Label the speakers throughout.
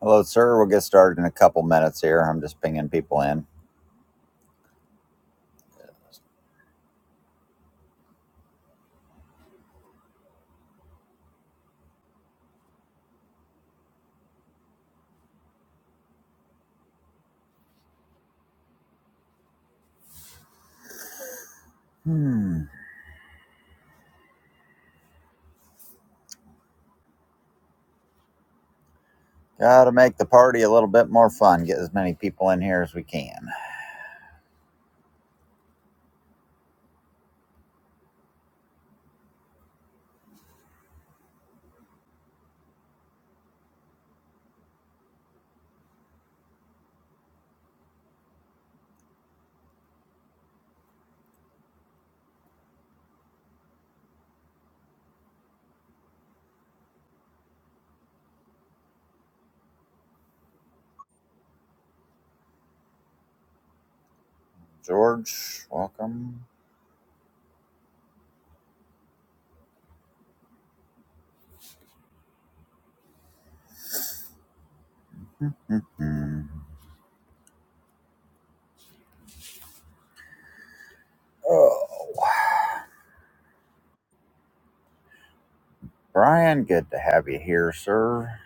Speaker 1: Hello, sir. We'll get started in a couple minutes here. I'm just pinging people in. Hmm. Gotta make the party a little bit more fun. Get as many people in here as we can. George, welcome. Mm-mm. Oh, Brian, good to have you here, sir.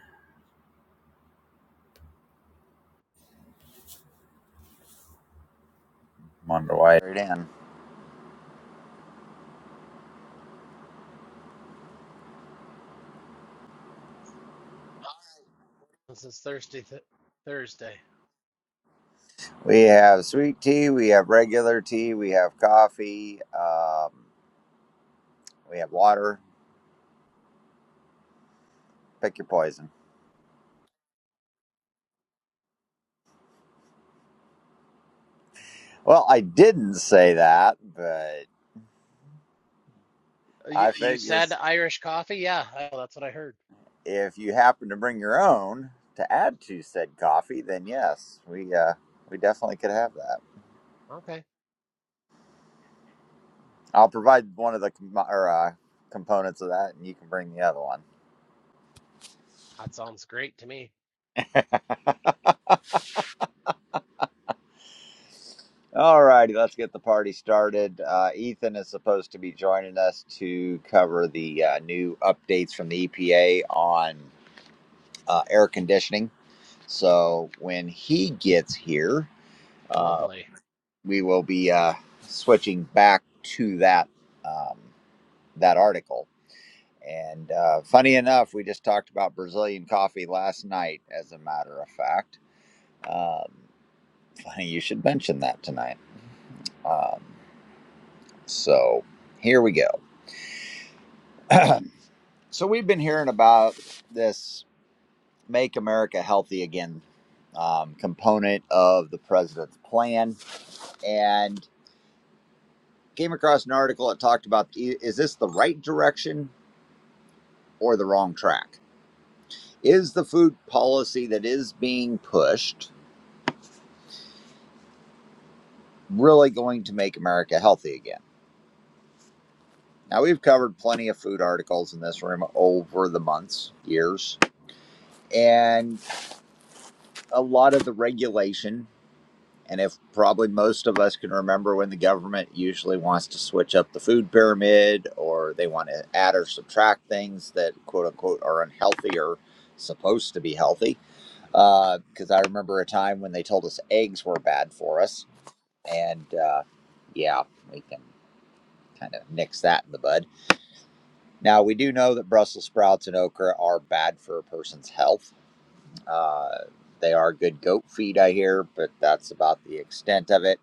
Speaker 1: Wonder why you're in.
Speaker 2: This is Thursday, th Thursday.
Speaker 1: We have sweet tea, we have regular tea, we have coffee, um, we have water. Pick your poison. Well, I didn't say that, but
Speaker 2: Uh, You
Speaker 1: I
Speaker 2: you
Speaker 1: figure.
Speaker 2: said Irish coffee? Yeah, I- well, that's what I heard.
Speaker 1: if you happen to bring your own to add to said coffee, then yes, we uh, we definitely could have that.
Speaker 2: Okay,
Speaker 1: I'll provide one of the com- or, uh, components of that, and you can bring the other one.
Speaker 2: that sounds great to me.
Speaker 1: All righty, let's get the party started. Uh, Ethan is supposed to be joining us to cover the uh, new updates from the EPA on uh, air conditioning. So when he gets here, uh,
Speaker 2: Lovely.
Speaker 1: we will be uh, switching back to that um, that article. And uh, funny enough, we just talked about Brazilian coffee last night, as a matter of fact. Um, funny you should mention that tonight. Um, so here we go. so we've been hearing about this Make America Healthy Again um, component of the president's plan and came across an article that talked about i- is this the right direction or the wrong track? Is the food policy that is being pushed really going to make America healthy again. Now, we've covered plenty of food articles in this room over the months, years, and a lot of the regulation. And if probably most of us can remember when the government usually wants to switch up the food pyramid or they want to add or subtract things that quote unquote are unhealthy or supposed to be healthy. Because uh, I remember a time when they told us eggs were bad for us. And uh, yeah, we can kind of nix that in the bud. Now, we do know that Brussels sprouts and okra are bad for a person's health. Uh, they are good goat feed, I hear, but that's about the extent of it.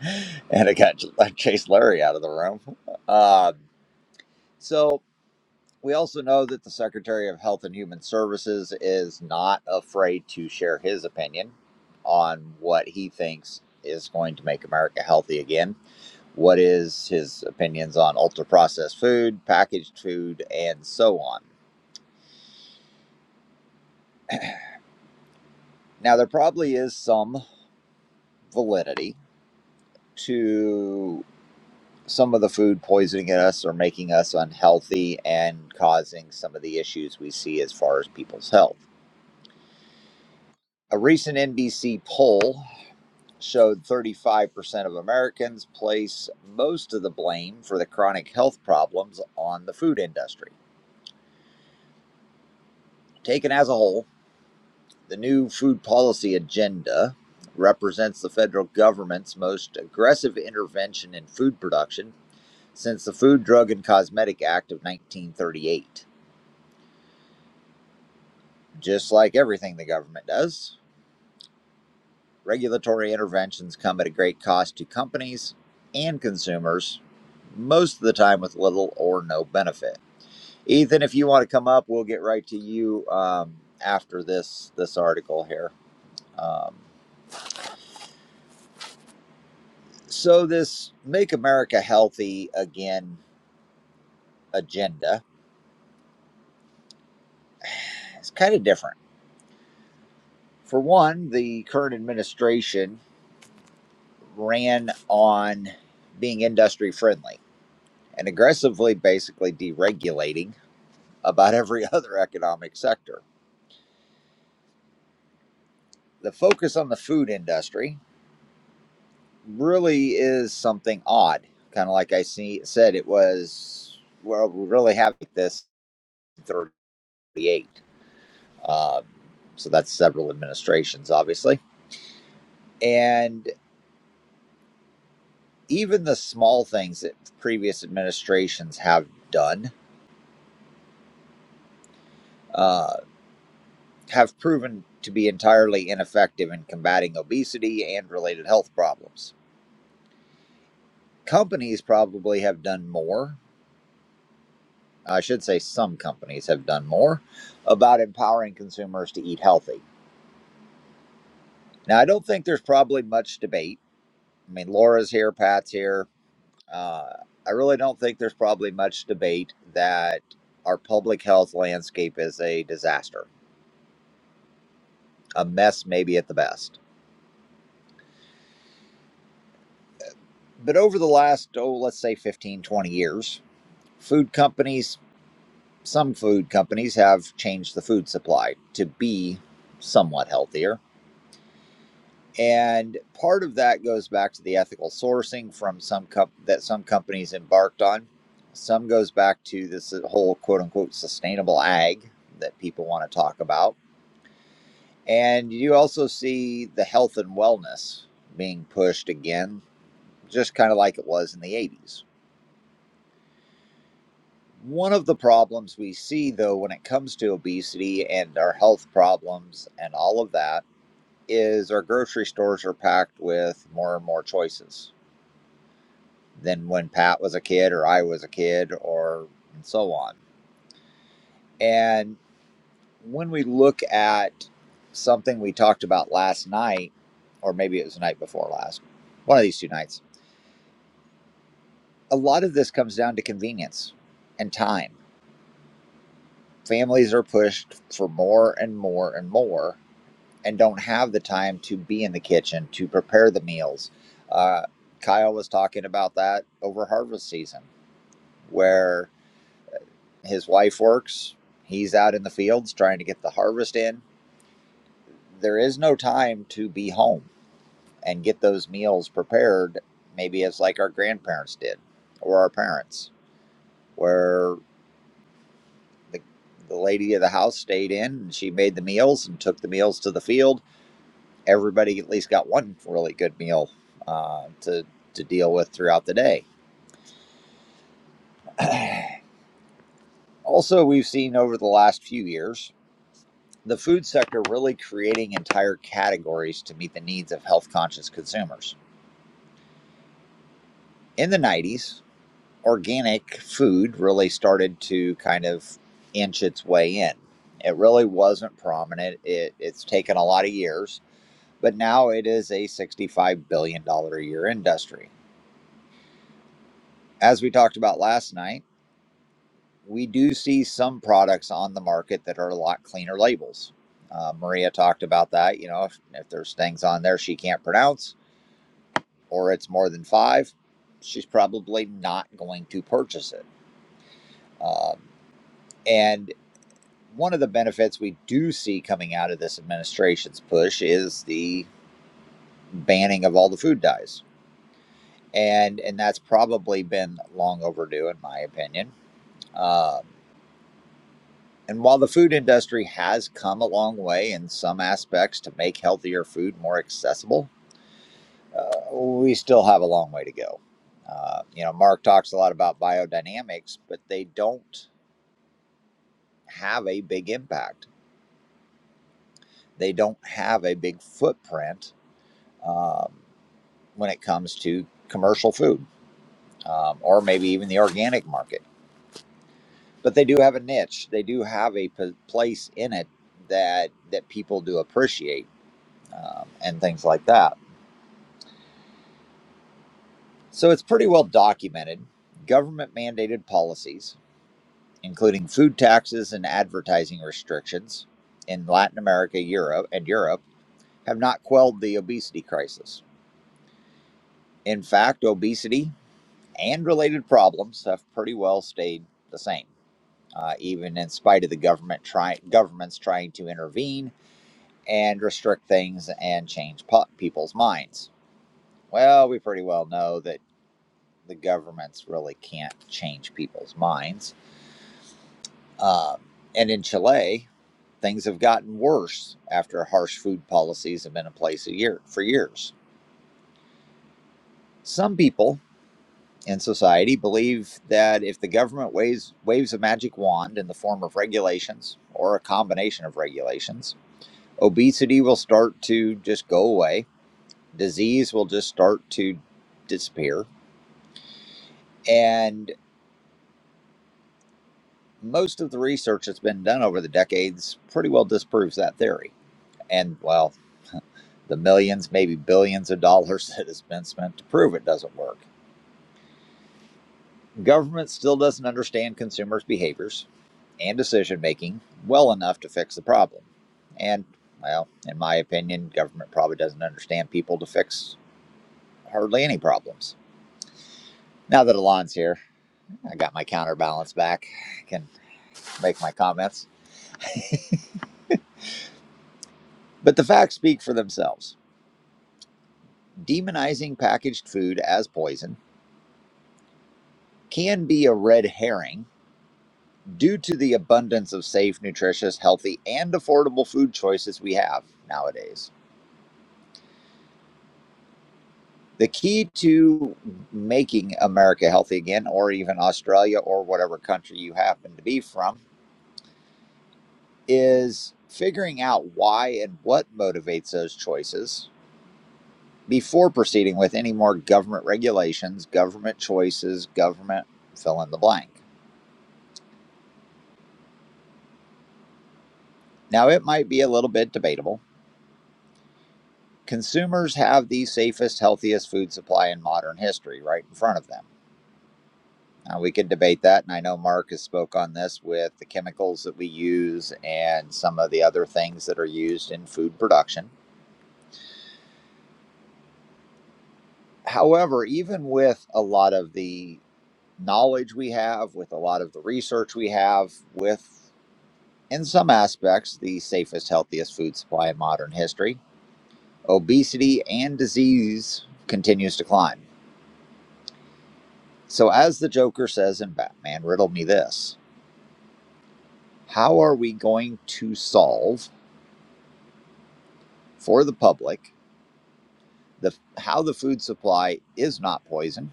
Speaker 1: And I got Chase Larry out of the room. Uh, so, we also know that the Secretary of Health and Human Services is not afraid to share his opinion on what he thinks is going to make America healthy again. What is his opinions on ultra processed food, packaged food, and so on? Now, there probably is some validity to some of the food poisoning us or making us unhealthy and causing some of the issues we see as far as people's health. A recent NBC poll showed 35% of Americans place most of the blame for the chronic health problems on the food industry. Taken as a whole, the new food policy agenda represents the federal government's most aggressive intervention in food production since the Food, Drug, and Cosmetic Act of 1938. Just like everything the government does, regulatory interventions come at a great cost to companies and consumers, most of the time with little or no benefit. Ethan, if you want to come up, we'll get right to you um, after this this article here. Um, so this "Make America Healthy Again" agenda is kind of different. For one, the current administration ran on being industry friendly and aggressively basically deregulating about every other economic sector. The focus on the food industry really is something odd. Kind of like I see, said, it was, well, we really have this 38. Um, so that's several administrations, obviously. And even the small things that previous administrations have done uh, have proven to be entirely ineffective in combating obesity and related health problems. Companies probably have done more. I should say some companies have done more about empowering consumers to eat healthy. Now, I don't think there's probably much debate. I mean, Laura's here, Pat's here. Uh, I really don't think there's probably much debate that our public health landscape is a disaster, a mess, maybe at the best. But over the last, oh, let's say 15, 20 years, food companies some food companies have changed the food supply to be somewhat healthier. And part of that goes back to the ethical sourcing from some com- that some companies embarked on. Some goes back to this whole quote unquote sustainable ag that people want to talk about. And you also see the health and wellness being pushed again, just kind of like it was in the 80s. One of the problems we see, though, when it comes to obesity and our health problems and all of that is our grocery stores are packed with more and more choices than when Pat was a kid or I was a kid or and so on. And when we look at something we talked about last night, or maybe it was the night before last, one of these two nights, a lot of this comes down to convenience and time. Families are pushed for more and more and more and don't have the time to be in the kitchen to prepare the meals. Uh, Kyle was talking about that over harvest season, where his wife works, he's out in the fields trying to get the harvest in. There is no time to be home and get those meals prepared, maybe as like our grandparents did or our parents, where the, the lady of the house stayed in and she made the meals and took the meals to the field everybody at least got one really good meal uh, to to deal with throughout the day. also, we've seen over the last few years the food sector really creating entire categories to meet the needs of health conscious consumers. In the 90s, organic food really started to kind of inch its way in. It really wasn't prominent. It, it's taken a lot of years, but now it is a $65 billion dollars a year industry. As we talked about last night, we do see some products on the market that are a lot cleaner labels. Uh, Maria talked about that. You know, if, if there's things on there she can't pronounce or it's more than five, she's probably not going to purchase it. Um, and one of the benefits we do see coming out of this administration's push is the banning of all the food dyes. And, and that's probably been long overdue, in my opinion. Um And while the food industry has come a long way in some aspects to make healthier food more accessible, uh, we still have a long way to go. Uh, you know, Mark talks a lot about biodynamics, but they don't have a big impact. They don't have a big footprint um, when it comes to commercial food um, or maybe even the organic market. But they do have a niche. They do have a p- place in it that that people do appreciate um, and things like that So it's pretty well documented. Government mandated policies, including food taxes and advertising restrictions in Latin America, Europe, and Europe, have not quelled the obesity crisis. In fact, obesity and related problems have pretty well stayed the same, uh, even in spite of the government try- governments trying to intervene and restrict things and change po- people's minds. Well, we pretty well know that the governments really can't change people's minds Um, and in Chile, things have gotten worse after harsh food policies have been in place a year for years. Some people in society believe that if the government waves, waves a magic wand in the form of regulations or a combination of regulations, obesity will start to just go away, disease will just start to disappear, and most of the research that's been done over the decades pretty well disproves that theory. And well, the millions, maybe billions of dollars that has been spent to prove it doesn't work. Government still doesn't understand consumers' behaviors and decision making well enough to fix the problem. And, well, in my opinion, government probably doesn't understand people to fix hardly any problems. Now that Alon's here, I got my counterbalance back. I can make my comments. But the facts speak for themselves. Demonizing packaged food as poison can be a red herring due to the abundance of safe, nutritious, healthy, and affordable food choices we have nowadays. The key to making America healthy again, or even Australia or whatever country you happen to be from, is figuring out why and what motivates those choices before proceeding with any more government regulations, government choices, government fill in the blank. Now, it might be a little bit debatable consumers have the safest, healthiest food supply in modern history right in front of them. Uh, we could debate that, and I know Mark has spoke on this with the chemicals that we use and some of the other things that are used in food production. However, even with a lot of the knowledge we have, with a lot of the research we have, with in some aspects the safest, healthiest food supply in modern history, obesity and disease continues to climb. So, as the Joker says in Batman, riddle me this: How are we going to solve for the public? the how the food supply is not poisoned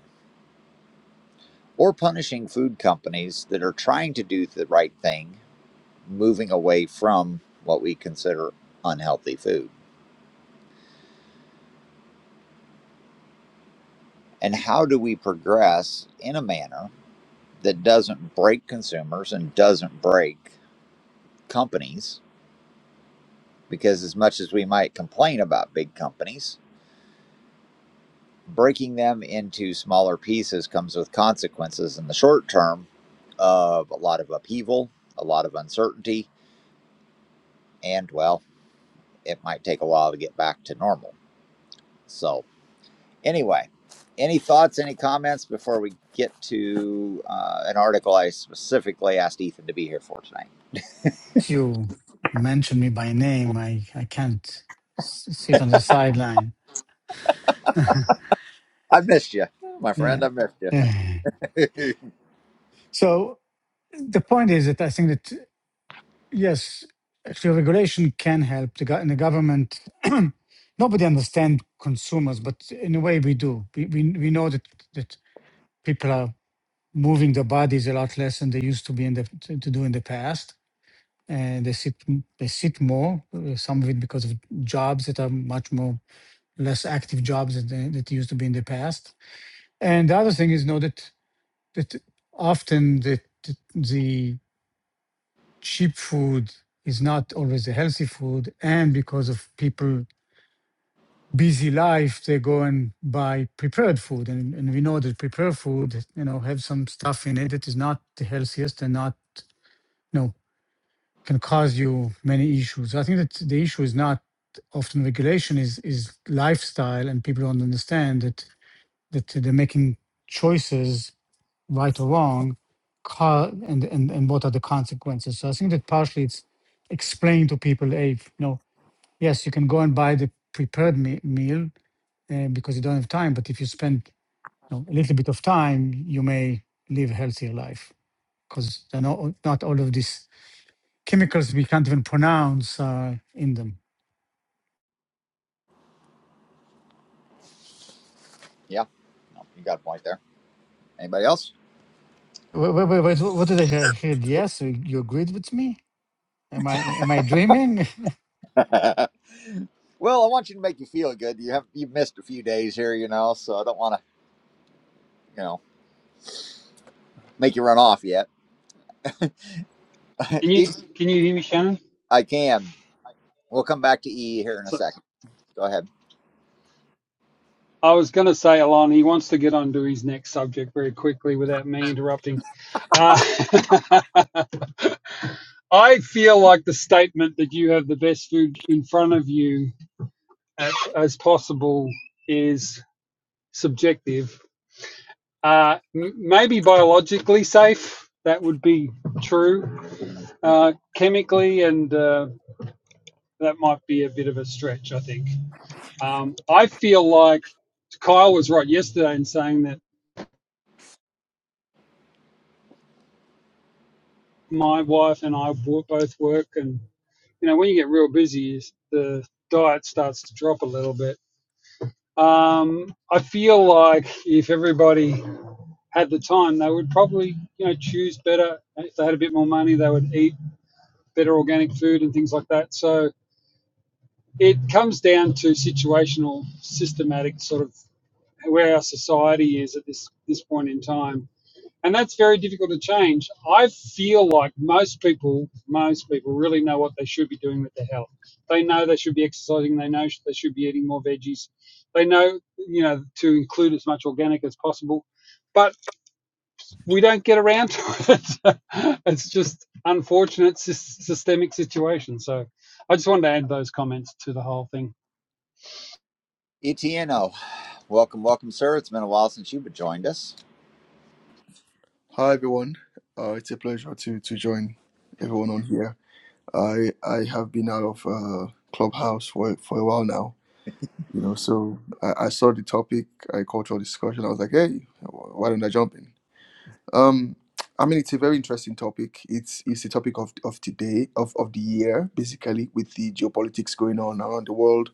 Speaker 1: or punishing food companies that are trying to do the right thing moving away from what we consider unhealthy food and how do we progress in a manner that doesn't break consumers and doesn't break companies because as much as we might complain about big companies breaking them into smaller pieces comes with consequences in the short term of a lot of upheaval a lot of uncertainty and well it might take a while to get back to normal. So, anyway, any thoughts, any comments before we get to uh, an article I specifically asked Ethan to be here for tonight?
Speaker 3: you mention me by name, I, I can't s- sit on the sideline.
Speaker 1: I missed you, my
Speaker 3: Yeah.
Speaker 1: friend. I missed you.
Speaker 3: yeah. So the point is that I think that, yes, actually regulation can help the, gov- and the government. Nobody understands consumers, but in a way we do. We, we, we know that, that people are moving their bodies a lot less than they used to be in the, to, to do in the past. And they sit, they sit more, uh, some of it because of jobs that are much more less active jobs that, they- that used to be in the past. And the other thing is, know, that that often the the the cheap food is not always the healthy food, and because of people busy life, they go and buy prepared food, and and we know that prepared food, you know, have some stuff in it that is not the healthiest and not, you know, can cause you many issues. So I think that the issue is not often regulation is is lifestyle and people don't understand that that they're making choices, right or wrong, co- and, and, and what are the consequences. So I think that partially it's explained to people, hey, if- you know, yes, you can go and buy the prepared me- meal uh, because you don't have time, but if you spend you know, a little bit of time, you may live a healthier life because not, not all of these chemicals we can't even pronounce uh, in them.
Speaker 1: yeah, no, you got a point there. Anybody else?
Speaker 3: Wait, wait, wait, wait, what did I hear? I heard yes, you you agreed with me? Am I am I dreaming?
Speaker 1: well, I want you to make you feel good. You have you've missed a few days here, you know, so I don't want to, you know, make you run off yet.
Speaker 4: Can you
Speaker 1: If
Speaker 4: can you hear me, Shannon?
Speaker 1: I can. We'll come back to E here in a
Speaker 4: So
Speaker 1: second. Go ahead.
Speaker 4: I was going to say, Alon, he wants to get on to his next subject very quickly without me interrupting. Uh, I feel like the statement that you have the best food in front of you at, as possible is subjective. Uh, m- maybe biologically safe, that would be true. Uh, chemically, and uh, that might be a bit of a stretch, I think. Um, I feel like Kyle was right yesterday in saying that my wife and I wo- both work, and you know when you get real busy, the diet starts to drop a little bit. Um, I feel like if everybody had the time, they would probably you know choose better. If they had a bit more money, they would eat better organic food and things like that. So it comes down to situational, systematic sort of where our society is at this this point in time and that's very difficult to change. I feel like most people, most people really know what they should be doing with their health. They know they should be exercising. They know they should be eating more veggies. They know, you know, to include as much organic as possible. But we don't get around to it. it's just unfortunate sys- systemic situation. So I just wanted to add those comments to the whole thing.
Speaker 1: ETNO, welcome, welcome, sir. It's been a while since you've joined us.
Speaker 5: Hi everyone. Uh, it's a pleasure to to join everyone on here. I I have been out of uh, Clubhouse for for a while now. You know, so I, I saw the topic, I cultural discussion. I was like, hey, wh- why don't I jump in? Um, I mean, it's a very interesting topic. It's it's the topic of of today of of the year, basically, with the geopolitics going on around the world.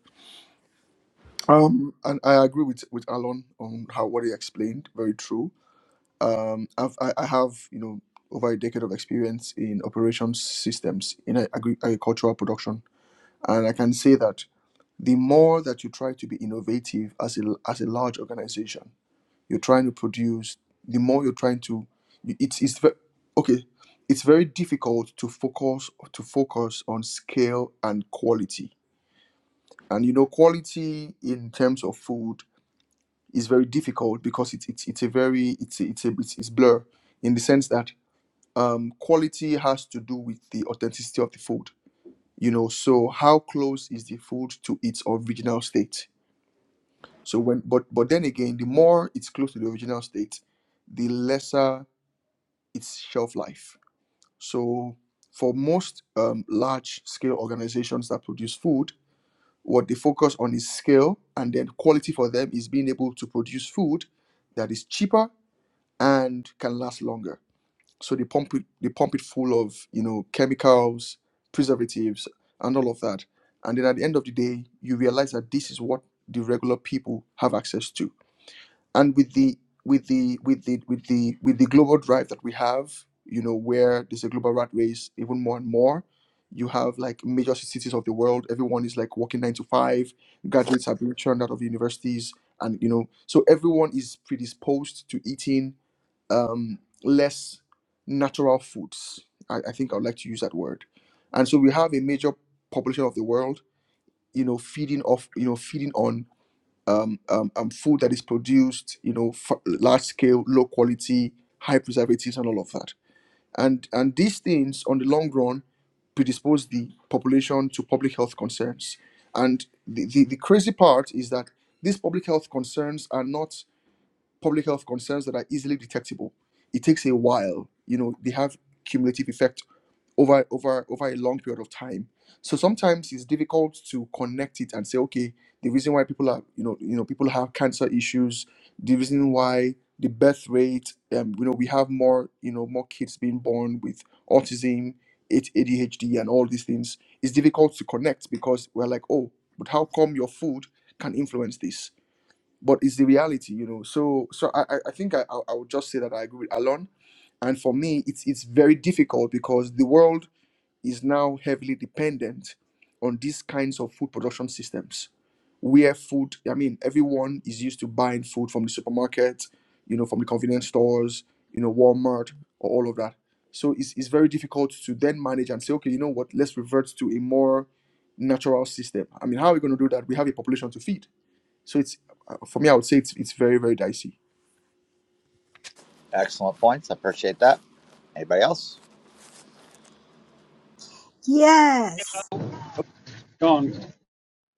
Speaker 5: Um, and I agree with with Alan on how what he explained. Very true Um, I've, I, I have you know over a decade of experience in operations systems in a- agri- agricultural production, and I can say that the more that you try to be innovative as a as a large organization, you're trying to produce. The more you're trying to, you- it's it's ve- okay. It's very difficult to focus to focus on scale and quality, and you know quality in terms of food is very difficult because it's it's, it's a very it's a, it's a it's, it's blur in the sense that um, quality has to do with the authenticity of the food. You know, so how close is the food to its original state? So when, but but then again, the more it's close to the original state, the lesser its shelf life. So for most um, large scale organizations that produce food, what they focus on is scale, and then quality for them is being able to produce food that is cheaper and can last longer So they pump it, they pump it full of you know chemicals, preservatives, and all of that. And then at the end of the day, you realize that this is what the regular people have access to and with the with the with the with the with the global drive that we have you know where there's a global rat race even more and more you have like major cities of the world everyone is like working nine to five graduates are being churned out of universities and you know so everyone is predisposed to eating um, less natural foods I, I think i would like to use that word and so we have a major population of the world you know feeding off you know feeding on um, um, um, food that is produced, you know, f- large scale, low quality, high preservatives, and all of that. And and these things, on the long run, predispose the population to public health concerns. And the, the, the crazy part is that these public health concerns are not public health concerns that are easily detectable. It takes a while. You know, they have cumulative effect over over over a long period of time so sometimes it's difficult to connect it and say okay the reason why people are you know you know people have cancer issues the reason why the birth rate um, you know we have more you know more kids being born with autism it, adhd and all these things it's difficult to connect because we're like oh but how come your food can influence this but it's the reality you know so so i i I think i i I would just say that i agree with alon and for me it's it's very difficult because the world is now heavily dependent on these kinds of food production systems where food i mean everyone is used to buying food from the supermarket you know from the convenience stores you know walmart or all of that so it's, it's very difficult to then manage and say okay you know what let's revert to a more natural system i mean how are we going to do that we have a population to feed so it's uh, for me i would say it's, it's very very dicey
Speaker 1: Excellent points. I appreciate that. Anybody else?
Speaker 6: Yes.
Speaker 4: Go on,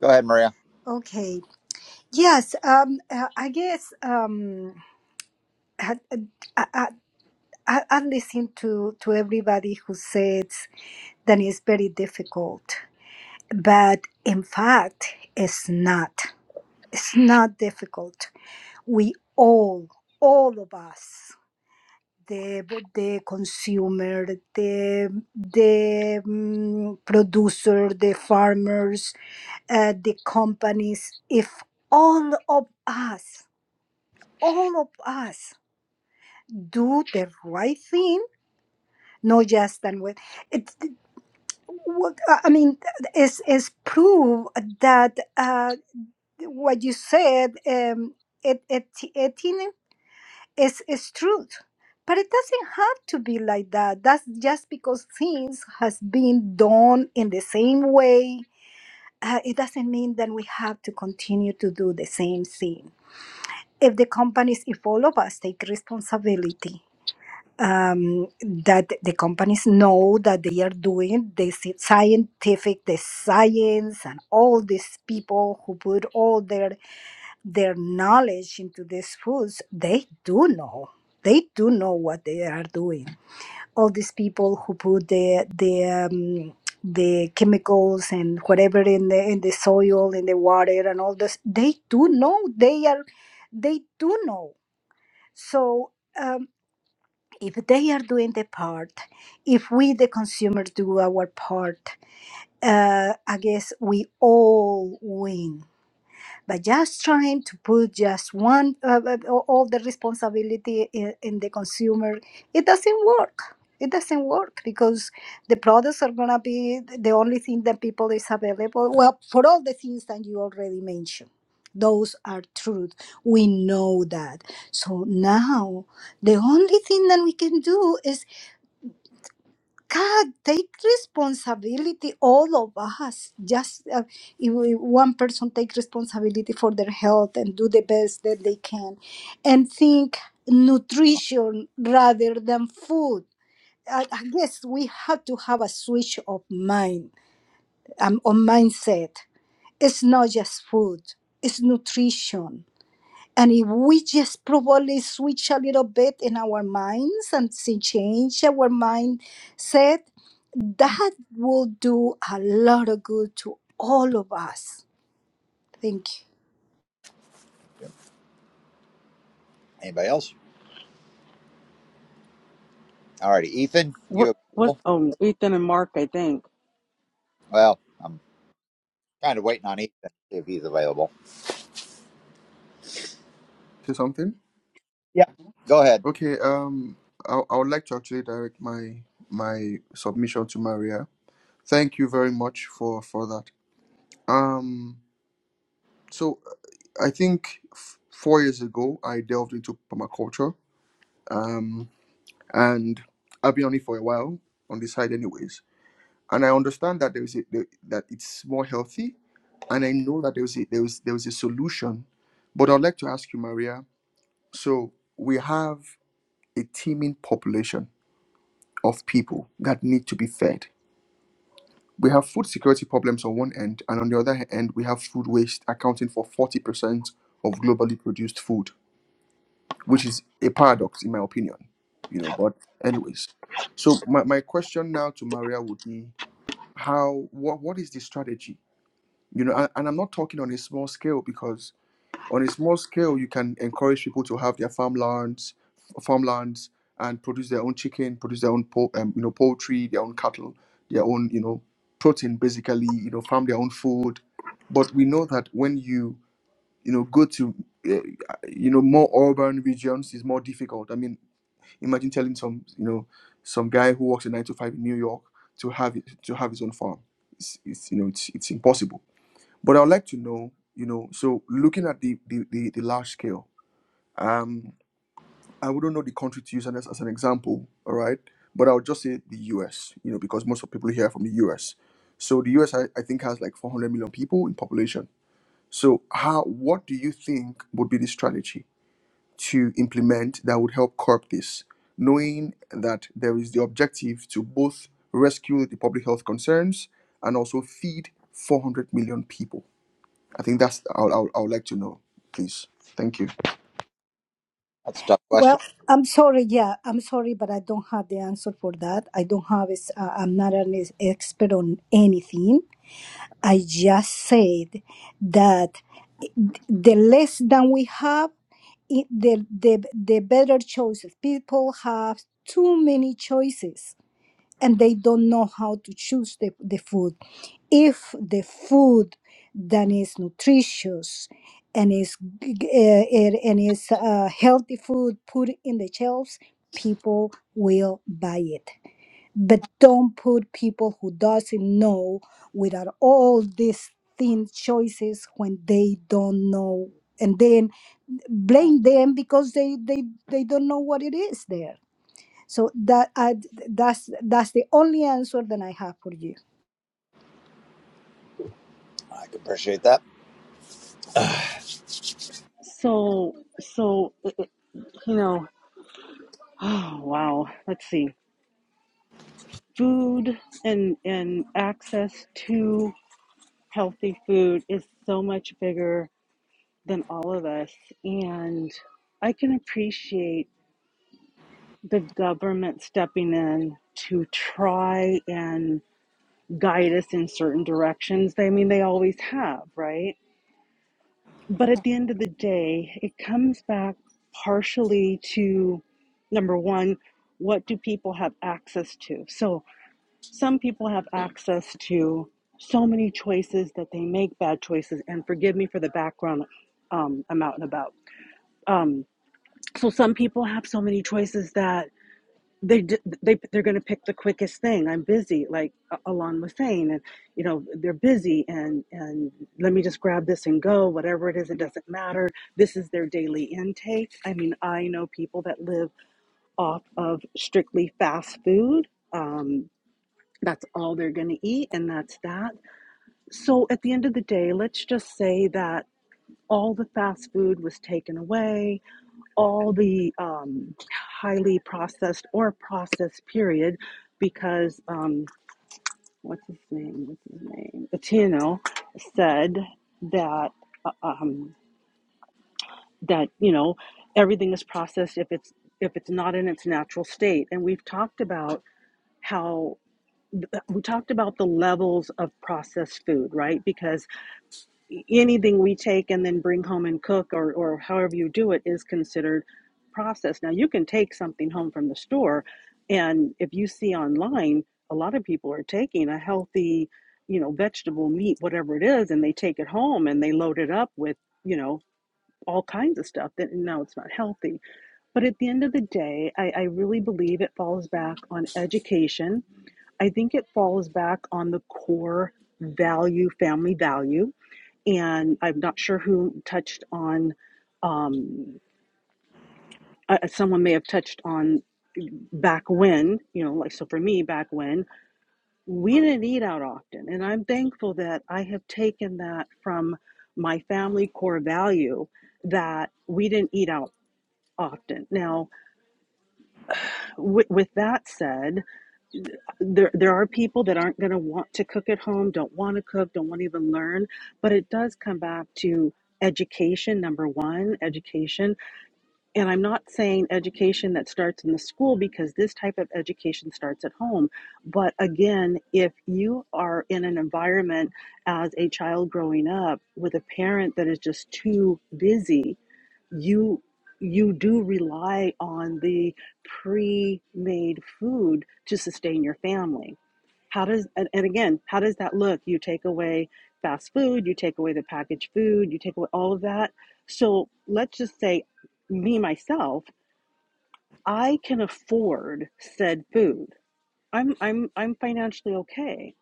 Speaker 1: Go ahead, Maria.
Speaker 6: Okay. Yes. Um. uh, I guess. Um. I, I, I, I I listen to to everybody who says that it's very difficult, but in fact, it's not. It's not difficult. We all, all of us, the the consumer, the the mm, producer, the farmers, uh, the companies if all of us all of us do the right thing not just and with it what- i mean is is proof that uh, what you said um, it, it, it is, is truth but it doesn't have to be like that that's just because things has been done in the same way uh, it doesn't mean that we have to continue to do the same thing if the companies, if all of us take responsibility, um, that the companies know that they are doing this scientific, the science, and all these people who put all their their knowledge into these foods, they do know. They do know what they are doing. All these people who put the the um, the chemicals and whatever in the in the soil, in the water, and all this, they do know. They are. They do know so um, if they are doing their part, if we, the consumers, do our part, uh, I guess we all win but just trying to put just one uh, uh, all the responsibility in, in the consumer, it doesn't work. It doesn't work because the products are gonna be the only thing that people is available. Well, for all the things that you already mentioned, those are truth. We know that. So now the only thing that we can do is God, take responsibility, all of us. Just uh, if we- one person take responsibility for their health and do the best that they can, and think nutrition rather than food. I, I guess we have to have a switch of mind, um, of mindset. It's not just food; it's nutrition and if we just probably switch a little bit in our minds and see, change our mindset, that will do a lot of good to all of us. Thank you.
Speaker 1: Anybody else? All righty, Ethan,
Speaker 7: What
Speaker 1: you
Speaker 7: was
Speaker 1: available?
Speaker 7: um Ethan and Mark? I think.
Speaker 1: Well, I'm kind of waiting on Ethan to see if he's available.
Speaker 5: say something
Speaker 1: Yeah. Go ahead.
Speaker 5: okay um I, I would like to actually direct my my submission to maria Thank you very much for for that. Um, so I think f- four years ago I delved into permaculture, um, and I've been on it for a while on this side, anyways. And I understand that there is a, there- that it's more healthy, and I know that there was a, there was there was a solution. But I'd like to ask you, Maria. So we have a teeming population of people that need to be fed We have food security problems on one end, and on the other end, we have food waste accounting for 40% of globally produced food, which is a paradox, in my opinion. You know, but anyways. So my, my question now to Maria would be how what what is the strategy? You know, and, and I'm not talking on a small scale because on a small scale, you can encourage people to have their farmlands, farmlands, and produce their own chicken, produce their own po- um, you know poultry, their own cattle, their own you know protein, basically you know farm their own food. But we know that when you you know go to uh, you know more urban regions, it's more difficult. I mean, imagine telling some you know some guy who works a nine to five in New York to have it, to have his own farm. It's, it's you know it's, it's impossible but I'd like to know, you know, so looking at the the, the, the large scale, um, I wouldn't know the country to use as, as an example, all right? But I would just say the US, you know, because most of people here are from the US. So the US, I, I think, has like 400 million people in population. So how, what do you think would be the strategy to implement that would help curb this, knowing that there is the objective to both rescue the public health concerns and also feed 400 million people? I think that's I would, I would, I would like to know, please. Thank you.
Speaker 1: That's a tough question.
Speaker 6: Well, I'm sorry. Yeah, I'm sorry, but I don't have the answer for that. I don't have. is- Uh, I'm not an is- expert on anything. I just said that the less than we have, it, the, the, the better choices. People have too many choices and they don't know how to choose the, the food. If the food that is nutritious and is, g- g- eh, eh, and is uh, healthy food put in the shelves, people will buy it but don't put people who doesn't know without all these thin choices when they don't know and then blame them because they they they don't know what it is there so that I, that's that's the only answer that i have for you
Speaker 1: I can appreciate that.
Speaker 7: So so it, it- you know. Oh wow. Let's see. Food and and access to healthy food is so much bigger than all of us, and I can appreciate the government stepping in to try and guide us in certain directions. I mean, they always have, right? But at the end of the day, it comes back partially to number one, what do people have access to? So some people have access to so many choices that they make bad choices. And forgive me for the background, um, I'm out and about. Um, so some people have so many choices that they d- they they're going to pick the quickest thing. I'm busy, like A- Alon was saying, and you know they're busy, and and let me just grab this and go. Whatever it is, it doesn't matter. This is their daily intake. I mean, I know people that live off of strictly fast food. Um, that's all they're going to eat, and that's that. So at the end of the day, let's just say that all the fast food was taken away all the um, highly processed or processed period because um, what's his name? What's his name? Latino said that uh, um, that you know everything is processed if it's if it's not in its natural state, and we've talked about how we talked about the levels of processed food, right? Because anything we take and then bring home and cook or, or however you do it is considered processed. Now, you can take something home from the store, and if you see online, a lot of people are taking a healthy, you know, vegetable, meat, whatever it is, and they take it home and they load it up with, you know, all kinds of stuff that no, it's not healthy. But at the end of the day, I, I really believe it falls back on education. I think it falls back on the core value, family value and I'm not sure who touched on. Um, uh, someone may have touched on back when, you know, like so for me back when we didn't eat out often, and I'm thankful that I have taken that from my family core value that we didn't eat out often. Now, with, with that said, there there are people that aren't going to want to cook at home, don't want to cook, don't want to even learn, but it does come back to education number 1, education And I'm not saying education that starts in the school because this type of education starts at home. But again, if you are in an environment as a child growing up with a parent that is just too busy, you you do rely on the pre-made food to sustain your family how does and, and again, how does that look? You take away fast food, you take away the packaged food, you take away all of that. So let's just say me myself, I can afford said food. I'm I'm I'm financially okay.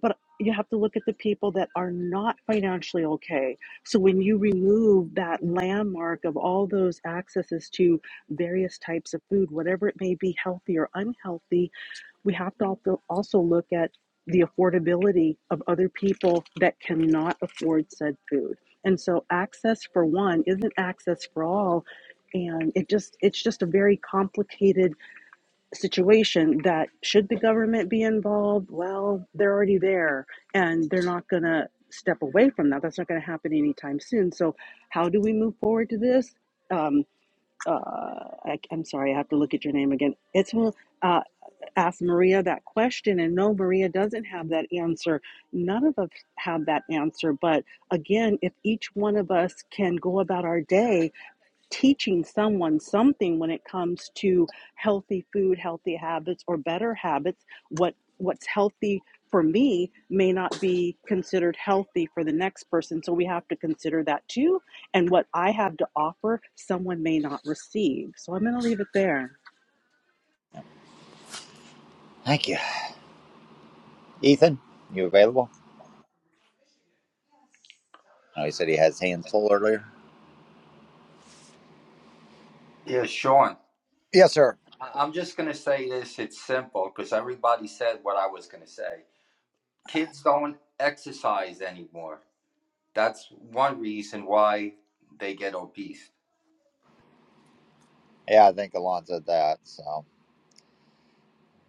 Speaker 7: But you have to look at the people that are not financially okay. So when you remove that landmark of all those accesses to various types of food, whatever it may be, healthy or unhealthy, we have to also also look at the affordability of other people that cannot afford said food and so access for one isn't access for all and it just it's just a very complicated situation that should the government be involved well they're already there and they're not going to step away from that that's not going to happen anytime soon so how do we move forward to this um uh I, i'm sorry i have to look at your name again it's uh. Ask Maria that question, and no, Maria doesn't have that answer. None of us have that answer. But again, if each one of us can go about our day teaching someone something when it comes to healthy food, healthy habits, or better habits, what what's healthy for me may not be considered healthy for the next person. So we have to consider that too. And what I have to offer, someone may not receive. So I'm going to leave it there.
Speaker 1: Thank you. Ethan, you available? I know he said he has hands full earlier.
Speaker 8: Yeah, Sean,
Speaker 1: Yes, sir.
Speaker 8: I- I'm just going to say this. It's simple because everybody said what I was going to say. Kids don't exercise anymore. That's one reason why they get obese.
Speaker 1: Yeah, I think Alon said that. So,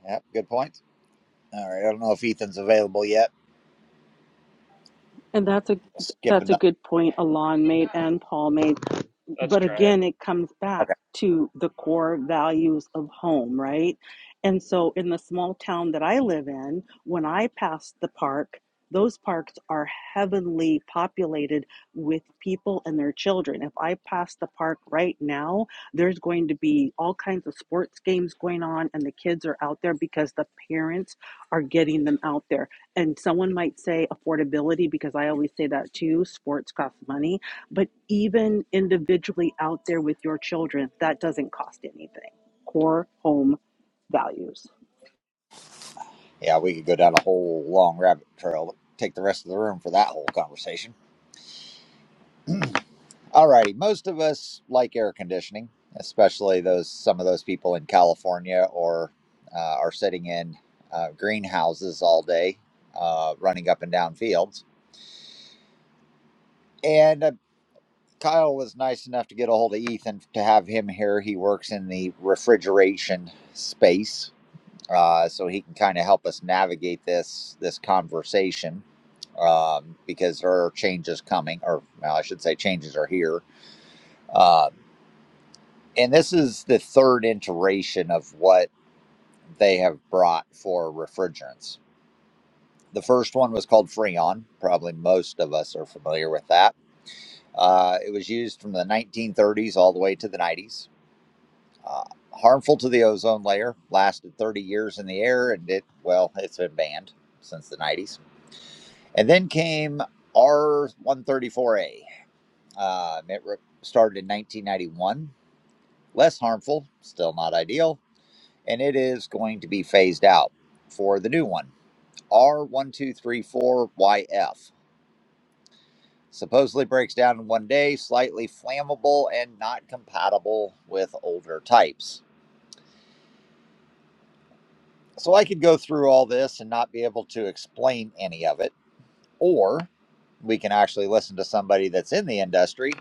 Speaker 1: yeah, good point. All right. I don't know if Ethan's available yet.
Speaker 7: And that's a
Speaker 1: We'll skip
Speaker 7: that's a
Speaker 1: another.
Speaker 7: good point Alon made and Paul made
Speaker 9: Let's
Speaker 7: but
Speaker 9: try it.
Speaker 7: again it comes back to the core values of home right and so in the small town that i live in when i pass the park those parks are heavenly populated with people and their children. If I pass the park right now, there's going to be all kinds of sports games going on, and the kids are out there because the parents are getting them out there. And someone might say affordability, because I always say that too sports costs money but even individually out there with your children, that doesn't cost anything. Core home values.
Speaker 1: Yeah, we could go down a whole long rabbit trail. Take the rest of the room for that whole conversation. Alrighty, most of us like air conditioning, especially those some of those people in California or uh, are sitting in uh, greenhouses all day, uh, running up and down fields. And uh, Kyle was nice enough to get a hold of Ethan to have him here. He works in the refrigeration space, uh, so he can kind of help us navigate this this conversation um, because there are changes coming, or well, I should say, changes are here. Um, and this is the third iteration of what they have brought for refrigerants. The first one was called Freon. Probably most of us are familiar with that. Uh, it was used from the 1930s all the way to the 90s. Uh, harmful to the ozone layer, lasted 30 years in the air, and it, well, it's been banned since the 90s. And then came R134A. Um, it re- started in 1991. Less harmful, still not ideal, and it is going to be phased out for the new one, R1234YF. Supposedly breaks down in one day, slightly flammable, and not compatible with older types. So I could go through all this and not be able to explain any of it or we can actually listen to somebody that's in the industry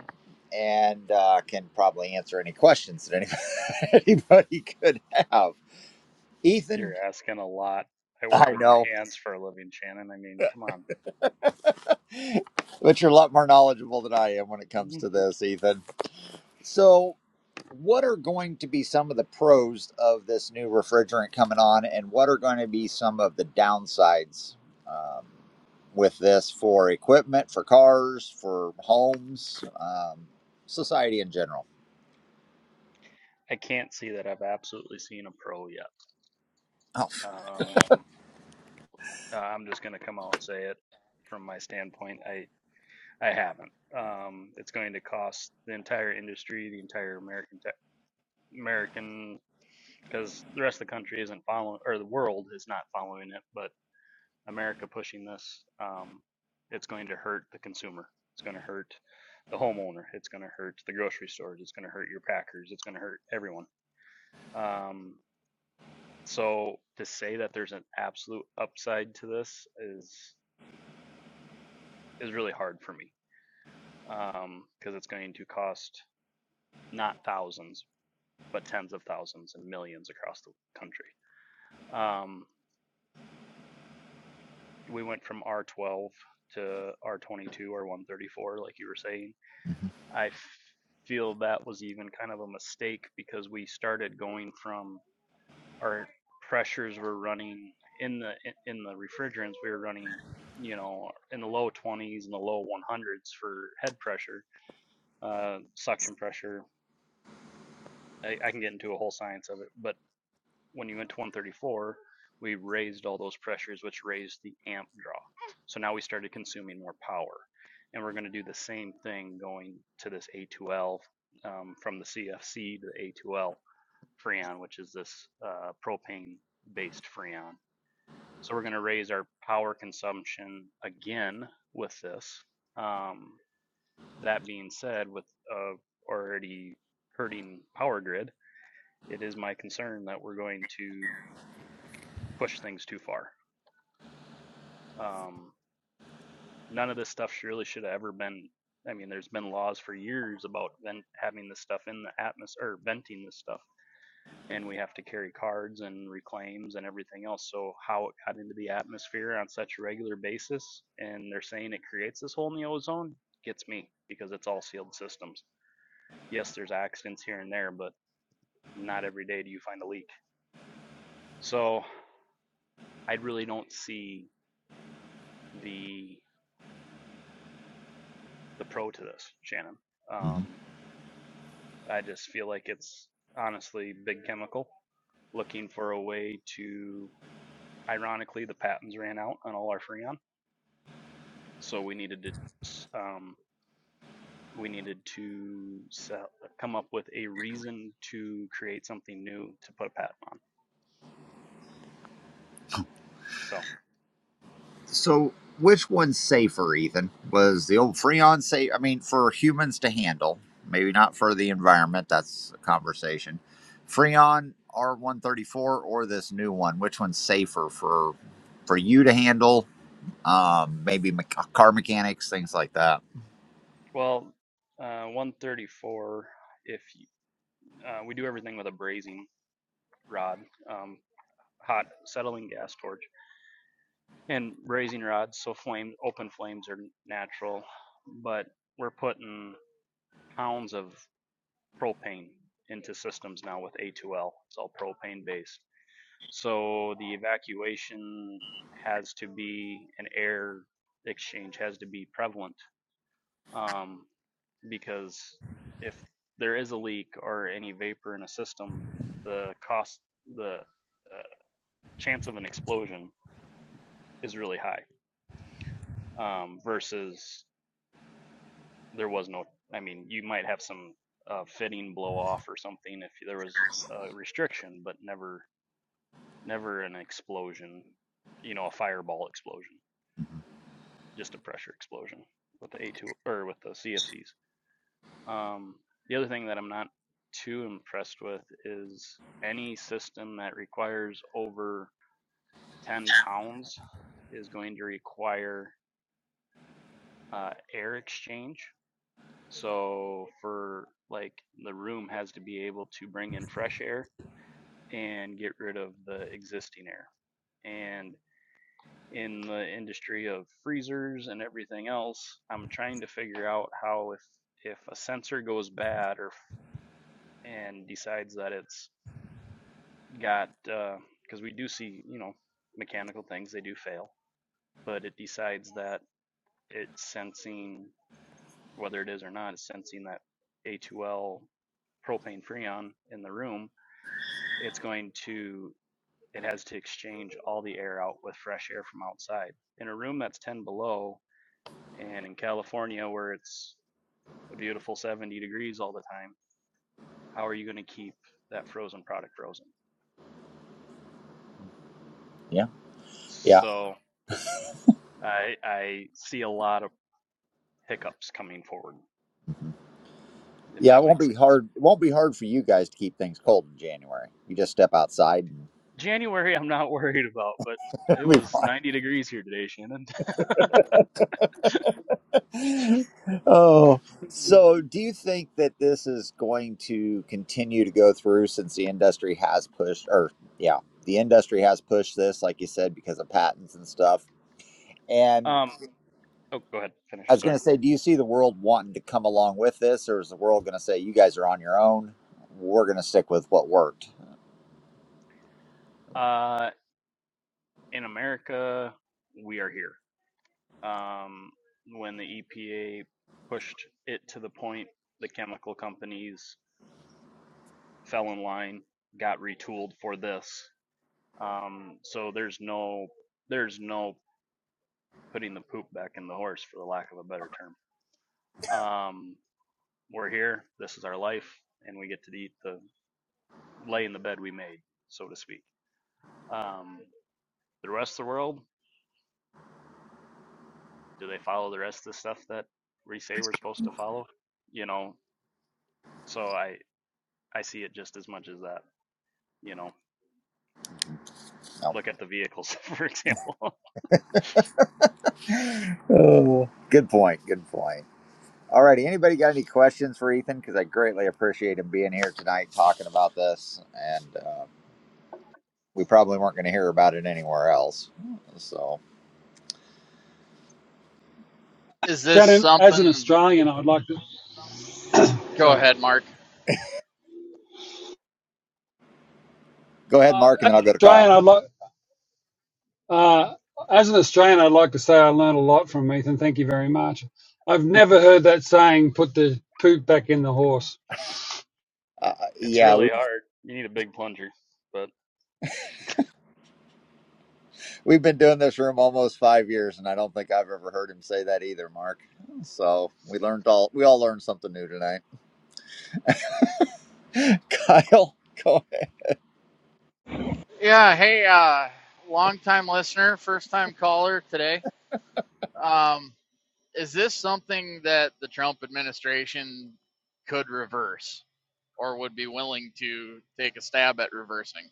Speaker 1: and uh, can probably answer any questions that anybody, anybody could have.
Speaker 9: You're
Speaker 1: Ethan,
Speaker 9: asking a lot. I work
Speaker 1: I
Speaker 9: with my
Speaker 1: know,
Speaker 9: hands for a living, Shannon. I mean, come on.
Speaker 1: but you're a lot more knowledgeable than I am when it comes
Speaker 9: Mhm.
Speaker 1: to this, Ethan. So, what are going to be some of the pros of this new refrigerant coming on, and what are going to be some of the downsides um, with this for equipment, for cars, for homes, um, society in general?
Speaker 9: I can't see that I've absolutely seen a pro yet. Um, uh, I'm just going to come out and say it from my standpoint. I, I haven't. Um, it's going to cost the entire industry, the entire American tech, American, because the rest of the country isn't following, or the world is not following it, but America pushing this, um, it's going to hurt the consumer. It's going to hurt the homeowner. It's going to hurt the grocery stores. It's going to hurt your packers. It's going to hurt everyone. Um, so to say that there's an absolute upside to this is is really hard for me um, because it's going to cost not thousands but tens of thousands and millions across the country. Um, we went from R12 to R22 or 134, like you were saying.
Speaker 1: hmm
Speaker 9: I f- feel that was even kind of a mistake because we started going from our pressures were running in the in the refrigerants we were running you know in the low 20s and the low 100s for head pressure uh, suction pressure I, I can get into a whole science of it but when you went to 134 we raised all those pressures which raised the amp draw so now we started consuming more power and we're going to do the same thing going to this a2l um, from the cfc to the a2l freon which is this uh, propane based freon So we're going to raise our power consumption again with this. Um, that being said, with uh, already hurting power grid, it is my concern that we're going to push things too far. Um, none of this stuff really should have ever been. I mean, there's been laws for years about then having this stuff in the atmosphere, or venting this stuff and we have to carry cards and reclaims and everything else. So how it got into the atmosphere on such a regular basis, and they're saying it creates this hole in the ozone, gets me because it's all sealed systems. Yes, there's accidents here and there, but not every day do you find a leak. So I really don't see the the pro to this, Shannon.
Speaker 1: hmm
Speaker 9: Um, I just feel like it's honestly big chemical looking for a way to. Ironically, the patents ran out on all our freon so we needed to um, we needed to sell, come up with a reason to create something new to put a patent on. So,
Speaker 1: So, which one's safer, Ethan? Was the old Freon safe? I mean, for humans to handle, maybe not for the environment. That's a conversation. Freon R134 or this new one? Which one's safer for for you to handle? Um, maybe me- car mechanics, things like that.
Speaker 9: well, uh, 134. If uh, we do everything with a brazing rod, um, hot settling gas torch, and brazing rods, so flame open flames are natural, but we're putting pounds of propane into systems now with A2L. It's all propane based So the evacuation has to be an air exchange has to be prevalent um, because if there is a leak or any vapor in a system, the cost, the uh, chance of an explosion is really high um, versus there was no, I mean, you might have some uh, fitting blow off or something if there was a restriction, but never, never an explosion, you know, a fireball explosion.
Speaker 1: Mm-hmm.
Speaker 9: just a pressure explosion with the A2 or with the CFCs. Um, the other thing that I'm not too impressed with is any system that requires over 10 pounds is going to require uh, air exchange. So for like the room has to be able to bring in fresh air and get rid of the existing air. And in the industry of freezers and everything else, I'm trying to figure out how if if a sensor goes bad or and decides that it's got because uh, we do see you know mechanical things they do fail, but it decides that it's sensing whether it is or not, it's sensing that A2L propane freon in the room. It's going to it has to exchange all the air out with fresh air from outside. In a room that's 10 below, And in California, where it's a beautiful 70 degrees all the time, how are you going to keep that frozen product frozen?
Speaker 1: Yeah, yeah,
Speaker 9: So I, I see a lot of hiccups coming forward,
Speaker 1: hmm
Speaker 9: if
Speaker 1: yeah. It
Speaker 9: that
Speaker 1: won't
Speaker 9: makes
Speaker 1: be
Speaker 9: sense.
Speaker 1: hard. It won't be hard for you guys to keep things cold in January. You just step outside and
Speaker 9: January, I'm not worried about, but it
Speaker 1: it'll be
Speaker 9: was
Speaker 1: fine.
Speaker 9: 90 degrees here today, Shannon.
Speaker 1: Oh, so do you think that this is going to continue to go through since the industry has pushed, or yeah, the industry has pushed this, like you said, because of patents and stuff? And
Speaker 9: um, oh, go ahead,
Speaker 1: I
Speaker 9: finish.
Speaker 1: was going
Speaker 9: Sorry.
Speaker 1: to say, do you see the world wanting to come along with this, or is the world going to say, you guys are on your own? We're going to stick with what worked?
Speaker 9: Uh, in America, we are here. Um, when the EPA pushed it to the point, the chemical companies fell in line, got retooled for this. Um, so there's no there's no putting the poop back in the horse, for the lack of a better term. Um, we're here. This is our life, and we get to eat the lay in the bed we made, so to speak. Um, the rest of the world, do they follow the rest of the stuff that we say we're supposed to follow? You know, so I I see it just as much as that. You know,
Speaker 1: No.
Speaker 9: look at the vehicles, for example.
Speaker 1: Oh, good point. Good point. All righty. Anybody got any questions for Ethan? Because I greatly appreciate him being here tonight talking about this. and. uh, we probably weren't going to hear about it anywhere else. So
Speaker 10: Is this
Speaker 4: Shannon. As an
Speaker 10: something?
Speaker 4: Australian, I'd like to.
Speaker 10: Go
Speaker 4: Sorry.
Speaker 10: ahead, Mark.
Speaker 1: go ahead,
Speaker 4: Uh,
Speaker 1: Mark, and
Speaker 4: as
Speaker 1: then I'll
Speaker 4: an
Speaker 1: go to
Speaker 4: Australian,
Speaker 1: Kyle.
Speaker 4: I'd like Uh, as an Australian, I'd like to say I learned a lot from Ethan. Thank you very much. I've never heard that saying, put the poop back in the horse.
Speaker 1: Uh,
Speaker 9: it's
Speaker 1: yeah,
Speaker 9: really
Speaker 1: we've,
Speaker 9: hard. You need a big plunger, but
Speaker 1: we've been doing this room almost five years, and I don't think I've ever heard him say that either, Mark. So we learned all we all learned something new tonight. Kyle, go ahead.
Speaker 10: Yeah. Hey, uh, long-time listener, first-time caller today. Um, is this something that the Trump administration could reverse, or would be willing to take a stab at reversing?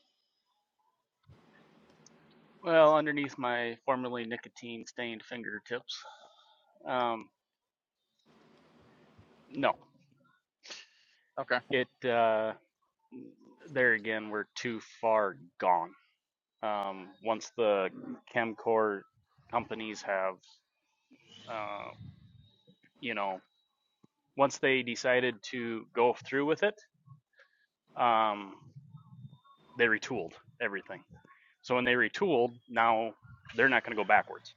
Speaker 9: Well, underneath my formerly nicotine-stained fingertips. Um, no,
Speaker 10: Okay,
Speaker 9: it. Uh, there again, we're too far gone. Um, once the Chemcore companies have, uh, you know, once they decided to go through with it, um, they retooled everything. So when they retooled, now they're not going to go backwards.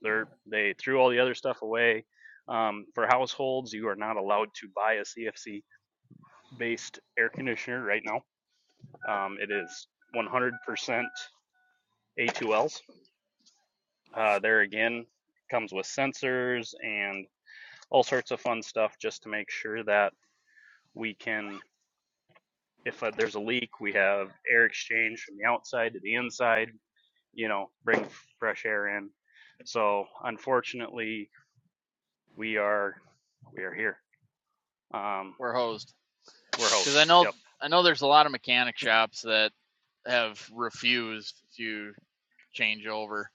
Speaker 9: They're they threw all the other stuff away. Um, for households, you are not allowed to buy a CFC based air conditioner right now. Um, it is 100% A2Ls. Uh, there again, comes with sensors and all sorts of fun stuff just to make sure that we can, if uh, there's a leak, we have air exchange from the outside to the inside, you know, bring fresh air in. So unfortunately, we are we are here. Um,
Speaker 10: we're hosed.
Speaker 9: we're
Speaker 10: Because
Speaker 9: host.
Speaker 10: I know,
Speaker 9: Yep.
Speaker 10: I know, there's a lot of mechanic shops that have refused to change over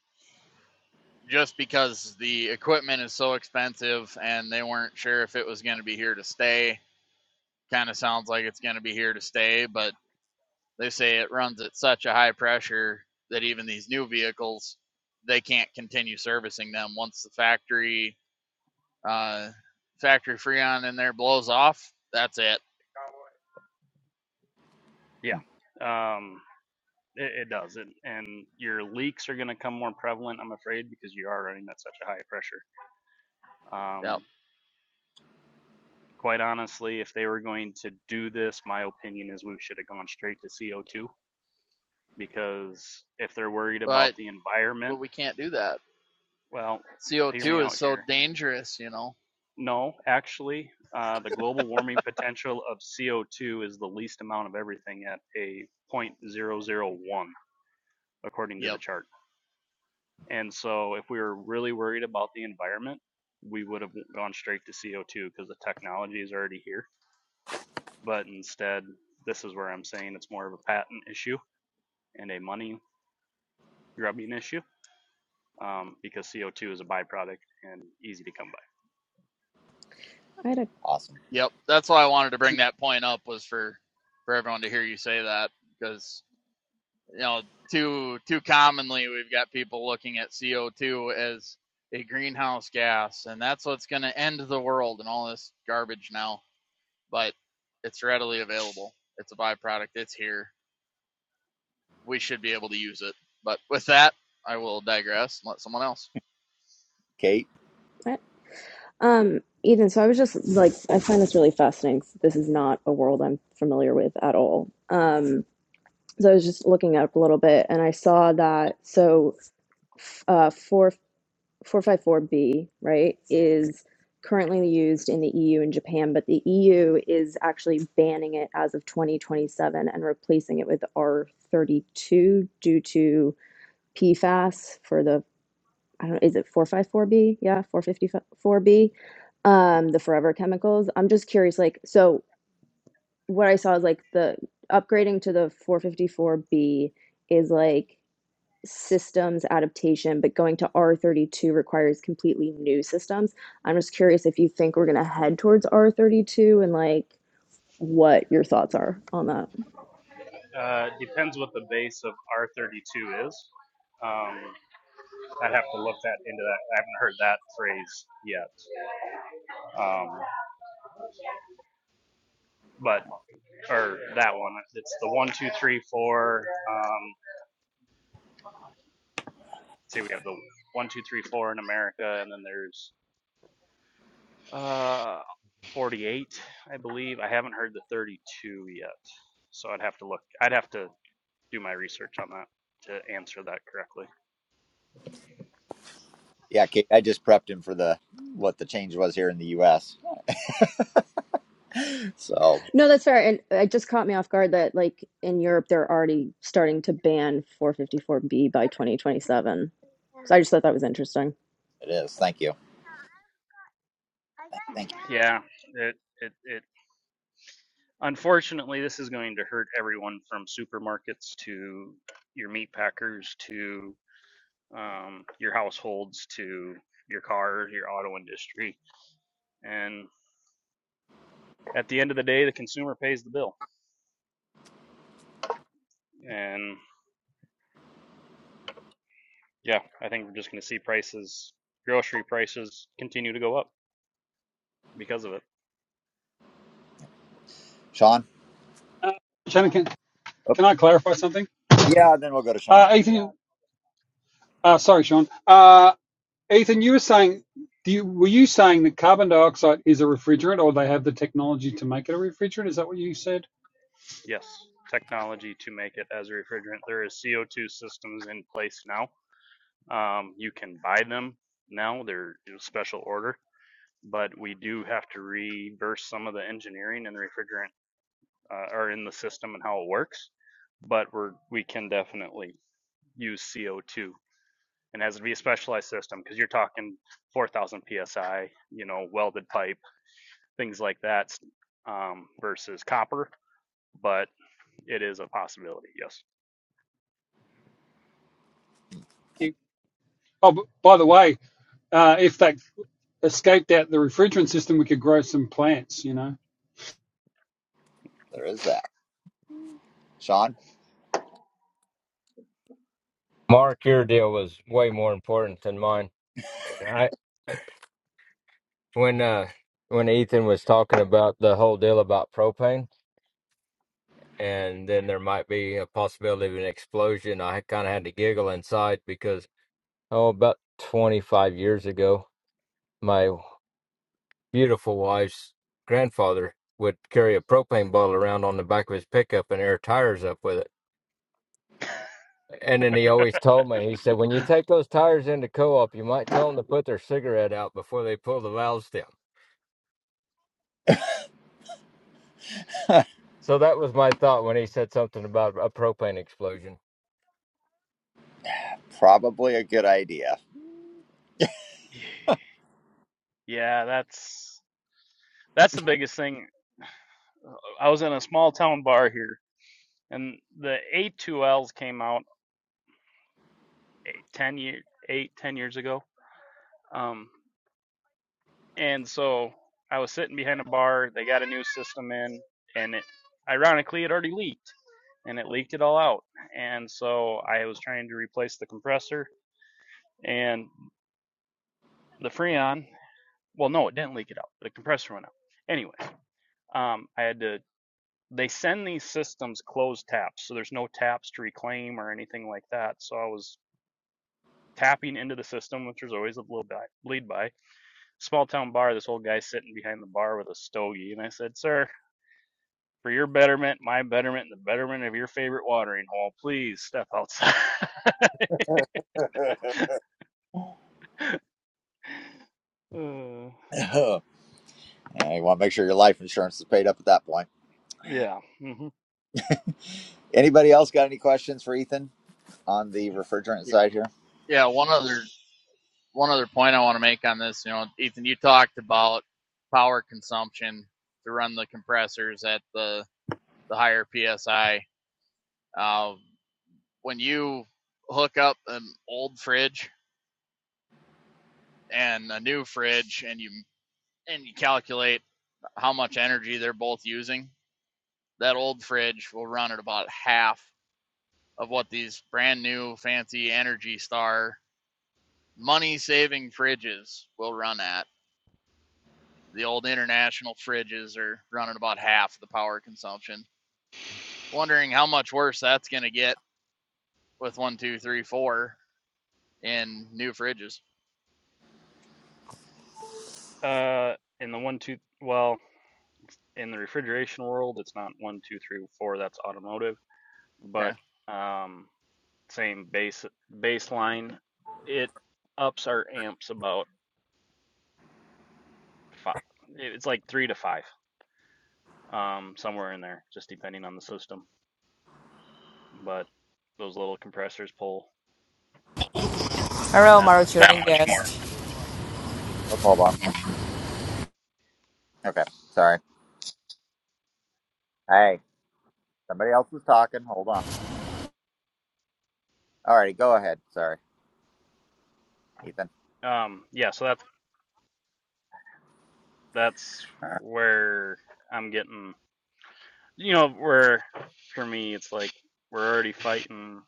Speaker 10: just because the equipment is so expensive and they weren't sure if it was going to be here to stay kind of sounds like it's going to be here to stay, but they say it runs at such a high pressure that even these new vehicles they can't continue servicing them once the factory uh, factory freon in there blows off. That's it.
Speaker 9: Yeah. Um, It, it does. It, and your leaks are going to come more prevalent, I'm afraid, because you are running at such a high pressure.
Speaker 10: Yep.
Speaker 9: Um, quite honestly, if they were going to do this, my opinion is we should have gone straight to CO2 because if they're worried about
Speaker 10: But
Speaker 9: the
Speaker 10: but
Speaker 9: environment,
Speaker 10: we can't do that.
Speaker 9: well, hear me
Speaker 10: CO2 is
Speaker 9: out
Speaker 10: so
Speaker 9: here.
Speaker 10: dangerous, you know.
Speaker 9: No, actually, uh, the global warming potential of CO2 is the least amount of everything at a zero point zero zero 0.001, according to the
Speaker 10: Yep.
Speaker 9: chart. And so if we were really worried about the environment, we would have gone straight to CO2 because the technology is already here. But instead, this is where I'm saying it's more of a patent issue and a money grubbing issue um, because CO2 is a byproduct and easy to come by.
Speaker 11: I had a
Speaker 1: Awesome,
Speaker 10: Yep. That's why I wanted to bring that point up was for for everyone to hear you say that because you know, too too commonly we've got people looking at CO2 as a greenhouse gas, and that's what's going to end the world and all this garbage now. But it's readily available. It's a byproduct. It's here. We should be able to use it. But with that, I will digress and let someone else.
Speaker 1: Kate.
Speaker 11: I- um Ethan, so I was just like I find this really fascinating. This is not a world I'm familiar with at all. Um so I was just looking up a little bit and I saw that so f- uh 4 four five four b right, is currently used in the EU and Japan, but the EU is actually banning it as of 2027 and replacing it with R32 due to PFAS for the I don't is it 454B? Yeah, 454B. Um, the forever chemicals. I'm just curious, like, so what I saw is like the upgrading to the 454B is like systems adaptation, but going to R32 requires completely new systems. I'm just curious if you think we're gonna head towards R32 and like what your thoughts are on that.
Speaker 9: Uh, depends what the base of R32 is. Um, I'd have to look that into that. I haven't heard that phrase yet. Um, but or that one. It's the one, two, three, four. um, say we have the one, two, three, four in America, and then there's uh 48, I believe. I haven't heard the 32 yet, so I'd have to look. I'd have to do my research on that to answer that correctly.
Speaker 1: Yeah, Kate. I just prepped him for the what the change was here in the U.S. So
Speaker 11: No, that's fair. And it just caught me off guard that like in Europe they're already starting to ban 454B by 2027. So I just thought that was interesting.
Speaker 1: it is. Thank you. Thank,
Speaker 9: Hmm,
Speaker 1: thank you,
Speaker 9: Yeah, it it it. Unfortunately, this is going to hurt everyone from supermarkets to your meat packers to um, your households to your car, your auto industry, and at the end of the day, the consumer pays the bill. And yeah, I think we're just going to see prices, grocery prices, continue to go up because of it.
Speaker 1: Sean.
Speaker 4: Uh, Shannon, can,
Speaker 1: Oh,
Speaker 4: can I clarify something?
Speaker 1: yeah, then we'll go to Sean.
Speaker 4: Uh, Ethan, uh, sorry, Sean. Uh, Ethan, you were saying, do you, were you saying that carbon dioxide is a refrigerant or they have the technology to make it a refrigerant? Is that what you said?
Speaker 9: Yes, technology to make it as a refrigerant. There is CO2 systems in place now. Um, you can buy them now. They're in a special order, but we do have to reverse some of the engineering in the refrigerant uh, or in the system and how it works. But we're we can definitely use CO2, and it has to be a specialized system because you're talking 4,000 psi, you know, welded pipe things like that um, versus copper, but it is a possibility. Yes.
Speaker 4: Oh, b- by the way, uh, if that escaped out the refrigerant system, we could grow some plants, you know?
Speaker 1: There is that. Sean,
Speaker 12: Mark, your deal was way more important than mine. I when uh when Ethan was talking about the whole deal about propane and then there might be a possibility of an explosion, I kind of had to giggle inside because oh about 25 years ago, my beautiful wife's grandfather would carry a propane bottle around on the back of his pickup and air tires up with it. And then he always told me, he said, when you take those tires into co-op, you might tell them to put their cigarette out before they pull the valves down. So that was my thought when he said something about a propane explosion.
Speaker 1: probably a good idea.
Speaker 9: Yeah, that's that's the biggest thing. I was in a small town bar here, and the A2Ls came out eight, ten year eight ten years ago. Um, and so I was sitting behind a bar. They got a new system in, and it ironically it already leaked, and it leaked it all out. And so I was trying to replace the compressor, and the Freon Well, no, it didn't leak it out. The compressor went out. Anyway, um, I had to. They send these systems closed taps, so there's no taps to reclaim or anything like that. So I was tapping into the system, which was always a little bit bleed by. Small town bar. This old guy sitting behind the bar with a stogie, and I said, "Sir, for your betterment, my betterment, and the betterment of your favorite watering hole, please step outside." uh,
Speaker 1: Yeah, you want to make sure your life insurance is paid up at that point.
Speaker 9: yeah. hmm
Speaker 1: Anybody else got any questions for Ethan on the refrigerant
Speaker 10: Y-
Speaker 1: side here?
Speaker 10: Yeah, one other one other point I want to make on this. You know, Ethan, you talked about power consumption to run the compressors at the the higher psi. Uh, when you hook up an old fridge and a new fridge and you and you calculate how much energy they're both using, that old fridge will run at about half of what these brand new fancy Energy Star money saving fridges will run at. The old international fridges are running about half the power consumption. Wondering how much worse that's going to get with one, two, three, four in new fridges.
Speaker 9: Uh, and the one two. Well. in the refrigeration world, it's not one, two, three, four. That's automotive,
Speaker 10: Okay.
Speaker 9: but um, same base baseline. It ups our amps about five. It's like three to five, um, somewhere in there, just depending on the system. But those little compressors pull
Speaker 13: Hello,
Speaker 9: that
Speaker 13: my
Speaker 9: much
Speaker 13: returning
Speaker 9: more.
Speaker 13: guest.
Speaker 1: Oh, hold on. Okay, sorry. Hey, somebody else was talking. Hold on. All righty, go ahead. Sorry, Ethan.
Speaker 9: Um, yeah, so that's that's where I'm getting. You know, where for me, it's like we're already fighting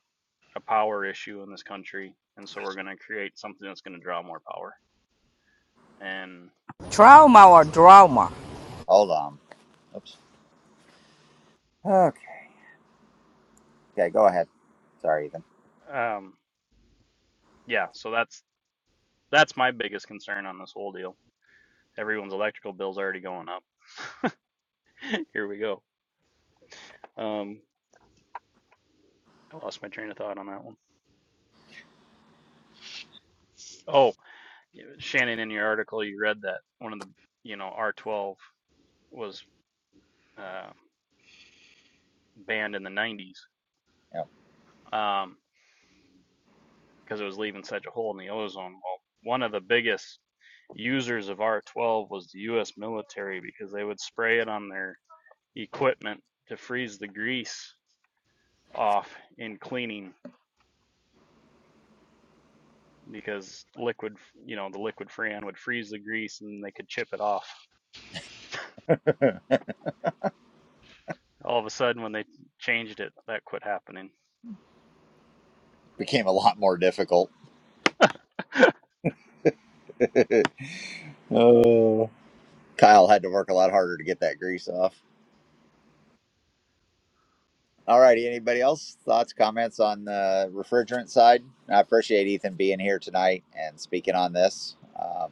Speaker 9: a power issue in this country, and so we're going to create something that's going to draw more power. And
Speaker 13: Trauma or drama?
Speaker 1: Hold on. Oops. Okay. Okay, go ahead. Sorry, Ethan.
Speaker 9: um, yeah, so that's that's my biggest concern on this whole deal. Everyone's electrical bill's already going up. Here we go. Um, I lost my train of thought on that one. Oh, y- Shannon, in your article, you read that one of the you know R12 was uh, banned in the 90s.
Speaker 1: Yeah,
Speaker 9: Um, because it was leaving such a hole in the ozone. Well, one of the biggest users of R12 was the U.S. military because they would spray it on their equipment to freeze the grease off in cleaning because liquid, you know, the liquid freon would freeze the grease and they could chip it off. All of a sudden, when they changed it, that quit happening.
Speaker 1: became a lot more difficult. oh. Kyle had to work a lot harder to get that grease off. All righty. Anybody else? Thoughts, comments on the refrigerant side? I appreciate Ethan being here tonight and speaking on this. Um,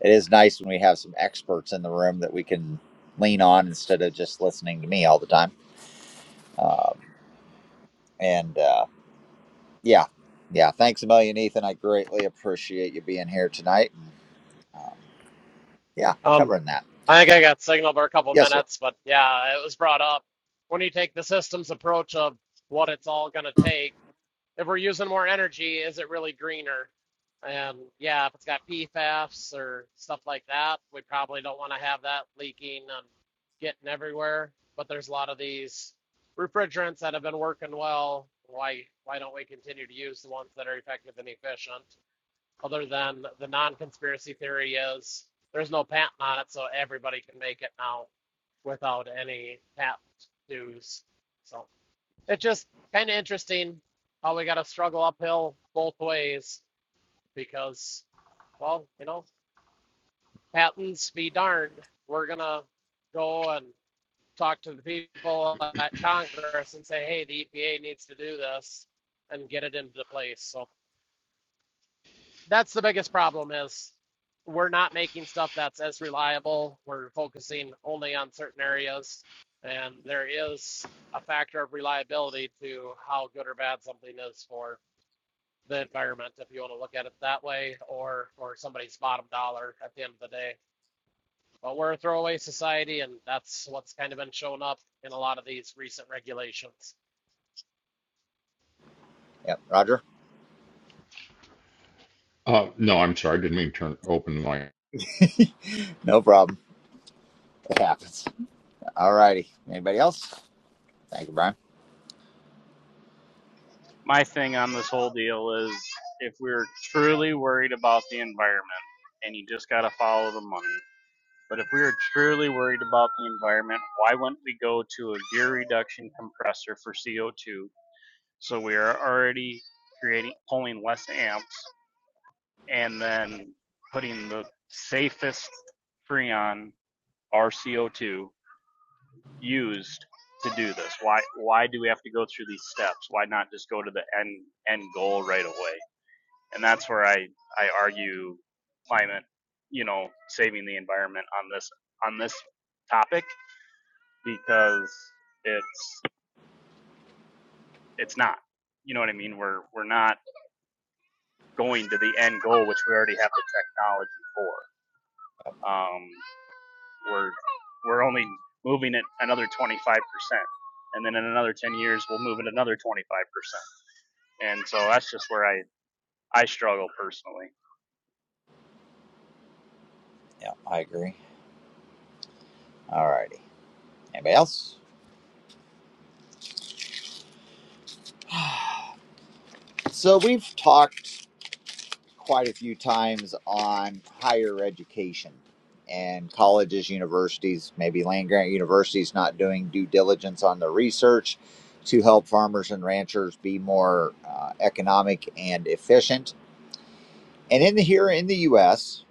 Speaker 1: it is nice when we have some experts in the room that we can lean on instead of just listening to me all the time. Um, and uh, yeah, yeah. Thanks a million, Ethan. I greatly appreciate you being here tonight. Um, yeah,
Speaker 2: Um,
Speaker 1: covering that.
Speaker 2: I think I got signal for a couple
Speaker 1: Yes, sir.
Speaker 2: minutes, but yeah, it was brought up. When you take the systems approach of what it's all gonna take, if we're using more energy, is it really greener? And yeah, if it's got PFAS or stuff like that, we probably don't want to have that leaking and getting everywhere. But there's a lot of these refrigerants that have been working well. Why why don't we continue to use the ones that are effective and efficient? Other than the non-conspiracy theory is there's no patent on it, so everybody can make it now without any patent dues. So it's just kind of interesting how we got to struggle uphill both ways because, well, you know, patents be darned. We're going to go and talk to the people at Congress and say, hey, the EPA needs to do this and get it into place. So that's the biggest problem is we're not making stuff that's as reliable. We're focusing only on certain areas. And there is a factor of reliability to how good or bad something is for the environment if you want to look at it that way, or or somebody's bottom dollar at the end of the day. But we're a throwaway society, and that's what's kind of been shown up in a lot of these recent regulations.
Speaker 1: Yep, Roger.
Speaker 14: Uh, no, I'm sorry. I didn't mean to turn open my.
Speaker 1: no problem. It happens. All righty. Anybody else? Thank you, Brian.
Speaker 9: My thing on this whole deal is if we're truly worried about the environment and you just got to follow the money But if we are truly worried about the environment, why wouldn't we go to a gear reduction compressor for CO2? So we are already creating pulling less amps and then putting the safest freon or CO2 used to do this. Why why do we have to go through these steps? Why not just go to the end end goal right away? And that's where I I argue climate, you know, saving the environment on this on this topic because it's it's not. You know what I mean? We're we're not going to the end goal, which we already have the technology for. Um, we're we're only moving it another 25 percent, and then in another 10 years, we'll move it another 25 percent. And so that's just where I I struggle personally.
Speaker 1: Yeah, I agree. All righty. Anybody else? So we've talked quite a few times on higher education and colleges, universities, maybe land grant universities not doing due diligence on their research to help farmers and ranchers be more uh, economic and efficient. And in the, here in the U.S.,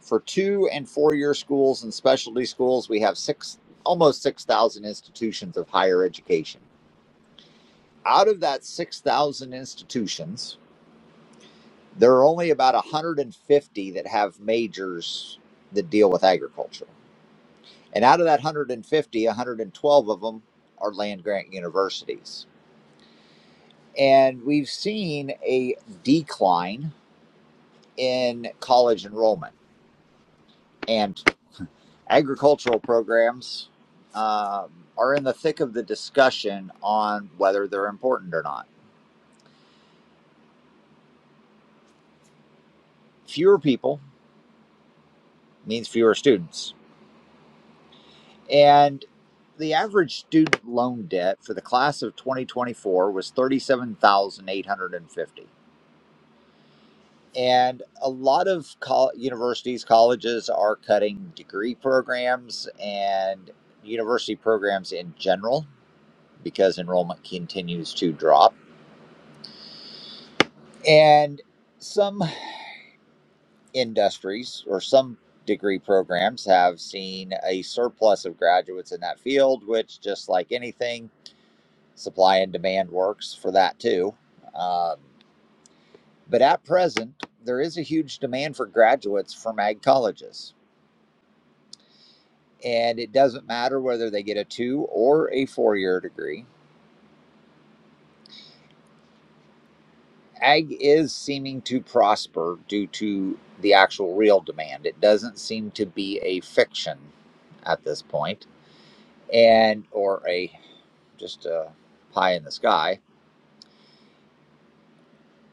Speaker 1: for two and four year schools and specialty schools, we have six almost six thousand institutions of higher education. Out of that six thousand institutions, There are only about 150 that have majors that deal with agriculture. And out of that 150, 112 of them are land grant universities. And we've seen a decline in college enrollment. And agricultural programs um, are in the thick of the discussion on whether they're important or not. Fewer people means fewer students And the average student loan debt for the class of 2024 was 37,850. And a lot of col- universities, colleges are cutting degree programs and university programs in general because enrollment continues to drop. And some industries or some degree programs have seen a surplus of graduates in that field, which, just like anything, Supply and demand works for that too. Um, but at present, there is a huge demand for graduates from ag colleges. And it doesn't matter whether they get a two or a four year degree. Ag is seeming to prosper due to the actual real demand. It doesn't seem to be a fiction at this point and or a just a pie in the sky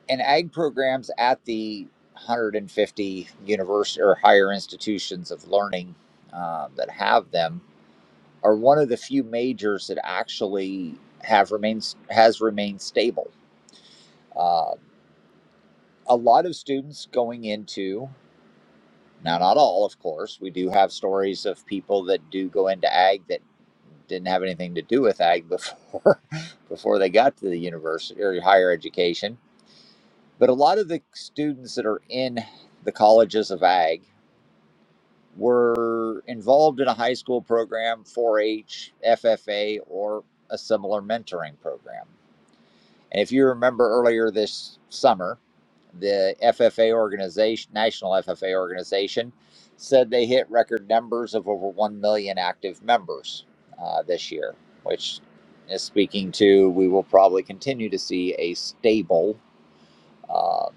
Speaker 1: and ag programs at the 150 university or higher institutions of learning um, that have them are one of the few majors that actually have remains has remained stable. Uh, a lot of students going into now, not all, of course. We do have stories of people that do go into ag that didn't have anything to do with ag before before they got to the university or higher education But a lot of the students that are in the colleges of ag were involved in a high school program, 4 H, FFA, or a similar mentoring program. And if you remember earlier this summer, the FFA organization, National FFA organization, said they hit record numbers of over 1 million active members uh, this year, which is speaking to we will probably continue to see a stable. uh,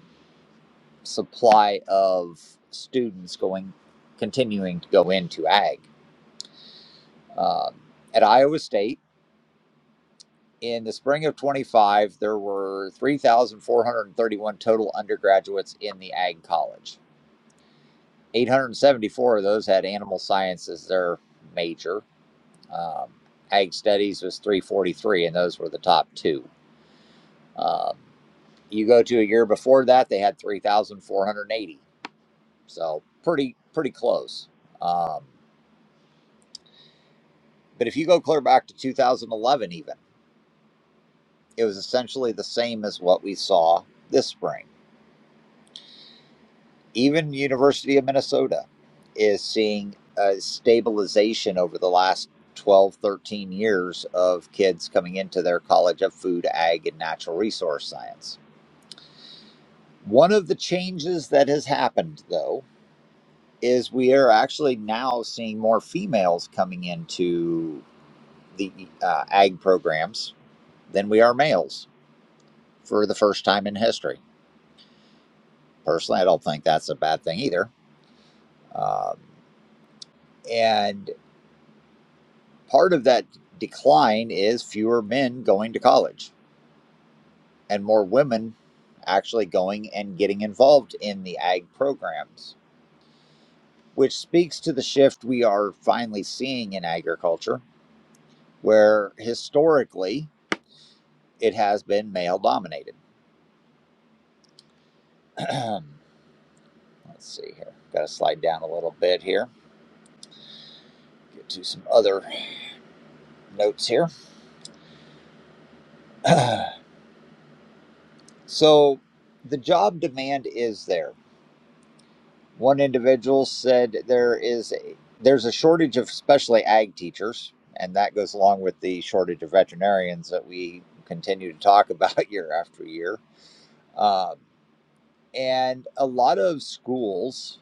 Speaker 1: supply of students going continuing to go into ag um, at iowa state in the spring of 25 there were 3431 total undergraduates in the ag college 874 of those had animal science as their major um, ag studies was 343 and those were the top two um, you go to a year before that they had 3480 so pretty pretty close um, But if you go clear back to 2011, even, it was essentially the same as what we saw this spring. Even University of Minnesota is seeing a stabilization over the last 12, 13 years of kids coming into their College of Food, Ag, and Natural Resource Science. One of the changes that has happened, though, is we are actually now seeing more females coming into the uh, ag programs than we are males for the first time in history. Personally, I don't think that's a bad thing either. Um, and part of that decline is fewer men going to college and more women actually going and getting involved in the ag programs, which speaks to the shift we are finally seeing in agriculture, where historically it has been male dominated. Let's see here. Got to slide down a little bit here. Get to some other notes here. So the job demand is there. One individual said there is a, there's a shortage of especially ag teachers, and that goes along with the shortage of veterinarians that we continue to talk about year after year. Um, and a lot of schools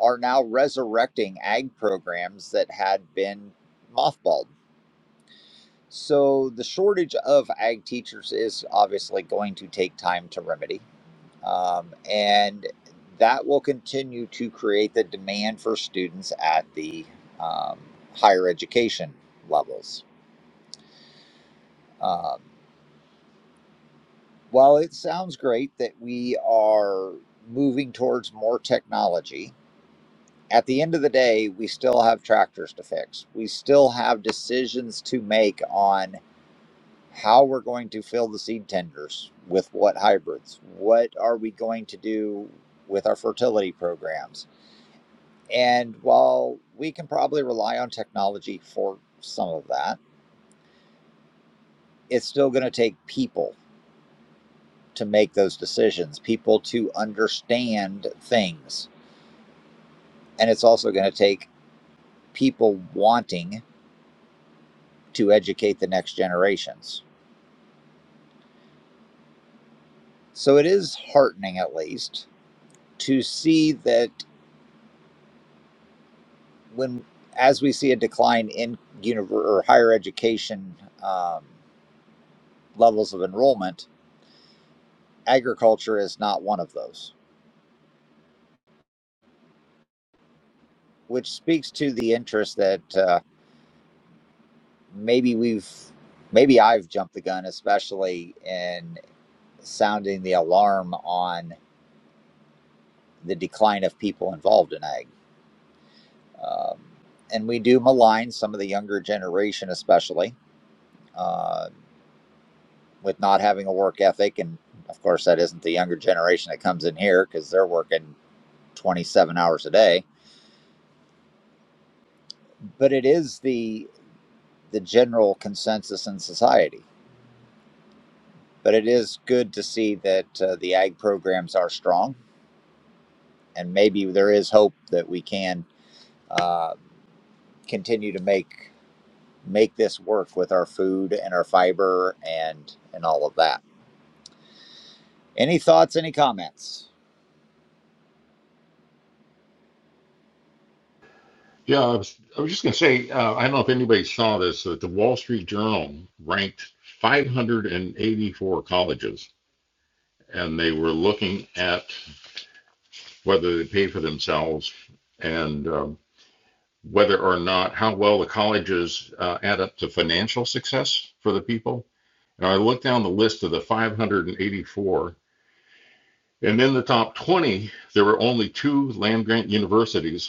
Speaker 1: are now resurrecting ag programs that had been mothballed. So the shortage of ag teachers is obviously going to take time to remedy Um, and that will continue to create the demand for students at the um, higher education levels. Um, while it sounds great that we are moving towards more technology, at the end of the day, we still have tractors to fix. We still have decisions to make on how we're going to fill the seed tenders with what hybrids. What are we going to do with our fertility programs? And while we can probably rely on technology for some of that, it's still going to take people to make those decisions, people to understand things. And it's also going to take people wanting to educate the next generations. So it is heartening, at least, to see that when, as we see a decline in univer- or higher education um, levels of enrollment, agriculture is not one of those which speaks to the interest that uh, maybe we've maybe I've jumped the gun, especially in sounding the alarm on the decline of people involved in ag. Um, and we do malign some of the younger generation, especially uh, with not having a work ethic. And of course, that isn't the younger generation that comes in here because they're working 27 hours a day. But it is the the general consensus in society But it is good to see that uh, the ag programs are strong, and maybe there is hope that we can uh, continue to make make this work with our food and our fiber and and all of that. Any thoughts? Any comments?
Speaker 14: Yeah, I was, I was just going to say, uh, I don't know if anybody saw this, that the Wall Street Journal ranked 584 colleges, and they were looking at whether they pay for themselves and um, whether or not how well the colleges uh, add up to financial success for the people. And I looked down the list of the 584, and in the top 20, there were only two land grant universities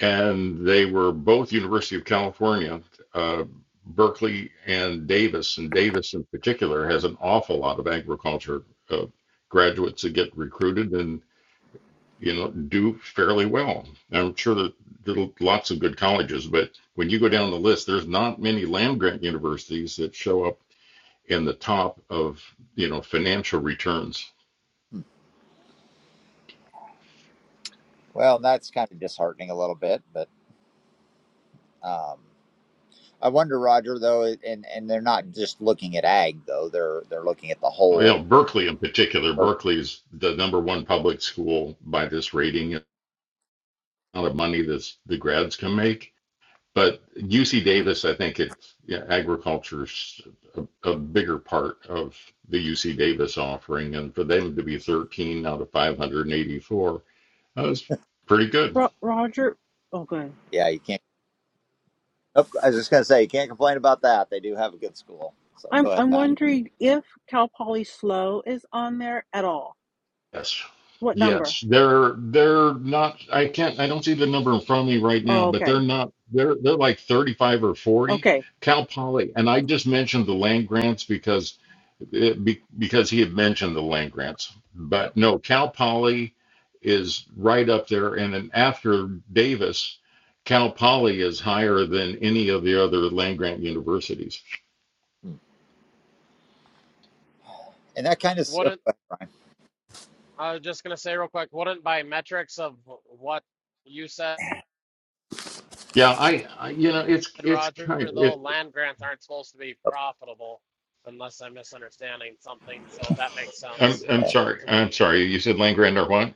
Speaker 14: and they were both University of California, uh, Berkeley and Davis, and Davis in particular has an awful lot of agriculture uh, graduates that get recruited and you know do fairly well. I'm sure that there are lots of good colleges, but when you go down the list, there's not many land grant universities that show up in the top of you know financial returns.
Speaker 1: Hmm. Well, that's kind of disheartening a little bit, but um, I wonder, Roger, though, and and they're not just looking at ag though; they're they're looking at the
Speaker 14: You
Speaker 1: whole.
Speaker 14: know Berkeley in particular.
Speaker 1: Or,
Speaker 14: Berkeley is the number one public school by this rating, amount of money that the grads can make. But UC Davis, I think it's yeah, agriculture's a, a bigger part of the UC Davis offering, and for them to be 13 out of 584, that was pretty good.
Speaker 7: Ro- Roger, oh, good.
Speaker 1: yeah, you can't. Oh, I was just gonna say you can't complain about that. They do have a good school. So
Speaker 7: I'm
Speaker 1: go ahead,
Speaker 7: I'm
Speaker 1: Pat.
Speaker 7: wondering if Cal Poly Slow is on there at all.
Speaker 14: Yes,
Speaker 7: What number?
Speaker 14: yes, they're they're not. I can't. I don't see the number in front of me right now,
Speaker 7: Oh,
Speaker 14: but
Speaker 7: okay,
Speaker 14: they're not. They're they're like 35 or 40.
Speaker 7: okay.
Speaker 14: Cal Poly, and I just mentioned the land grants because it, be, because he had mentioned the land grants.
Speaker 1: Yep.
Speaker 14: But no, Cal Poly is right up there, and then after Davis, Cal Poly is higher than any of the other land grant universities.
Speaker 1: and that kind of s-
Speaker 2: Wouldn't I was just gonna say real quick? Wouldn't by metrics of what you said,
Speaker 1: Uh,
Speaker 14: Yeah, I, I you know, it's it's
Speaker 2: Roger,
Speaker 14: kind of,
Speaker 2: though,
Speaker 14: it,
Speaker 2: land grants aren't supposed to be profitable unless I'm misunderstanding something. So that makes
Speaker 14: I'm
Speaker 2: sense
Speaker 14: I'm sorry,
Speaker 2: to
Speaker 14: I'm
Speaker 2: me.
Speaker 14: sorry. You said land grant or what?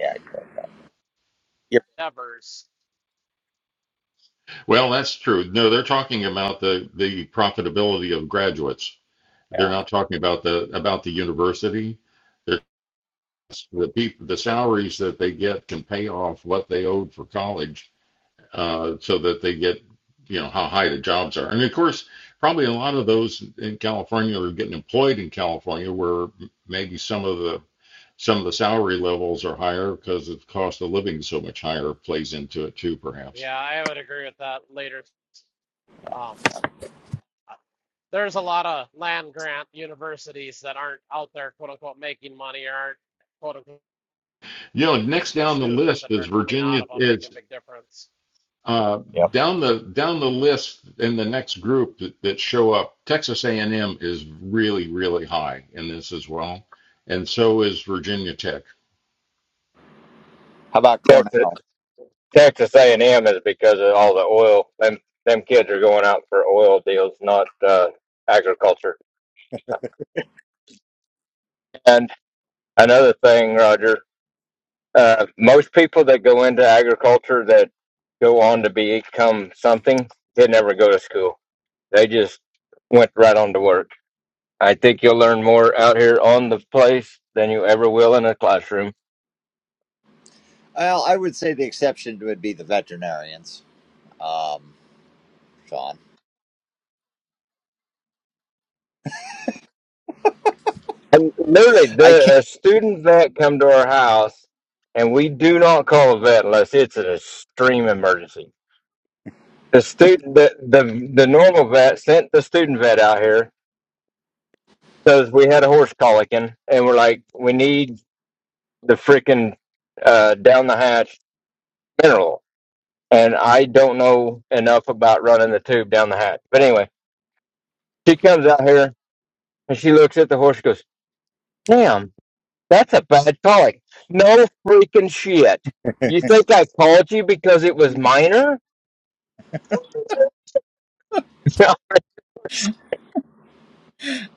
Speaker 1: yeah, yeah,
Speaker 2: Evers,
Speaker 14: Well, that's true. No, they're talking about the the profitability of graduates.
Speaker 1: yeah,
Speaker 14: They're not talking about the about the university. the people the salaries that they get can pay off what they owed for college uh, so that they get you know how high the jobs are and of course probably a lot of those in california are getting employed in california where maybe some of the some of the salary levels are higher because the cost of living so much higher plays into it too perhaps
Speaker 2: yeah, I would agree with that later. Um, there's a lot of land grant universities that aren't out there, quote unquote, making money or aren't, quote unquote,
Speaker 14: you know next down the
Speaker 2: students
Speaker 14: list
Speaker 2: that
Speaker 14: is
Speaker 2: are coming out
Speaker 14: virginia
Speaker 2: of them
Speaker 14: is
Speaker 2: making a big difference.
Speaker 14: Uh,
Speaker 1: yep.
Speaker 14: down the down the list in the next group that, that show up, Texas A&M is really really high in this as well, and so is Virginia Tech.
Speaker 1: How about
Speaker 12: Texas
Speaker 1: Cornell?
Speaker 12: Texas A and M is because of all the oil. Them them kids are going out for oil deals, not uh, agriculture. And another thing, Roger, uh, most people that go into agriculture that go on to become something, they never go to school. They just went right on to work. I think you'll learn more out here on the place than you ever will in a classroom.
Speaker 1: Well, I would say the exception would be the veterinarians, um, Sean.
Speaker 12: And literally,
Speaker 1: I
Speaker 12: the
Speaker 1: can't
Speaker 12: a student vet come to our house, and we do not call a vet unless it's an extreme emergency. The student, the the, the normal vet sent the student vet out here because we had a horse colicking, and we're like, we need the freaking uh, down the hatch mineral, and I don't know enough about running the tube down the hatch. But anyway, she comes out here and she looks at the horse, and goes, "Damn, That's a bad calling. No freaking shit. You think I called you because it was minor? No,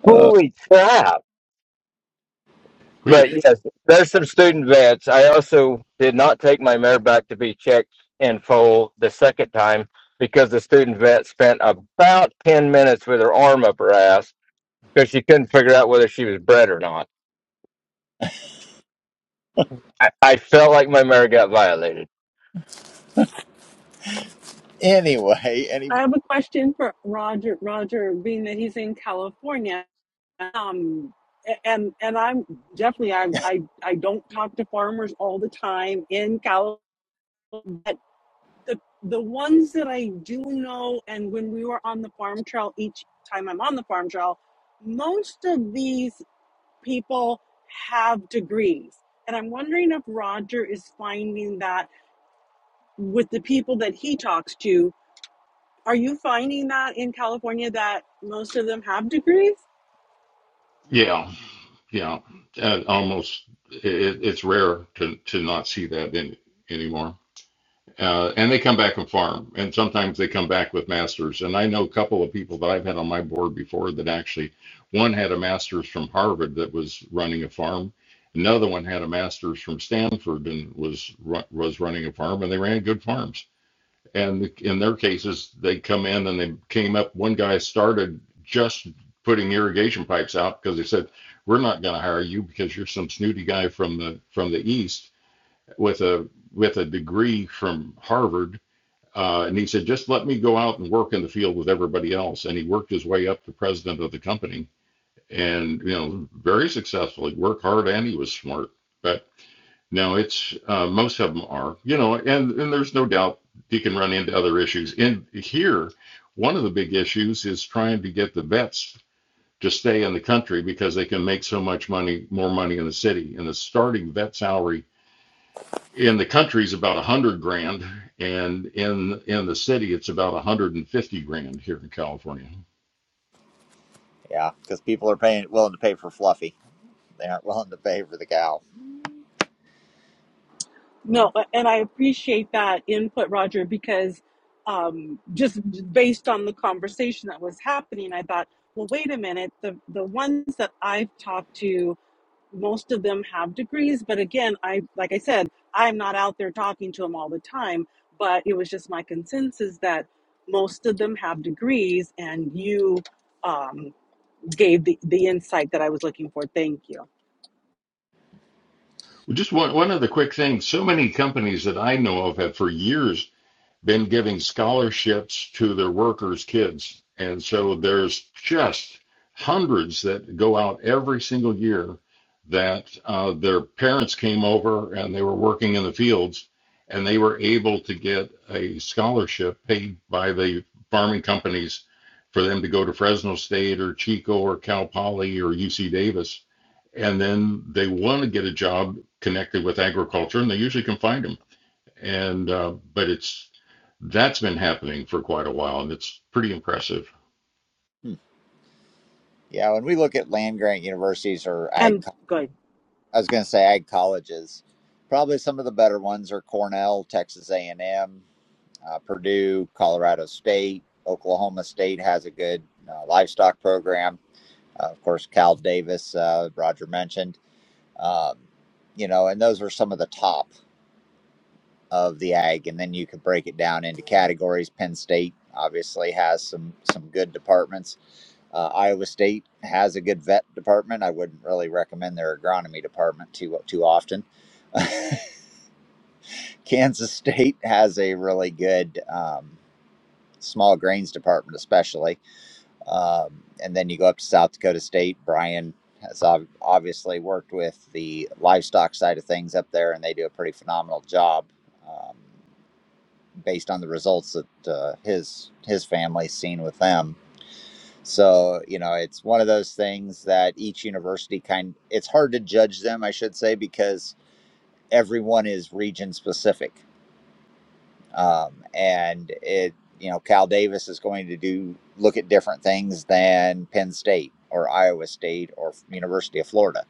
Speaker 12: Holy crap. But
Speaker 14: We
Speaker 12: yes, there's some student vets. I also did not take my mare back to be checked in full the second time because the student vet spent about 10 minutes with her arm up her ass because she couldn't figure out whether she was bred or not. I, I felt like my mare got violated.
Speaker 1: anyway. Any
Speaker 7: I have a question for Roger. Roger, being that he's in California, um, and and I'm definitely I I I don't talk to farmers all the time in California. but the the ones that I do know, and when we were on the farm trail, each time I'm on the farm trail, most of these people have degrees, and I'm wondering if Roger is finding that with the people that he talks to. Are you finding that in California that most of them have degrees?
Speaker 14: yeah yeah uh, almost it, it's rare to to not see that in anymore. Uh, and they come back and farm, and sometimes they come back with masters. And I know a couple of people that I've had on my board before that actually, one had a master's from Harvard that was running a farm. Another one had a master's from Stanford and was was running a farm, and they ran good farms. And in their cases, they come in and they came up. One guy started just putting irrigation pipes out because they said, "We're not going to hire you because you're some snooty guy from the from the east with a with a degree from Harvard uh, and he said, just let me go out and work in the field with everybody else. And he worked his way up to president of the company and, you know, very successfully. worked hard and he was smart. But no, it's uh, most of them are, you know, and, and there's no doubt he can run into other issues. In here, one of the big issues is trying to get the vets to stay in the country because they can make so much money, more money in the city. And the starting vet salary in the country is about a hundred grand, and in in the city it's about a hundred and fifty grand here in California.
Speaker 1: yeah, because people are paying willing to pay for Fluffy. They aren't willing to pay for the cow.
Speaker 7: No, and I appreciate that input, Roger, because um, just based on the conversation that was happening, I thought, well, wait a minute. The the ones that I've talked to, most of them have degrees, but again, I like I said, I'm not out there talking to them all the time. But it was just my consensus that most of them have degrees, and you um, gave the the insight that I was looking for. Thank you,
Speaker 14: Well, Just one one other quick thing. So many companies that I know of have for years been giving scholarships to their workers' kids. And so there's just hundreds that go out every single year that uh, their parents came over and they were working in the fields and they were able to get a scholarship paid by the farming companies for them to go to Fresno State or Chico or Cal Poly or UC Davis. And then they want to get a job connected with agriculture and they usually can find them and uh, but it's that's been happening for quite a while, and it's pretty impressive.
Speaker 1: Hmm. Yeah, when we look at land grant universities or ag,
Speaker 7: and
Speaker 1: co-
Speaker 7: good.
Speaker 1: I was going to say ag colleges. Probably some of the better ones are Cornell, Texas A and M, uh, Purdue, Colorado State, Oklahoma State has a good uh, livestock program Uh, of course, Cal Davis, uh, Roger mentioned, um, you know, and those are some of the top of the ag. And then you could break it down into categories. Penn State obviously has some some good departments. Uh, Iowa State has a good vet department. I wouldn't really recommend their agronomy department too too often. Kansas State has a really good um, small grains department, especially Um, and then you go up to South Dakota State. Brian has obviously worked with the livestock side of things up there, and they do a pretty phenomenal job um, based on the results that uh, his his family's seen with them. So you know, it's one of those things that each university kind. It's hard to judge them, I should say, because everyone is region specific. um, and it you know Cal Davis is going to do look at different things than Penn State or Iowa State or University of Florida.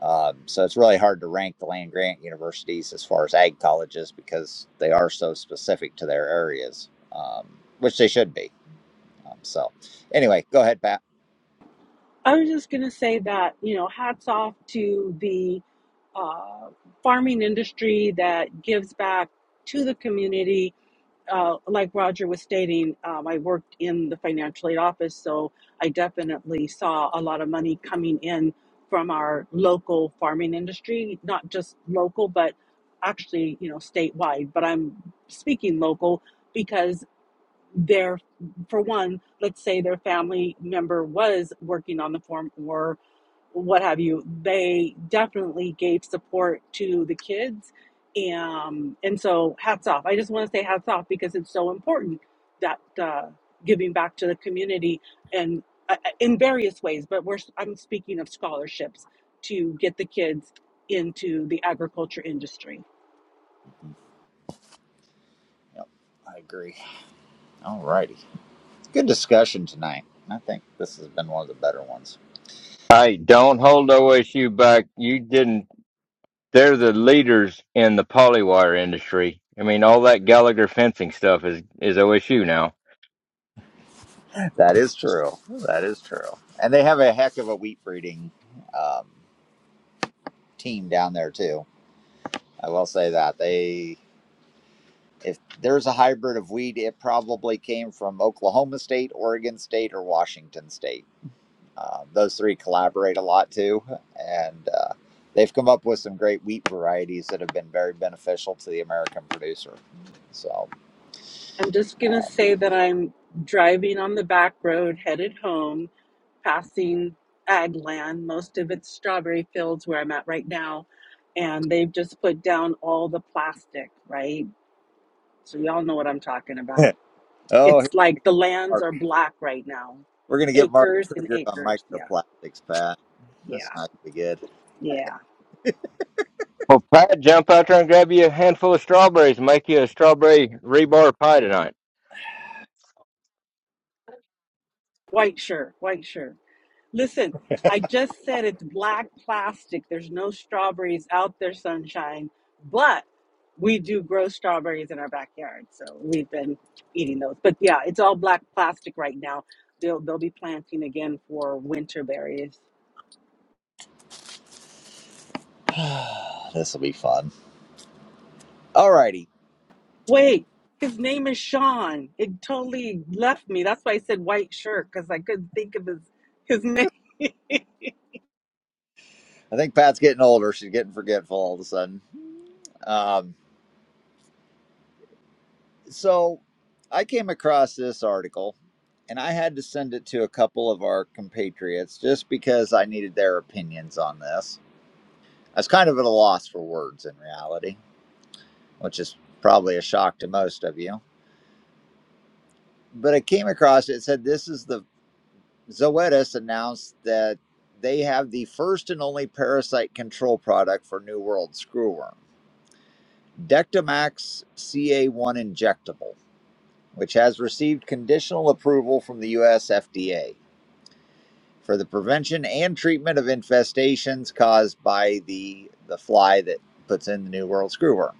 Speaker 1: Um, so it's really hard to rank the land grant universities as far as ag colleges because they are so specific to their areas, um, which they should be. Um, so anyway, go ahead, Pat.
Speaker 7: I was just going to say that, you know, hats off to the uh, farming industry that gives back to the community. Uh, like Roger was stating, um, I worked in the financial aid office, so I definitely saw a lot of money coming in from our local farming industry, not just local, but actually, you know, statewide. But I'm speaking local because their for one let's say their family member was working on the farm or what have you they definitely gave support to the kids um, and so hats off i just want to say hats off because it's so important that uh, giving back to the community and uh, in various ways but we're i'm speaking of scholarships to get the kids into the agriculture industry
Speaker 1: Yep, I agree. All righty, good discussion tonight. I think this has been one of the better ones.
Speaker 12: I don't hold OSU back. You didn't They're the leaders in the polywire industry. I mean, all that Gallagher fencing stuff is is OSU now.
Speaker 1: That is true. That is true. And they have a heck of a wheat breeding um, team down there too. I will say that they, if there's a hybrid of wheat, it probably came from Oklahoma State, Oregon State, or Washington State. Um, those three collaborate a lot too, and uh, they've come up with some great wheat varieties that have been very beneficial to the American producer. So,
Speaker 7: I'm just going to
Speaker 1: um,
Speaker 7: say that I'm driving on the back road headed home, passing ag land. Most of it's strawberry fields where I'm at right now. And they've just put down all the plastic, right? So, y'all know what I'm talking about.
Speaker 1: oh, here,
Speaker 7: It's like the lands
Speaker 1: Mark,
Speaker 7: are black right now
Speaker 1: we're gonna get Mark
Speaker 7: acres and
Speaker 1: triggered on
Speaker 7: acres. Yeah,
Speaker 1: microplastics, Pat. That's
Speaker 7: yeah,
Speaker 1: not gonna be good.
Speaker 7: yeah.
Speaker 12: Well, Pat, jump out there and grab you a handful of strawberries and make you a strawberry rebar pie tonight.
Speaker 7: White shirt, white shirt. Listen, I just said it's black plastic. There's no strawberries out there, sunshine, but we do grow strawberries in our backyard. So we've been eating those. But yeah, it's all black plastic right now. They'll, they'll be planting again for winter berries.
Speaker 1: this will be fun. Alrighty.
Speaker 7: Wait, his name is Sean. It totally left me. That's why I said white shirt because I couldn't think of his, his name.
Speaker 1: I think Pat's getting older. She's getting forgetful all of a sudden. Um, so I came across this article and I had to send it to a couple of our compatriots just because I needed their opinions on this. I was kind of at a loss for words in reality, which is probably a shock to most of you. But I came across it, it said this is the Zoetis announced that they have the first and only parasite control product for New World screwworm. Dectamax CA1 injectable, which has received conditional approval from the US FDA for the prevention and treatment of infestations caused by the, the fly that puts in the New World screwworm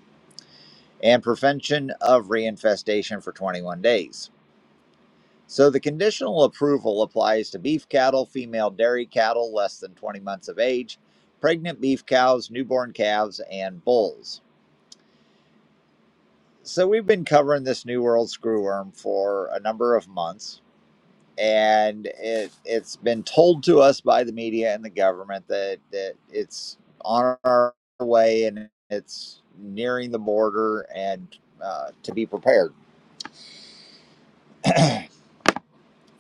Speaker 1: and prevention of reinfestation for 21 days. So the conditional approval applies to beef cattle, female dairy cattle less than 20 months of age, pregnant beef cows, newborn calves, and bulls. So we've been covering this New World Screwworm for a number of months, and it it's been told to us by the media and the government that that it's on our way and it's nearing the border and uh, to be prepared.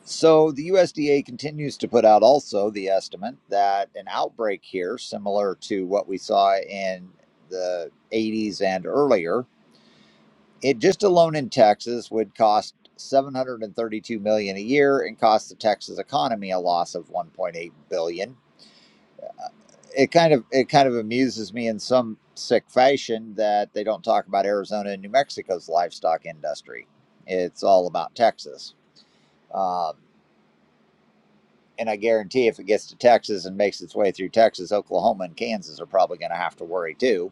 Speaker 1: So the USDA continues to put out also the estimate that an outbreak here, similar to what we saw in the 80s and earlier, It just alone in Texas would cost 732 million dollars a year and cost the Texas economy a loss of 1.8 billion. dollars. It kind of it kind of amuses me in some sick fashion that they don't talk about Arizona and New Mexico's livestock industry. It's all about Texas. Um, and I guarantee if it gets to Texas and makes its way through Texas, Oklahoma and Kansas are probably going to have to worry too.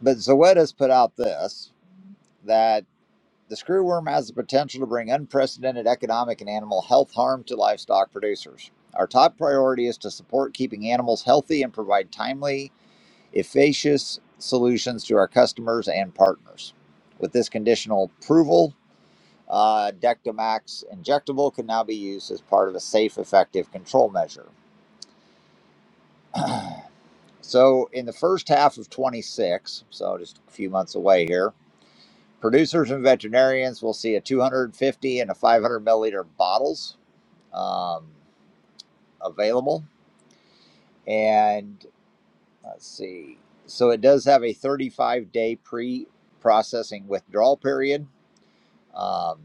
Speaker 1: But Zoetis put out this that The screwworm has the potential to bring unprecedented economic and animal health harm to livestock producers. Our top priority is to support keeping animals healthy and provide timely, efficacious solutions to our customers and partners. With this conditional approval, uh, Dectomax injectable can now be used as part of a safe, effective control measure. So, in the first half of 26, so just a few months away here, producers and veterinarians will see a 250 and a 500 milliliter bottles um, available. And let's see. So it does have a 35 day pre processing withdrawal period. Um,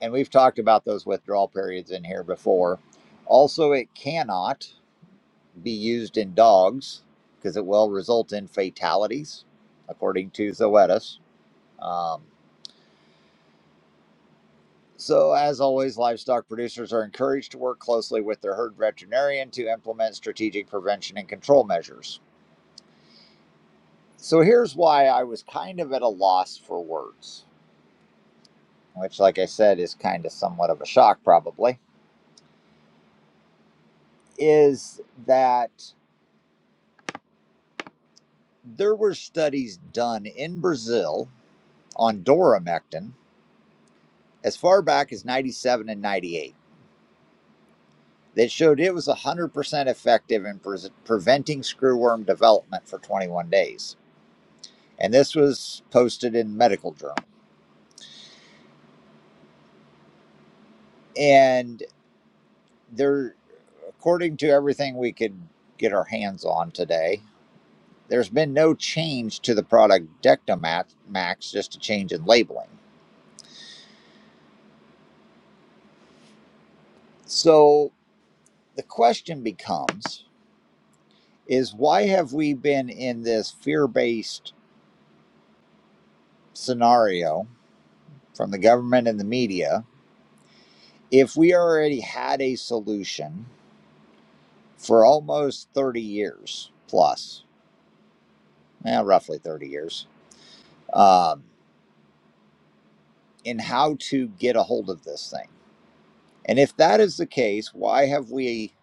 Speaker 1: and we've talked about those withdrawal periods in here before. Also, it cannot be used in dogs because it will result in fatalities, according to Zoetis. Um, so, as always, livestock producers are encouraged to work closely with their herd veterinarian to implement strategic prevention and control measures. So here's why I was kind of at a loss for words, which, like I said, is kind of somewhat of a shock, probably, is that there were studies done in Brazil on doramectin as far back as 97 and 98 that showed it was 100% effective in pre- preventing screwworm development for 21 days. And this was posted in medical journal. And there, according to everything we could get our hands on today, There's been no change to the product Dectomax, Max, just a change in labeling. So the question becomes is why have we been in this fear-based scenario from the government and the media if we already had a solution for almost 30 years plus, eh, roughly 30 years, um, in how to get a hold of this thing? And if that is the case, why have we,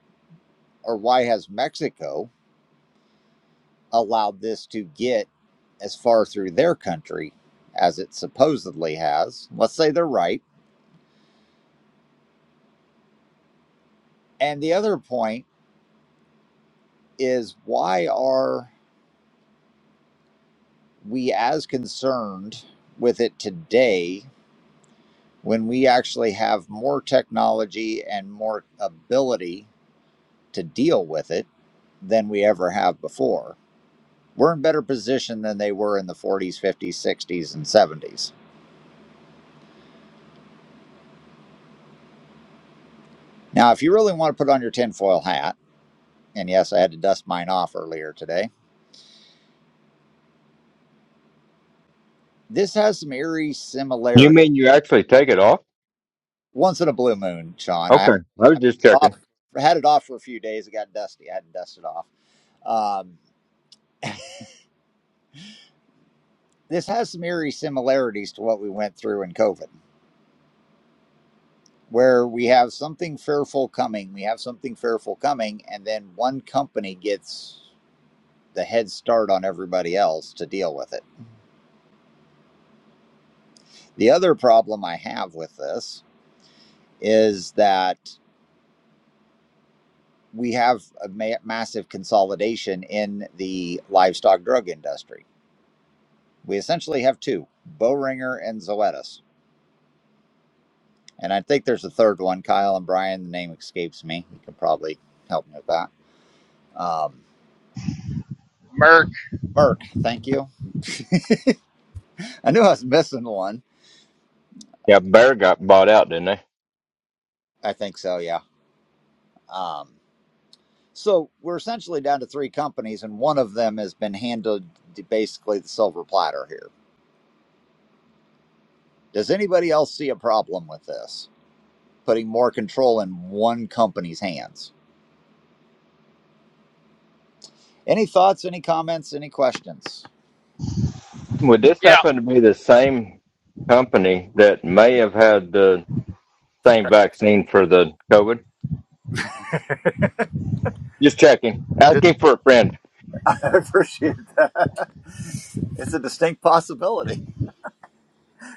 Speaker 1: or why has Mexico allowed this to get as far through their country as it supposedly has. Let's say they're right. And the other point is why are we as concerned with it today when we actually have more technology and more ability to deal with it than we ever have before? We're in better position than they were in the 40s, 50s, 60s, and 70s. Now, if you really want to put on your tinfoil hat, And yes, I had to dust mine off earlier today. This has some eerie
Speaker 12: You
Speaker 1: similarity.
Speaker 12: mean you actually take it off?
Speaker 1: Once in a blue moon, Sean. I had
Speaker 12: Okay, I was just
Speaker 1: it
Speaker 12: checking.
Speaker 1: off, had it off for a few days. It got dusty. I had to dust it off. Um, this has some eerie similarities to what we went through in COVID, where we have something fearful coming. We have something fearful coming, and then one company gets the head start on everybody else to deal with it. The other problem I have with this is that we have a ma- massive consolidation in the livestock drug industry. We essentially have two, Boehringer and Zoetis. And I think there's a third one, Kyle and Brian. The name escapes me. You can probably help me with that. Um,
Speaker 10: Merc.
Speaker 1: Merck, thank you. I knew I was missing one.
Speaker 12: Yeah, Bear got bought out, didn't they?
Speaker 1: I think so, yeah. Um, so we're essentially down to three companies, and one of them has been handled basically the silver platter here. Does anybody else see a problem with this? Putting more control in one company's hands? Any thoughts, any comments, any questions?
Speaker 12: Would this
Speaker 10: Yeah.
Speaker 12: happen to be the same company that may have had the same vaccine for the COVID? Just checking.
Speaker 1: Just,
Speaker 12: Asking for a friend.
Speaker 1: I appreciate that. It's a distinct possibility.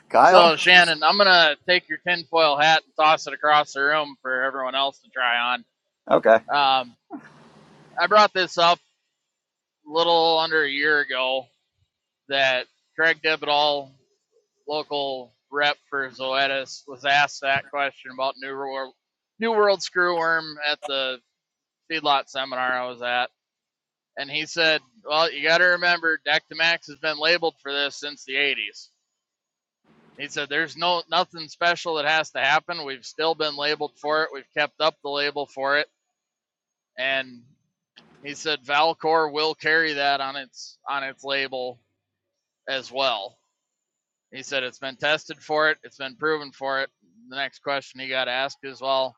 Speaker 1: Kyle?
Speaker 10: So Shannon, I'm gonna take your tinfoil hat and toss it across the room for everyone else to try on.
Speaker 1: Okay.
Speaker 10: Um, I brought this up a little under a year ago that Craig Dibidall, local rep for Zoetis, was asked that question about New World New World screwworm at the feedlot seminar I was at, and he said, "Well, you got to remember, Dectomax has been labeled for this since the '80s." He said, "There's no nothing special that has to happen. We've still been labeled for it. We've kept up the label for it, and he said Valcor will carry that on its on its label as well. He said it's been tested for it. It's been proven for it. The next question he got asked is, well,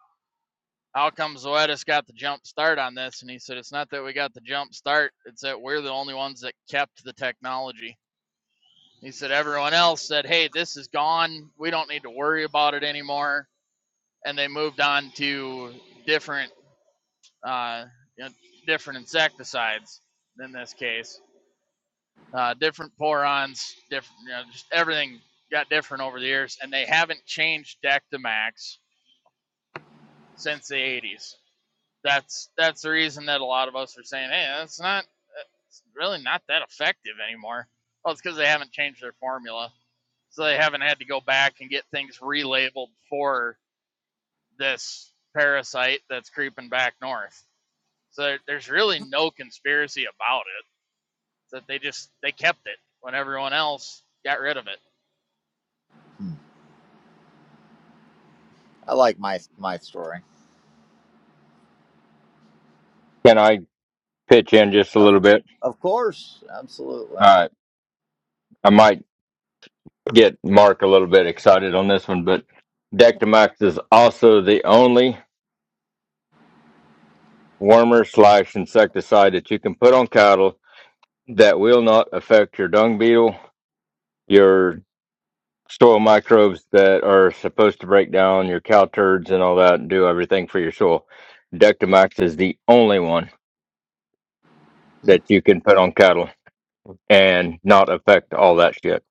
Speaker 10: how come Zoetis got the jump start on this? And he said it's not that we got the jump start. It's that we're the only ones that kept the technology. He said everyone else said, hey, this is gone. We don't need to worry about it anymore and they moved on to different uh, you know, different insecticides in this case, uh, different porons, different you know, just everything got different over the years, and they haven't changed Dectamax since the 80s. That's that's the reason that a lot of us are saying, hey, that's not it's really not that effective anymore. Well, it's because they haven't changed their formula, so they haven't had to go back and get things relabeled for this parasite that's creeping back north. So there's really no conspiracy about it. That they just they kept it when everyone else got rid of it.
Speaker 1: Hmm. I like my my story.
Speaker 12: Can I pitch in just a
Speaker 1: Of,
Speaker 12: little bit?
Speaker 1: of course. Absolutely.
Speaker 12: All right. I might get Mark a little bit excited on this one, but Dectomax is also the only wormer slash insecticide that you can put on cattle that will not affect your dung beetle, your soil microbes that are supposed to break down your cow turds and all that and do everything for your soil. Dectomax is the only one
Speaker 1: Hmm.
Speaker 12: that you can put on cattle and not affect all that shit.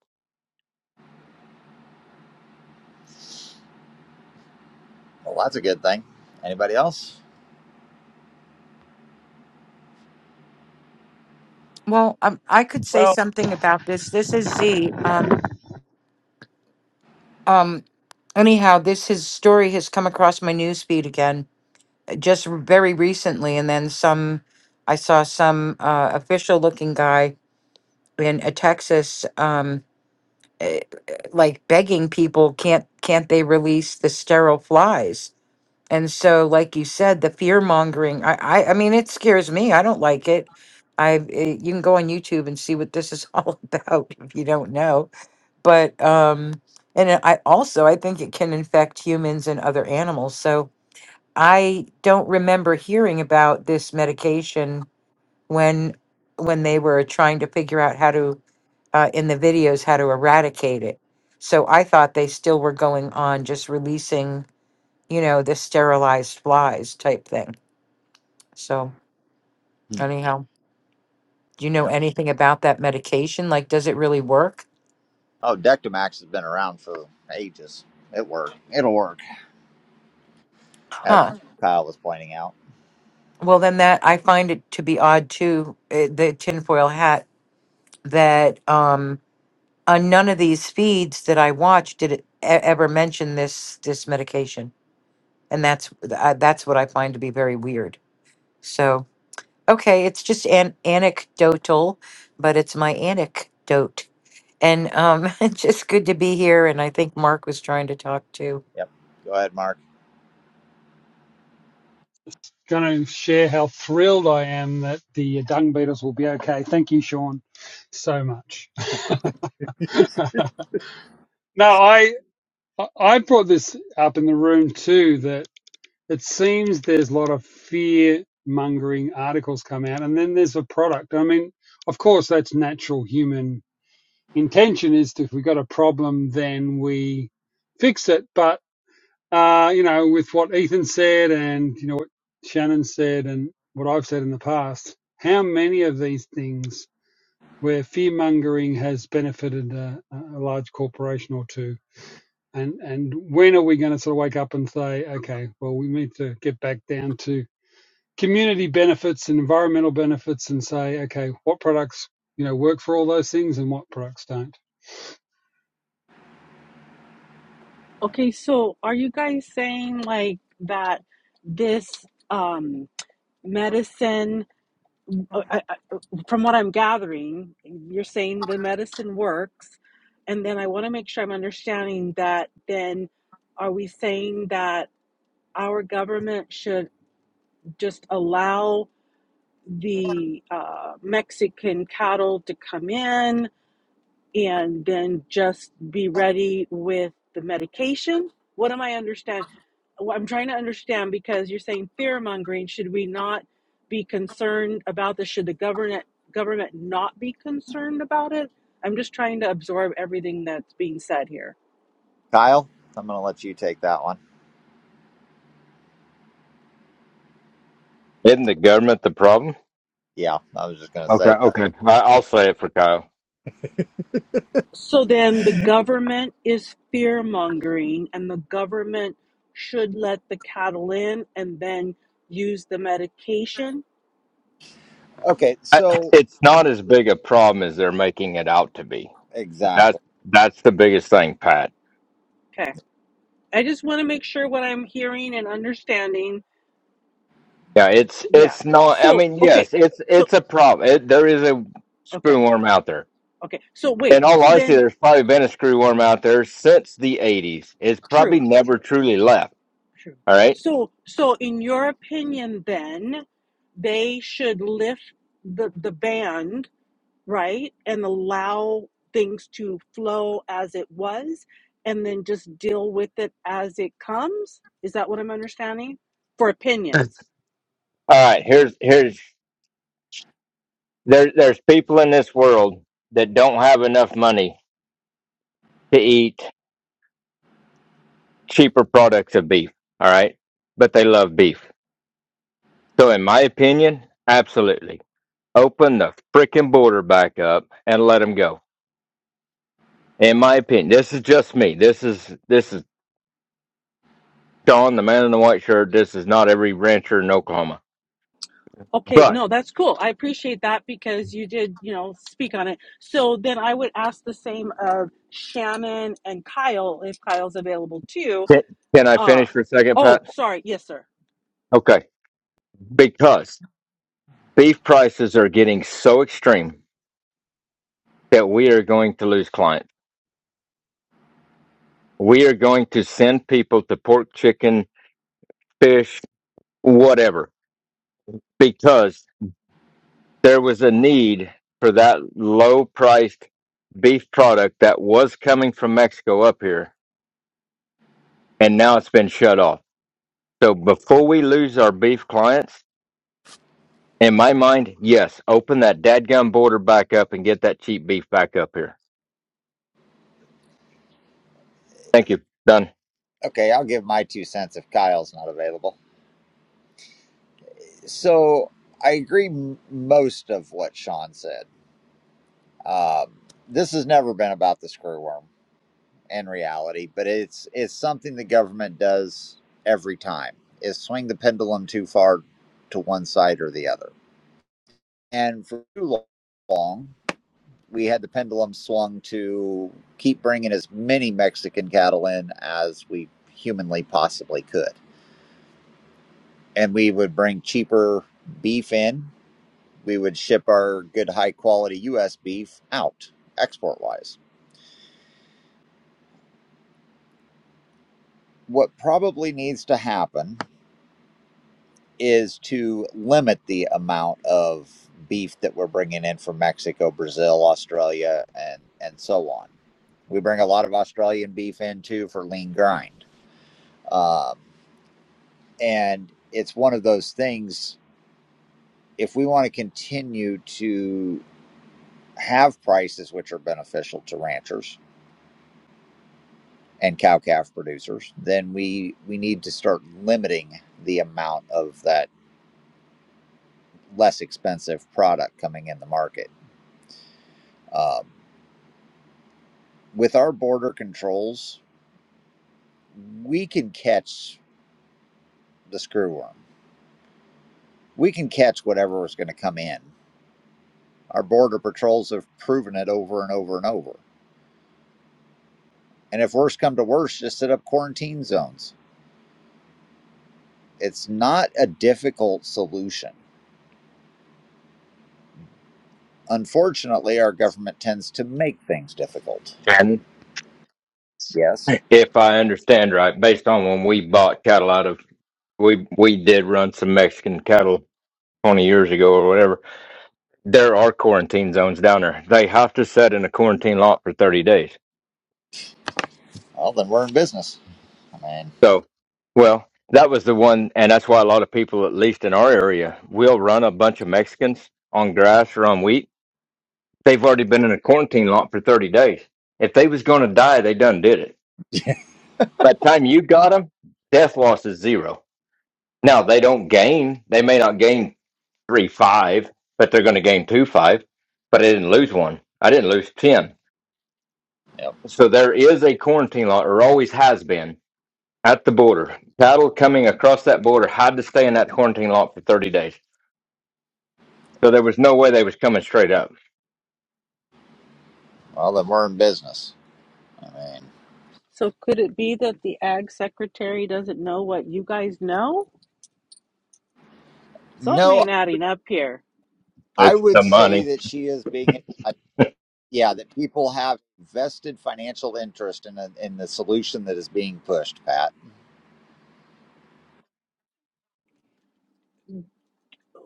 Speaker 1: Well, that's a good thing. Anybody else?
Speaker 15: Well, um, I could say something about this. This is Z. Um, um, anyhow, this his story has come across my newsfeed again, uh, just r- very recently, and then some. I saw some uh, official-looking guy in uh, Texas, um, eh, eh, like begging people, can't can't they release the sterile flies? And so, like you said, the fear mongering. I, I, I mean, it scares me. I don't like it. I, eh, you can go on YouTube and see what this is all about if you don't know but um and it- i also i think it can infect humans and other animals so i don't remember hearing about this medication when when they were trying to figure out how to uh, in the videos how to eradicate it so i thought they still were going on just releasing you know the sterilized flies type thing so
Speaker 1: Hmm.
Speaker 15: anyhow do you know
Speaker 1: Yep.
Speaker 15: anything about that medication like does it really work
Speaker 1: Oh, Dectomax has been around for ages. It worked. It'll work, as
Speaker 15: huh
Speaker 1: Kyle was pointing out.
Speaker 15: Well, then that I find it to be odd too, eh, the tinfoil hat, that um, on none of these feeds that I watch did it e- ever mention this this medication, and that's I, that's what I find to be very weird. So okay, it's just an anecdotal, but it's my anecdote, and um, it's just good to be here. And I think Mark was trying to talk too.
Speaker 1: Yep. Go ahead, Mark.
Speaker 4: going to share how thrilled I am that the dung beetles will be okay. Thank you, Sean, so much. Now I I brought this up in the room too that it seems there's a lot of fear mongering articles come out, and then there's a product. I mean, of course, that's natural human intention is to, if we got a problem, then we fix it, but uh, you know, with what Ethan said and, you know, what Shannon said and what I've said in the past, how many of these things where fear mongering has benefited a, a large corporation or two? And, and when are we going to sort of wake up and say, okay, well, we need to get back down to community benefits and environmental benefits and say, okay, what products, you know, work for all those things and what products don't?
Speaker 7: Okay, so are you guys saying like that this um, medicine? uh, I, I, from what I'm gathering, you're saying the medicine works. And then I want to make sure I'm understanding that then are we saying that our government should just allow the uh, Mexican cattle to come in? and then just be ready with the medication? What am I understand? What I'm trying to understand because you're saying fear mongering. Should we not be concerned about this? Should the government government not be concerned about it? I'm just trying to absorb everything that's being said here.
Speaker 1: Kyle, I'm going to let you take that one.
Speaker 12: Isn't the government the problem?
Speaker 1: Yeah, I was just going to
Speaker 12: Okay,
Speaker 1: say that.
Speaker 12: okay. I, I'll say it for Kyle.
Speaker 7: So then the government is fear mongering, and the government should let the cattle in and then use the medication.
Speaker 1: Okay,
Speaker 12: I,
Speaker 1: so
Speaker 12: it's not as big a problem as they're making it out to be.
Speaker 1: exactly.
Speaker 12: That's that's the biggest thing, Pat.
Speaker 7: Okay. I just want to make sure what I'm hearing and understanding.
Speaker 12: Yeah, it's
Speaker 7: Yeah.
Speaker 12: it's not. I
Speaker 7: So,
Speaker 12: mean,
Speaker 7: okay.
Speaker 12: yes, it's
Speaker 7: So,
Speaker 12: it's a problem. It, there is a
Speaker 7: okay.
Speaker 12: screw worm out there.
Speaker 7: Okay. So, wait.
Speaker 12: In all
Speaker 7: So
Speaker 12: honesty,
Speaker 7: then,
Speaker 12: there's probably been a screw worm out there since the '80s. It's probably
Speaker 7: true,
Speaker 12: never
Speaker 7: true,
Speaker 12: truly left.
Speaker 7: true.
Speaker 12: All right,
Speaker 7: So, so in your opinion, then they should lift the, the ban right? And allow things to flow as it was and then just deal with it as it comes. Is that what I'm understanding? For
Speaker 12: all
Speaker 7: opinions.
Speaker 12: right. Here's here's there there's people in this world that don't have enough money to eat cheaper products of beef. All right, but they love beef. So, in my opinion, absolutely Open the freaking border back up and let them go. In my opinion, this is just me. This is this is Sean, the man in the white shirt. This is not every rancher in Oklahoma.
Speaker 7: Okay,
Speaker 12: But
Speaker 7: no, that's cool. I appreciate that because you did, you know, speak on it. So then I would ask the same of Shannon and Kyle if Kyle's available too.
Speaker 12: can, can I
Speaker 7: Uh
Speaker 12: finish for a second,
Speaker 7: oh,
Speaker 12: Pat?
Speaker 7: sorry. Yes, sir.
Speaker 12: Okay, because beef prices are getting so extreme that we are going to lose clients. We are going to send people to pork, chicken, fish, whatever, because there was a need for that low priced beef product that was coming from Mexico up here, and now it's been shut off. So before we lose our beef clients, in my mind, yes, open that dadgum border back up and get that cheap beef back up here. Thank you. Done.
Speaker 1: Okay, I'll give my two cents if Kyle's not available. So I agree most of what Sean said. Um, this has never been about the screwworm in reality, but it's it's something the government does every time is swing the pendulum too far to one side or the other. And for too long, we had the pendulum swung to keep bringing as many Mexican cattle in as we humanly possibly could, and we would bring cheaper beef in we would ship our good high quality US beef out export wise. What probably needs to happen is to limit the amount of beef that we're bringing in from Mexico, Brazil, Australia, and, and so on. We bring a lot of Australian beef in too for lean grind. Um, and it's one of those things, if we want to continue to have prices which are beneficial to ranchers, and cow calf producers, then we we need to start limiting the amount of that less expensive product coming in the market. Um, with our border controls, we can catch the screwworm. We can catch whatever is going to come in. Our border patrols have proven it over and over and over. And if worse come to worse, just set up quarantine zones. It's not a difficult solution. Unfortunately, our government tends to make things difficult.
Speaker 12: And
Speaker 1: Yes.
Speaker 12: if I understand right, based on when we bought cattle out of we we did run some Mexican cattle twenty years ago or whatever. There are quarantine zones down there. They have to set in a quarantine lot for thirty days.
Speaker 1: Well, then we're in business. I mean,
Speaker 12: So, well, that was the one, and that's why a lot of people, at least in our area, will run a bunch of Mexicans on grass or on wheat. They've already been in a quarantine lot for 30 days. If they was going to die, they done did it. By the time you got them, death loss is zero. Now, they don't gain. They may not gain three, five, but they're going to gain two, five. But I didn't lose one. I didn't lose 10.
Speaker 1: yep.
Speaker 12: So there is a quarantine lot, or always has been at the border. Cattle coming across that border had to stay in that quarantine lot for 30 days. So there was no way they was coming straight up.
Speaker 1: Well, then we're in business. I mean,
Speaker 7: So could it be that the ag secretary doesn't know what you guys know? Something
Speaker 1: no,
Speaker 7: ain't adding up here.
Speaker 1: I
Speaker 12: It's
Speaker 1: would
Speaker 12: the
Speaker 1: say
Speaker 12: money.
Speaker 1: that she is being, I- yeah, that people have vested financial interest in a, in the solution that is being pushed. Pat,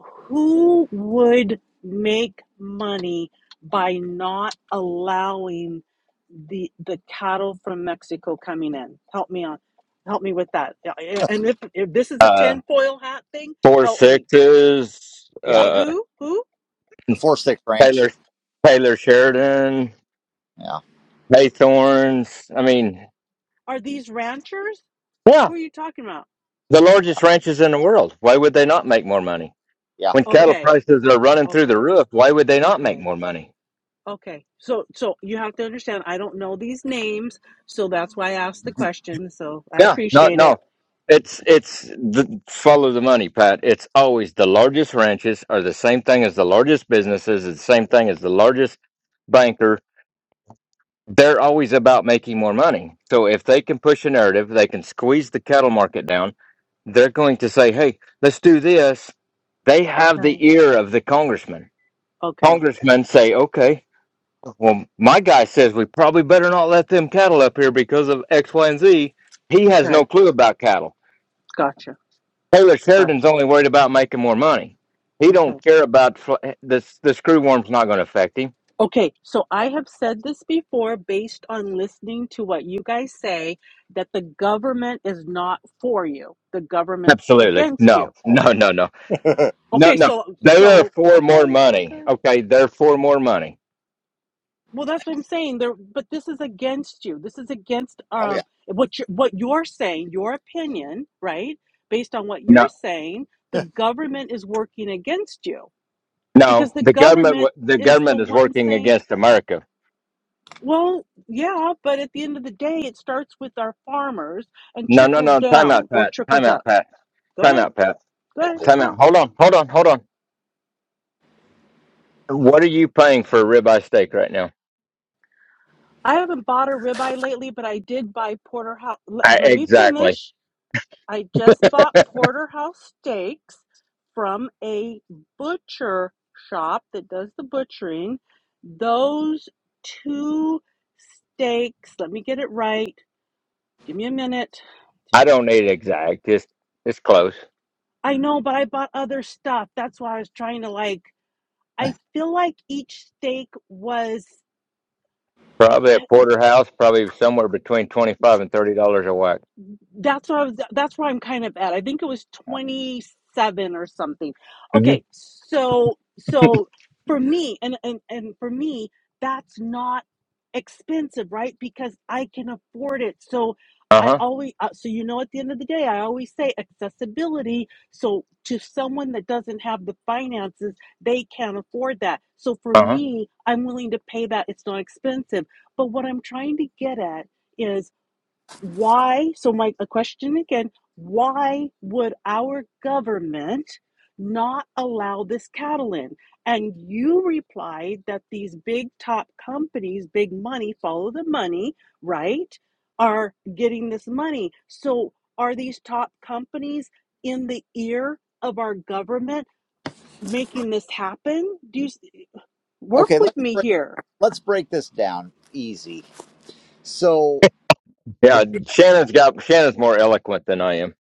Speaker 7: who would make money by not allowing the the cattle from Mexico coming in? Help me on, help me with that. Yeah, yeah, And if if this is a
Speaker 12: Uh,
Speaker 7: tinfoil hat thing,
Speaker 12: four
Speaker 7: help me.
Speaker 12: sixes,
Speaker 1: yeah,
Speaker 7: Wait,
Speaker 12: uh,
Speaker 7: who? Who
Speaker 1: the four six branch.
Speaker 12: Taylor, Taylor Sheridan,
Speaker 1: Yeah,
Speaker 12: Haythorns. I mean,
Speaker 7: are these ranchers?
Speaker 12: yeah,
Speaker 7: Who are you talking about?
Speaker 12: the
Speaker 1: yeah,
Speaker 12: largest ranches in the world. Why would they not make more money?
Speaker 1: yeah.
Speaker 12: When cattle
Speaker 7: Okay,
Speaker 12: prices are running through the
Speaker 7: okay,
Speaker 12: roof, why would they not make
Speaker 7: okay,
Speaker 12: more money?
Speaker 7: okay. So so you have to understand. I don't know these names, so that's why I asked the
Speaker 1: They're-
Speaker 7: question. So I
Speaker 12: Yeah, no,
Speaker 7: appreciate it.
Speaker 12: no. It's it's the, follow the money, Pat. It's always the largest ranches are the same thing as the largest businesses. It's the same thing as the largest banker. They're always about making more money. So if they can push a narrative, they can squeeze the cattle market down. They're going to say, "Hey, let's do this." They have
Speaker 7: Okay,
Speaker 12: the ear of the congressman.
Speaker 7: okay,
Speaker 12: Congressmen say, "Okay, well, my guy says we probably better not let them cattle up here because of X, Y, and Z." He has
Speaker 7: okay.
Speaker 12: no clue about cattle
Speaker 7: Gotcha.
Speaker 12: Taylor Sheridan's
Speaker 7: Gotcha.
Speaker 12: only worried about making more money. He
Speaker 7: Okay.
Speaker 12: don't care about fl- the the screwworm's not going to affect him.
Speaker 7: Okay. So I have said this before based on listening to what you guys say that the government is not for you. The government's
Speaker 12: Absolutely,
Speaker 7: against you.
Speaker 12: no,
Speaker 1: oh,
Speaker 12: no, no, no, no,
Speaker 7: Okay.
Speaker 12: no.
Speaker 7: So,
Speaker 12: They are
Speaker 7: so,
Speaker 12: for more
Speaker 7: okay.
Speaker 12: money.
Speaker 7: Okay.
Speaker 12: Okay, they're for more money.
Speaker 7: Well, that's what I'm saying. There, but this is against you. This is against
Speaker 1: oh, yeah,
Speaker 7: um what you what you're saying, your opinion, right? Based on what
Speaker 12: No,
Speaker 7: you're saying, the government is working against you because
Speaker 12: no.
Speaker 7: the
Speaker 12: The government
Speaker 7: government
Speaker 12: w- the
Speaker 7: is the
Speaker 12: government is
Speaker 7: one
Speaker 12: working
Speaker 7: saying
Speaker 12: against America.
Speaker 7: Well, yeah, but at the end of the day, it starts with our farmers and
Speaker 12: No, no,
Speaker 7: trickles
Speaker 12: no. Time
Speaker 7: down
Speaker 12: out,
Speaker 7: or
Speaker 12: Pat. Time
Speaker 7: trickles up.
Speaker 12: out, Pat.
Speaker 7: Go
Speaker 12: Time
Speaker 7: ahead,
Speaker 12: out, Pat.
Speaker 7: go
Speaker 1: it
Speaker 7: ahead,
Speaker 1: does.
Speaker 12: Time
Speaker 7: go
Speaker 12: out.
Speaker 7: ahead.
Speaker 12: Hold on, hold on, hold on. What are you paying for a ribeye steak right now?
Speaker 7: I haven't bought a ribeye lately, but I did buy porterhouse. Let,
Speaker 12: I,
Speaker 7: let me
Speaker 12: exactly.
Speaker 7: finish. I just bought porterhouse steaks from a butcher shop that does the butchering. Those two steaks, let me get it right. Give me a minute.
Speaker 12: I don't need exact. It's it's close.
Speaker 7: I know, but I bought other stuff. That's why I was trying to like I feel like each steak was like,
Speaker 12: Probably at
Speaker 7: I-
Speaker 12: Porterhouse, probably somewhere between twenty-five and thirty dollars a whack.
Speaker 7: that's where I was, that's where I'm kind of at. I think it was
Speaker 1: yeah.
Speaker 7: 27 or something.
Speaker 12: hmm
Speaker 7: Okay, so so for me and and, and for me that's not expensive, right? Because I can afford it. So
Speaker 12: Uh
Speaker 7: I
Speaker 12: huh.
Speaker 7: always uh, so you know at the end of the day I always say accessibility so to someone that doesn't have the finances, they can't afford that. So for
Speaker 12: Uh huh.
Speaker 7: me, I'm willing to pay that. It's not expensive. But what I'm trying to get at is why so my a question again why would our government not allow this cattle in and you replied that these big top companies big money follow the money right are getting this money so are these top companies in the ear of our government making this happen do you work
Speaker 1: Okay,
Speaker 7: with
Speaker 1: let's
Speaker 7: me
Speaker 1: break,
Speaker 7: here
Speaker 1: let's break this down easy. So
Speaker 12: Yeah,
Speaker 1: the
Speaker 12: Shannon's got Shannon's more eloquent than I am.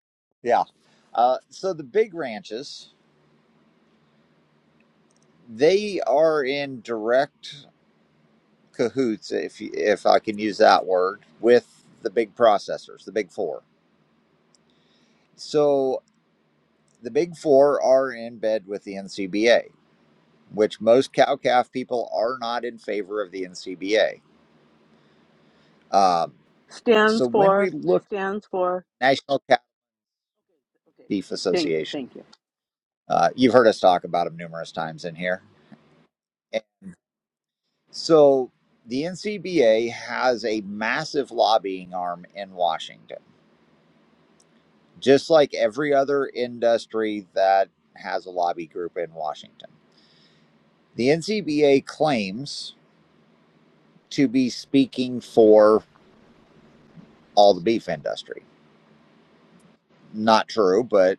Speaker 1: yeah, uh, so the big ranches they are in direct. cahoots, if you- if I can use that word, with the big processors, the big four. So the big four are in bed with the NCBA, which most cow calf people are not in favor of the NCBA. Um,
Speaker 7: stands
Speaker 1: so when we
Speaker 7: for
Speaker 1: look at
Speaker 7: stands for
Speaker 1: National Calf
Speaker 7: okay
Speaker 1: Beef
Speaker 7: thank you
Speaker 1: Association,
Speaker 7: thank you
Speaker 1: uh, you've heard us talk about them numerous times in here. And so the NCBA has a massive lobbying arm in Washington just like every other industry that has a lobby group in Washington. The NCBA claims to be speaking for all the beef industry. Not true, but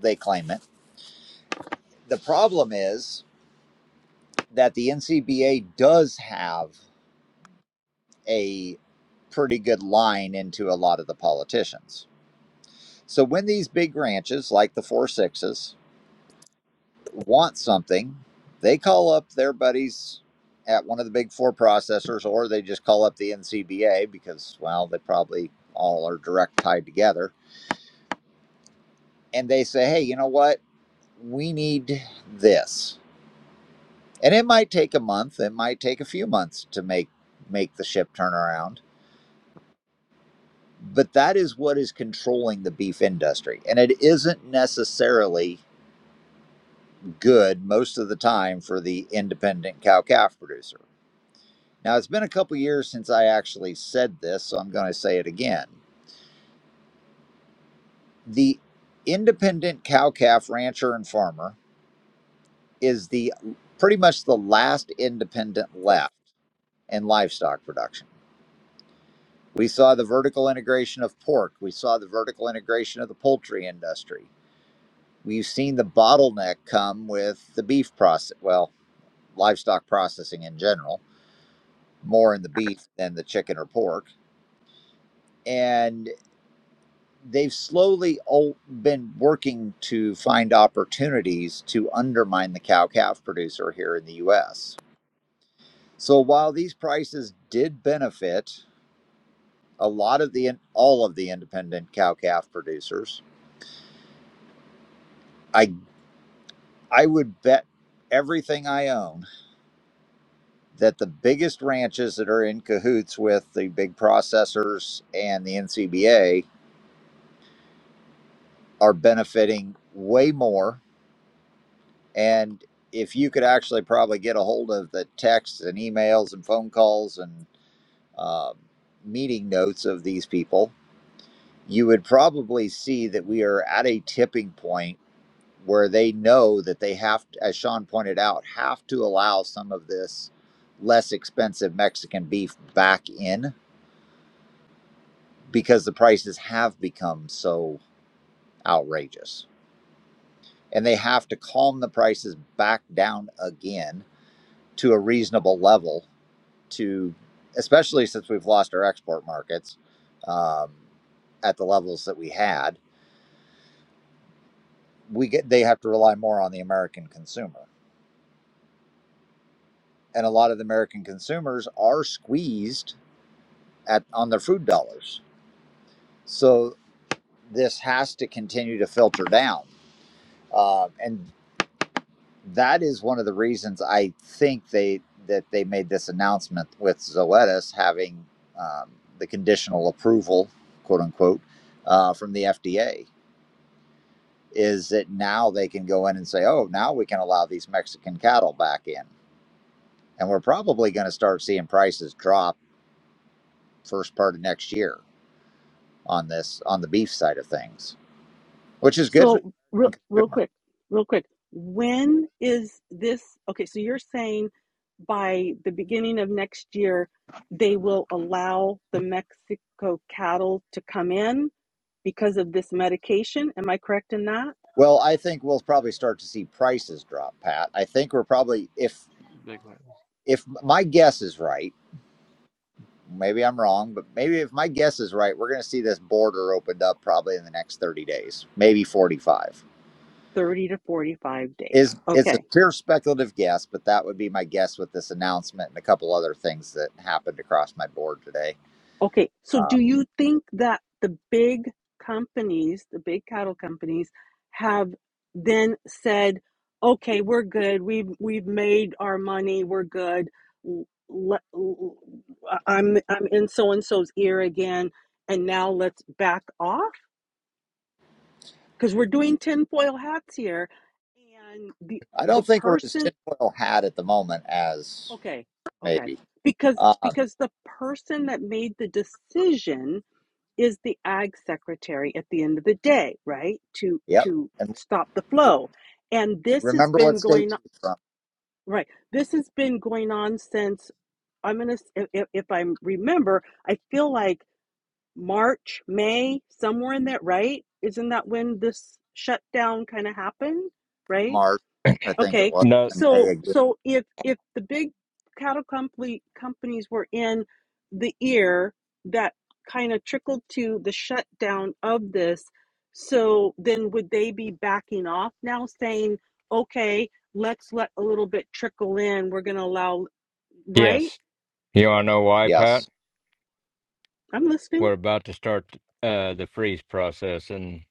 Speaker 1: they claim it. The problem is that the NCBA does have a pretty good line into a lot of the politicians. So when these big ranches like the Four Sixes want something, they call up their buddies at one of the big four processors, or they just call up the NCBA because, well, they probably all are direct tied together. And they say, hey, you know what? We need this. And it might take a month, it might take a few months to make make the ship turn around. But that is what is controlling the beef industry. And it isn't necessarily good most of the time for the independent cow calf producer. Now, it's been a couple years since I actually said this, so I'm going to say it again. The independent cow calf rancher and farmer is the pretty much the last independent left in livestock production. We saw the vertical integration of pork, we saw the vertical integration of the poultry industry. We've seen the bottleneck come with the beef process, well, livestock processing in general, more in the beef than the chicken or pork. and. they've slowly all been working to find opportunities to undermine the cow calf producer here in the US. So while these prices did benefit a lot of the all of the independent cow calf producers, I I would bet everything I own that the biggest ranches that are in cahoots with the big processors and the NCBA are benefiting way more And if you could actually probably get a hold of the texts and emails and phone calls and um, meeting notes of these people, you would probably see that we are at a tipping point where they know that they have, to, as Sean pointed out, have to allow some of this less expensive Mexican beef back in because the prices have become so outrageous. And they have to calm the prices back down again to a reasonable level to, especially since we've lost our export markets um, at the levels that we had, we get they have to rely more on the American consumer, and a lot of the American consumers are squeezed at on their food dollars. So this has to continue to filter down, uh, and that is one of the reasons I think they that they made this announcement with Zoetis having um, the conditional approval, quote unquote, uh, from the FDA is that now they can go in and say, oh, now we can allow these Mexican cattle back in. And we're probably going to start seeing prices drop first part of next year on this, on the beef side of things, which is good for the
Speaker 7: So real,
Speaker 1: American
Speaker 7: real
Speaker 1: consumer.
Speaker 7: quick, real quick. When is this? Okay, so you're saying by the beginning of next year, they will allow the Mexico cattle to come in because of this medication. Am I correct in that?
Speaker 1: Well, I think we'll probably start to see prices drop, Pat. I think we're probably, if, if my guess is right, maybe I'm wrong, but maybe if my guess is right, we're going to see this border opened up probably in the next 30 days, maybe 45
Speaker 7: 30 to 45 days.
Speaker 1: is it's a
Speaker 7: Okay.
Speaker 1: pure speculative guess, but that would be my guess with this announcement and a couple other things that happened across my board today.
Speaker 7: Okay, so
Speaker 1: Uh,
Speaker 7: do you think that the big companies, the big cattle companies, have then said, "Okay, we're good. We've we've made our money. We're good. L- le- am I'm I'm in so and so's ear again, and now let's back off because we're doing tinfoil hats here, and the
Speaker 1: I
Speaker 7: the
Speaker 1: don't think we're as
Speaker 7: person.
Speaker 1: tinfoil hat at the moment as
Speaker 7: Okay, okay,
Speaker 1: maybe.
Speaker 7: because
Speaker 1: Uh,
Speaker 7: because the person that made the decision." is the ag secretary at the end of the day, right? To
Speaker 1: yep.
Speaker 7: to
Speaker 1: And
Speaker 7: stop the
Speaker 1: re-
Speaker 7: flow. And this has
Speaker 1: remember what
Speaker 7: been
Speaker 1: state
Speaker 7: going on,
Speaker 1: she's from?
Speaker 7: right. This has been going on since I'm gonna if if I remember, I feel like March, May, somewhere in that, right? Isn't that when this shutdown kind of happened, right?
Speaker 1: March, I think it
Speaker 7: Okay,
Speaker 1: was,
Speaker 12: No.
Speaker 1: and May
Speaker 7: so
Speaker 1: again.
Speaker 7: so if if the big cattle company companies were in the ear, that kind of trickled to the shutdown of this. So then, would they be backing off now, saying, "Okay, let's let a little bit trickle in. We're going to allow." Right?
Speaker 12: Yes. You want to know why, Pat?
Speaker 1: Yes.
Speaker 7: I'm listening.
Speaker 12: We're about to start uh, the freeze process in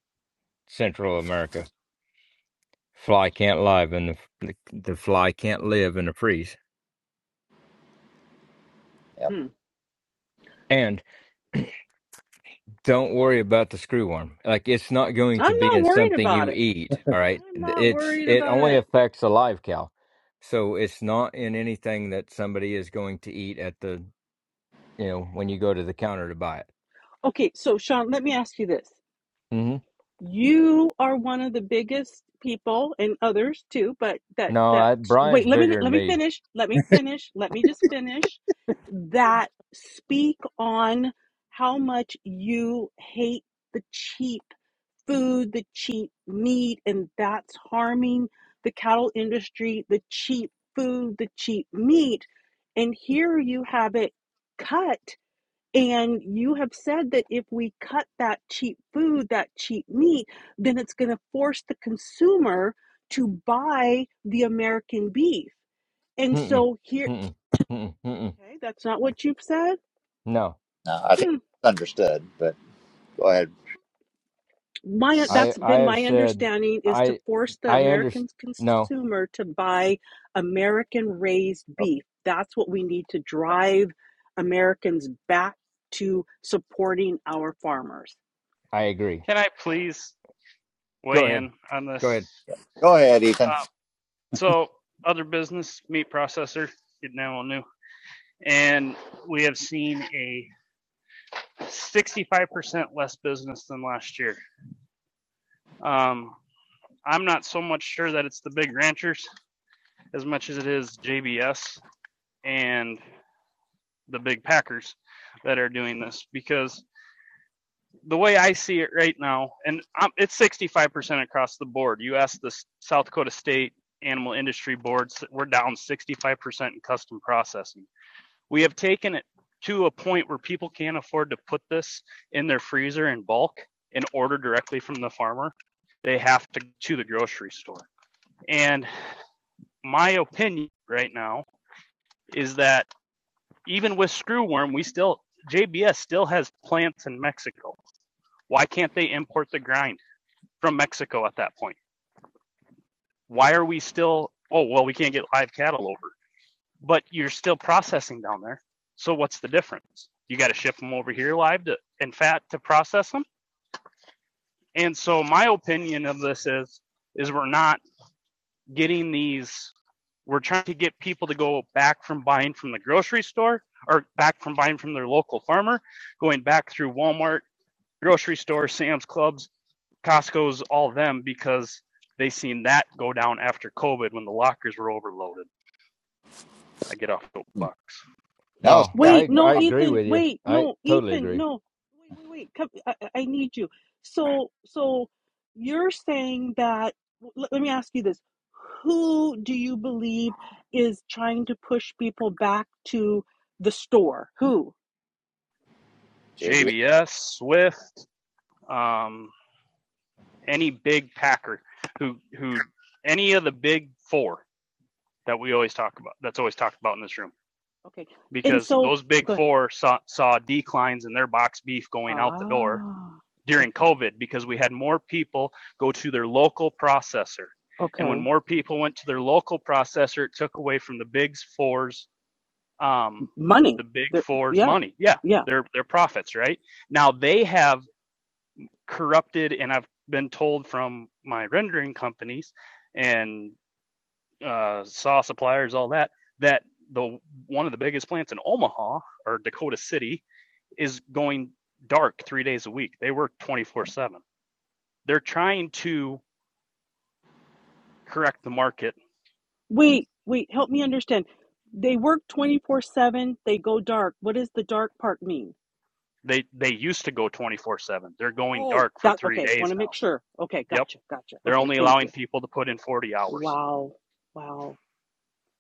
Speaker 12: Central America. Fly can't live in the the fly can't live in the freeze.
Speaker 1: Yep.
Speaker 7: Hmm.
Speaker 12: And. Don't worry about the screw worm. Like it's not going to
Speaker 7: I'm
Speaker 12: be
Speaker 7: not
Speaker 12: in
Speaker 7: worried
Speaker 12: something
Speaker 7: about
Speaker 12: you
Speaker 7: it.
Speaker 12: eat. All right.
Speaker 7: I'm not
Speaker 12: It's
Speaker 7: worried
Speaker 12: it
Speaker 7: about
Speaker 12: only
Speaker 7: it.
Speaker 12: affects a live cow. So it's not in anything that somebody is going to eat at the you know, when you go to the counter to buy it.
Speaker 7: Okay, so Sean, let me ask you this.
Speaker 12: hmm
Speaker 7: you are one of the biggest people and others too but that
Speaker 12: No,
Speaker 7: that
Speaker 12: I, Brian's
Speaker 7: wait let me
Speaker 12: bigger than
Speaker 7: let me
Speaker 12: me.
Speaker 7: finish let me finish let me just finish that speak on how much you hate the cheap food the cheap meat and that's harming the cattle industry the cheap food the cheap meat and here you have it cut and you have said that if we cut that cheap food, that cheap meat, then it's going to force the consumer to buy the American beef. And
Speaker 12: Mm-mm,
Speaker 7: so here,
Speaker 12: mm-mm, mm-mm, mm-mm.
Speaker 7: okay, that's not what you've said.
Speaker 12: No.
Speaker 1: No, I
Speaker 7: Hmm.
Speaker 1: think it's understood. But go ahead.
Speaker 7: my
Speaker 12: I
Speaker 7: that's
Speaker 12: I
Speaker 7: been
Speaker 12: have
Speaker 7: my
Speaker 12: said
Speaker 7: understanding is to
Speaker 12: I
Speaker 7: force the
Speaker 12: I
Speaker 7: American
Speaker 12: understand. No,
Speaker 7: consumer to buy American raised
Speaker 1: Oh,
Speaker 7: beef. That's what we need to drive Americans back to supporting our farmers.
Speaker 12: I agree.
Speaker 9: Can I please
Speaker 12: Go
Speaker 9: weigh
Speaker 12: ahead.
Speaker 9: in on
Speaker 12: Go
Speaker 9: this?
Speaker 12: ahead.
Speaker 1: Go ahead,
Speaker 9: Uh,
Speaker 1: Ethan.
Speaker 9: so, other business, meat processor, getting that one new. And we have seen a 65% less business than last year. Um, I'm not so much sure that it's the big ranchers as much as it is JBS and the big packers that are doing this because the way I see it right now, and i it's 65% across the board. You ask the South Dakota State Animal Industry Boards, we're down 65% in custom processing. We have taken it to a point where people can't afford to put this in their freezer in bulk and order directly from the farmer. They have to to the grocery store. And my opinion right now is that even with screwworm, we still JBS still has plants in Mexico. Why can't they import the grind from Mexico at that point? Why are we still oh well we can't get live cattle over? but you're still processing down there. So what's the difference? You got to ship them over here live to, and fat to process them. And so my opinion of this is is we're not getting these we're trying to get people to go back from buying from the grocery store or back from buying from their local farmer, going back through Walmart, grocery store, Sam's Clubs, Costco's, all them because they seen that go down after COVID when the lockers were overloaded. I get off the
Speaker 1: Hmm.
Speaker 9: box.
Speaker 1: No,
Speaker 12: No,
Speaker 1: stay on
Speaker 7: Wait,
Speaker 12: I
Speaker 1: the
Speaker 7: no,
Speaker 12: I
Speaker 1: truck,
Speaker 12: agree
Speaker 7: Ethan.
Speaker 12: with you.
Speaker 7: Wait,
Speaker 12: I
Speaker 7: no,
Speaker 12: totally
Speaker 7: Ethan.
Speaker 12: agree.
Speaker 7: No, wait, wait, wait. Come, I, I I need you. So, so you're saying that? Let, let me ask you this: Who do you believe is trying to push people back to the store? Who?
Speaker 1: JB.
Speaker 9: JBS, Swift, um, any big packer who who any of the big four that we always talk about that's always talked about in this room
Speaker 7: Okay. okay. And
Speaker 9: because
Speaker 7: so,
Speaker 9: those big
Speaker 7: go ahead.
Speaker 9: four saw, saw declines in their box beef going out the door
Speaker 7: Ah,
Speaker 9: during
Speaker 7: okay,
Speaker 9: covid because we had more people go to their local processor and when
Speaker 7: okay.
Speaker 9: more people went to their local processor it took away from the big fours um,
Speaker 7: Money.
Speaker 9: the big
Speaker 7: There.
Speaker 9: fours
Speaker 7: Yeah,
Speaker 9: money yeah
Speaker 7: yeah.
Speaker 9: their their profits right now they have corrupted and I've been told from my rendering companies and uh, saw suppliers, all that, that the one of the biggest plants in Omaha or Dakota City is going dark three days a week. They work 24 seven. They're trying to correct the market.
Speaker 7: Wait, wait. Help me understand. They work twenty four seven. They go dark. What does the dark part mean?
Speaker 9: They they used to go 24 seven. They're going
Speaker 7: Oh,
Speaker 9: dark for
Speaker 7: that
Speaker 9: three
Speaker 7: okay. Want
Speaker 9: days
Speaker 7: to make
Speaker 9: now.
Speaker 7: sure. Okay,
Speaker 9: Yep.
Speaker 7: gotcha, gotcha.
Speaker 9: They're
Speaker 7: Okay,
Speaker 9: only
Speaker 7: thank
Speaker 9: allowing
Speaker 7: you.
Speaker 9: people to put in 40 hours.
Speaker 7: Wow, wow.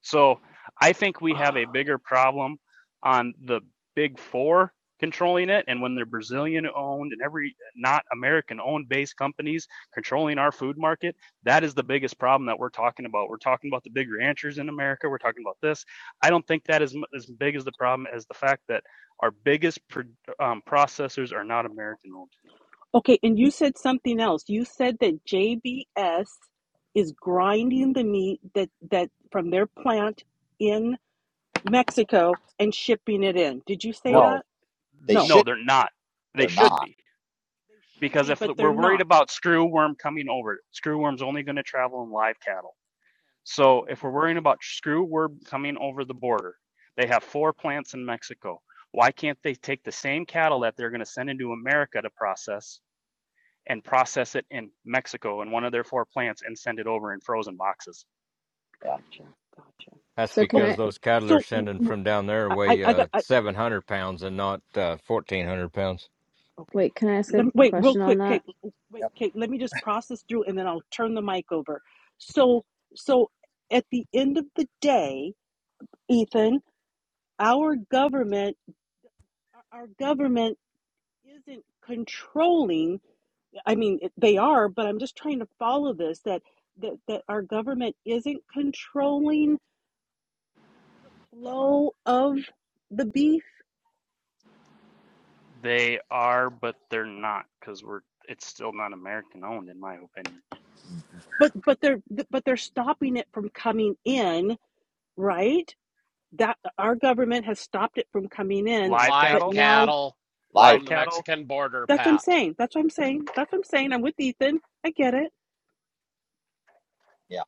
Speaker 9: So I think we have a bigger problem on the big four controlling it. And when they're Brazilian owned and every not American owned based companies controlling our food market, that is the biggest problem that we're talking about. We're talking about the big ranchers in America. We're talking about this. I don't think that is as big as the problem as the fact that our biggest um, processors are not American owned.
Speaker 7: Okay, and you said something else. You said that JBS is grinding the meat that that from their plant in Mexico and shipping it in. Did you say
Speaker 9: Well,
Speaker 1: No,
Speaker 7: that?
Speaker 1: they
Speaker 7: No,
Speaker 9: no,
Speaker 1: should.
Speaker 9: they're not. They
Speaker 1: They're
Speaker 9: should
Speaker 1: not.
Speaker 9: be.
Speaker 7: they should
Speaker 9: because
Speaker 7: be,
Speaker 9: if
Speaker 7: but they're
Speaker 9: we're worried
Speaker 7: not.
Speaker 9: about screw worm coming over, screw worm's only going to travel in live cattle. So if we're
Speaker 7: Okay,
Speaker 9: worrying about screw worm coming over the border, they have four plants in Mexico. Why can't they take the same cattle that they're going to send into America to process and process it in Mexico in one of their four plants and send it over in frozen boxes?
Speaker 7: gotcha, gotcha.
Speaker 12: That's
Speaker 11: So can
Speaker 7: Okay,
Speaker 12: because
Speaker 11: I
Speaker 12: those cattle are
Speaker 7: so w-
Speaker 12: sending
Speaker 7: w-
Speaker 12: from down there
Speaker 7: I I
Speaker 12: weigh
Speaker 7: I got.
Speaker 12: uh,
Speaker 7: I.
Speaker 12: 700 pounds and not uh, 1,400 pounds.
Speaker 7: Okay.
Speaker 11: wait, can I ask a
Speaker 7: Let, wait, real
Speaker 11: question on
Speaker 7: quick,
Speaker 11: that?
Speaker 7: Kate. Wait,
Speaker 1: Yep.
Speaker 7: Kate. Let me just process through, and then I'll turn the mic over. So, so at the end of the day, Ethan, our government, our government isn't controlling. I mean, it- they are, but I'm just trying to follow this. That that that our government isn't controlling flow of the beef,
Speaker 9: They are, but they're not because we're it's still not American owned in my opinion.
Speaker 7: but but they're but they're stopping it from coming in, right? that our government has stopped it from coming in,
Speaker 9: Live
Speaker 7: but
Speaker 2: Live
Speaker 9: cattle,
Speaker 7: now
Speaker 2: cattle
Speaker 1: Life.
Speaker 9: live
Speaker 2: from the
Speaker 9: cattle
Speaker 2: Mexican border,
Speaker 7: that's what I'm
Speaker 2: Pat.
Speaker 7: saying. That's what I'm saying. That's what I'm saying. I'm with Ethan. I get it.
Speaker 1: Yeah.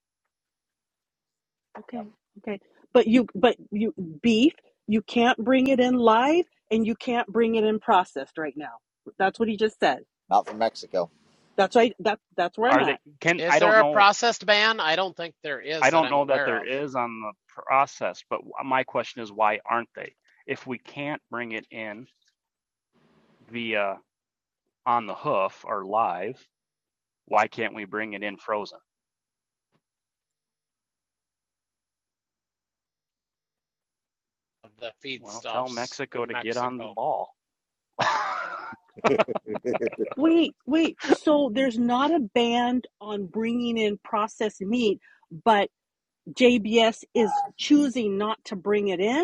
Speaker 7: Okay.
Speaker 1: Yep.
Speaker 7: Okay. But you but you beef, you can't bring it in live and you can't bring it in processed right now. That's what he just said.
Speaker 1: Not from Mexico.
Speaker 7: That's right. That that's where I'm
Speaker 9: are
Speaker 7: at.
Speaker 9: they can
Speaker 2: Is
Speaker 9: I don't
Speaker 2: there a
Speaker 9: know
Speaker 2: processed ban? I don't think there
Speaker 9: I
Speaker 2: is that
Speaker 9: don't
Speaker 2: I'm
Speaker 9: know that
Speaker 2: aware
Speaker 9: there
Speaker 2: of,
Speaker 9: is on the process, but my question is why aren't they? If we can't bring it in via on the hoof or live, why can't we bring it in frozen?
Speaker 2: of the
Speaker 9: Well, tell
Speaker 2: feedstuffs
Speaker 9: Mexico
Speaker 2: in
Speaker 9: to get on the
Speaker 2: Mexico.
Speaker 9: ball.
Speaker 7: Wait, wait. So there's not a ban on bringing in processed meat, but JBS is choosing not to bring it in?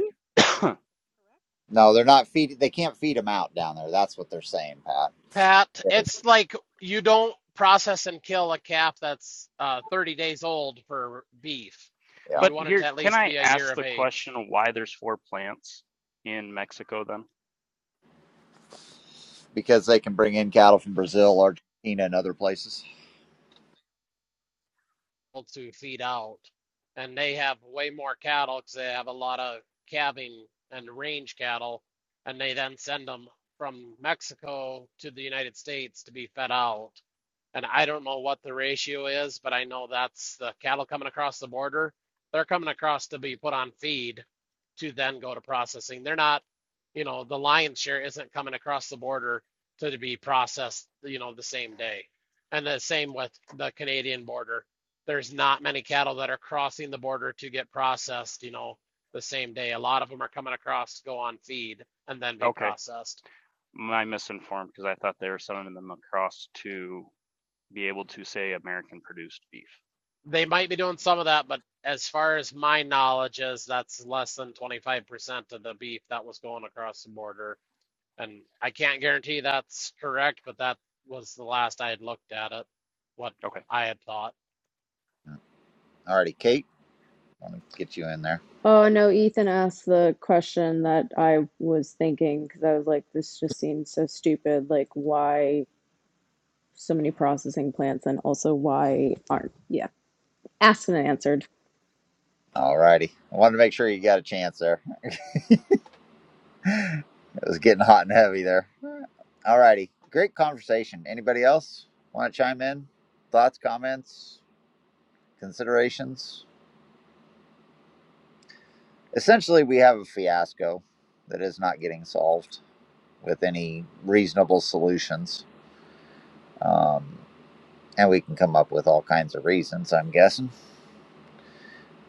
Speaker 7: correct?
Speaker 1: No, they're not feed. They can't feed them out down there. That's what they're saying, Pat.
Speaker 2: Pat,
Speaker 7: What?
Speaker 1: Yeah.
Speaker 2: it's like you don't process and kill a calf that's uh, 30 days old for beef.
Speaker 1: Yeah.
Speaker 2: You
Speaker 9: but
Speaker 2: want it
Speaker 9: here,
Speaker 2: to at
Speaker 9: can
Speaker 2: least
Speaker 9: I
Speaker 2: be a year
Speaker 9: ask
Speaker 2: of
Speaker 9: the question
Speaker 2: age.
Speaker 9: why there's four plants in Mexico then?
Speaker 1: Because they can bring in cattle from Brazil, Argentina, and other places.
Speaker 2: to feed out. And they have way more cattle because they have a lot of calving and range cattle. And they then send them from Mexico to the United States to be fed out. And I don't know what the ratio is, but I know that's the cattle coming across the border. They're coming across to be put on feed to then go to processing. They're not, you know, the lion's share isn't coming across the border to be processed, you know, the same day. And the same with the Canadian border there's not many cattle that are crossing the border to get processed, you know, the same day. A lot of them are coming across to go on feed and then be
Speaker 9: Okay,
Speaker 2: processed.
Speaker 9: I'm misinformed because I thought they were sending them across to be able to say American produced beef.
Speaker 2: They might be doing some of that, but as far as my knowledge is, that's less than 25% of the beef that was going across the border. And I can't guarantee that's correct, but that was the last I had looked at it, what
Speaker 9: Okay,
Speaker 2: I had thought.
Speaker 1: Yeah. Alrighty, Kate. Let me get you in there.
Speaker 11: Oh no, Ethan asked the question that I was thinking because I was like, this just seems so stupid. Like why so many processing plants and also why aren't yeah. Asked and answered.
Speaker 1: Alrighty. I wanted to make sure you got a chance there. it was getting hot and heavy there. Alrighty. Great conversation. Anybody else want to chime in? Thoughts, comments, considerations? essentially we have a fiasco that is not getting solved with any reasonable solutions um, and we can come up with all kinds of reasons i'm guessing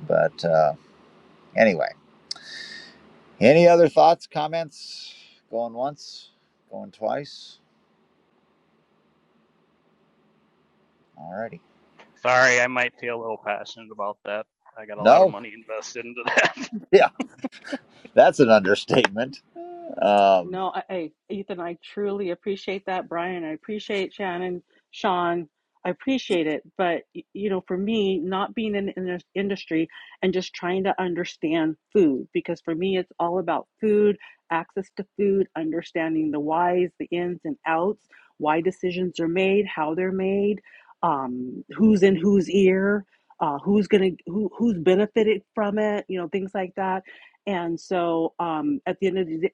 Speaker 1: but uh, anyway any other thoughts comments going once going twice alrighty
Speaker 9: Sorry, I might feel a little passionate about that. I got a lot of
Speaker 1: no
Speaker 9: money invested into that.
Speaker 1: yeah that's an understatement um,
Speaker 7: No, I, hey, Ethan, I truly appreciate that, Brian. I appreciate Shannon, Sean. I appreciate it. But, y- you know, for me, not being in the indus- industry and just trying to understand food, because for me, it's all about food, access to food, understanding the whys, the ins and outs, why decisions are made, how they're made, um, who's in whose ear, uh, who's gonna, who, who's benefited from it, you know, things like that. And so, um, at the end of the day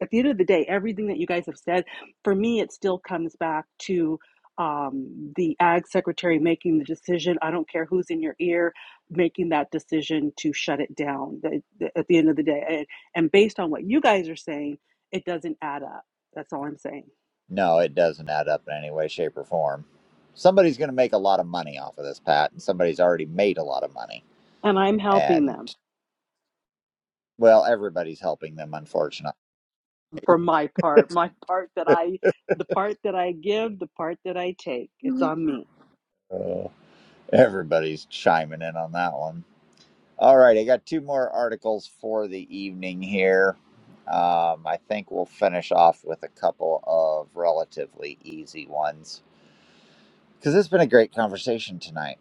Speaker 7: at the end of the day, everything that you guys have said, for me, it still comes back to um, the ag secretary making the decision. I don't care who's in your ear, making that decision to shut it down the- the- at the end of the day. And, and based on what you guys are saying, it doesn't add up. That's all I'm saying.
Speaker 1: no it doesn't add up in any way shape or form somebody's going to make a lot of money off of this pat and somebody's already made a lot of money
Speaker 7: And I'm helping
Speaker 1: and.
Speaker 7: them
Speaker 1: Well, everybody's helping them, unfortunately.
Speaker 7: for my part, my part that I, the part that I give, the part that I take. It's
Speaker 1: Mhm.
Speaker 7: on me.
Speaker 1: Uh, everybody's chiming in on that one. All right, I got two more articles for the evening here. Um, I think we'll finish off with a couple of relatively easy ones because it's been a great conversation tonight.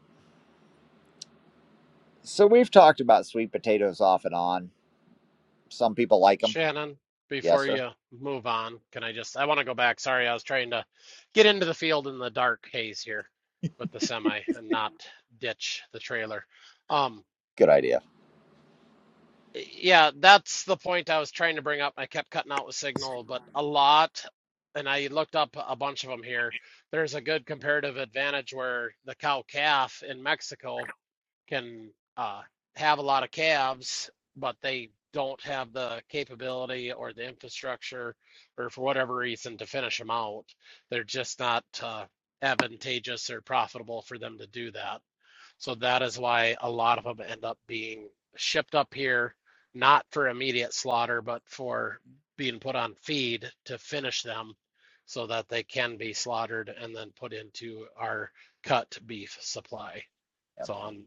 Speaker 1: So, we've talked about sweet potatoes off and on. Some people like them.
Speaker 2: Shannon,
Speaker 1: Yes,
Speaker 2: before
Speaker 1: sir.
Speaker 2: you move on, can I just, I want to go back. Sorry, I was trying to get into the field in the dark haze here with the semi and not ditch the trailer. Um,
Speaker 1: Good idea.
Speaker 2: yeah, that's the point I was trying to bring up. I kept cutting out with signal, but a lot, and I looked up a bunch of them here. There's a good comparative advantage where the cow calf in Mexico can uh, have a lot of calves, but they don't have the capability or the infrastructure, or for whatever reason, to finish them out. They're just not uh, advantageous or profitable for them to do that. So that is why a lot of them end up being shipped up here, not for immediate slaughter, but for being put on feed to finish them so that they can be slaughtered and then put into our cut beef supply.
Speaker 1: Yep,
Speaker 2: So on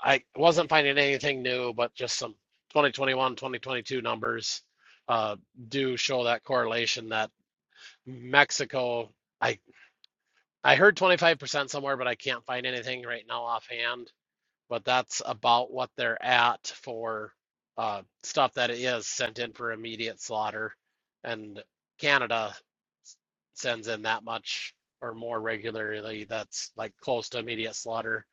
Speaker 2: I wasn't finding anything new, but just some 2021, 2022 numbers uh, do show that correlation that Mexico, I I heard 25% somewhere, but I can't find anything right now offhand. But that's about what they're at for uh, stuff that is sent in for immediate slaughter, and Canada sends in that much or more regularly. That's like close to immediate slaughter.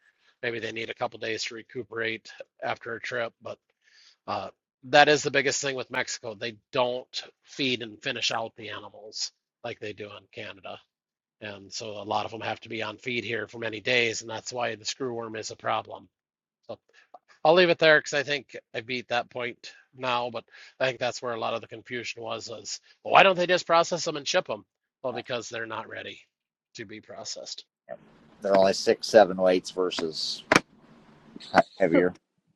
Speaker 2: Maybe they need a couple days to recuperate after a trip, but uh, that is the biggest thing with Mexico. They don't feed and finish out the animals like they do in Canada. And so a lot of them have to be on feed here for many days, and that's why the screwworm is a problem. So I'll leave it there because I think I beat that point now, but I think that's where a lot of the confusion was is, well, why don't they just process them and ship them? Well,
Speaker 1: yep.
Speaker 2: because they're not ready to be processed.
Speaker 1: They're only six, seven weights versus
Speaker 7: So.
Speaker 1: heavier.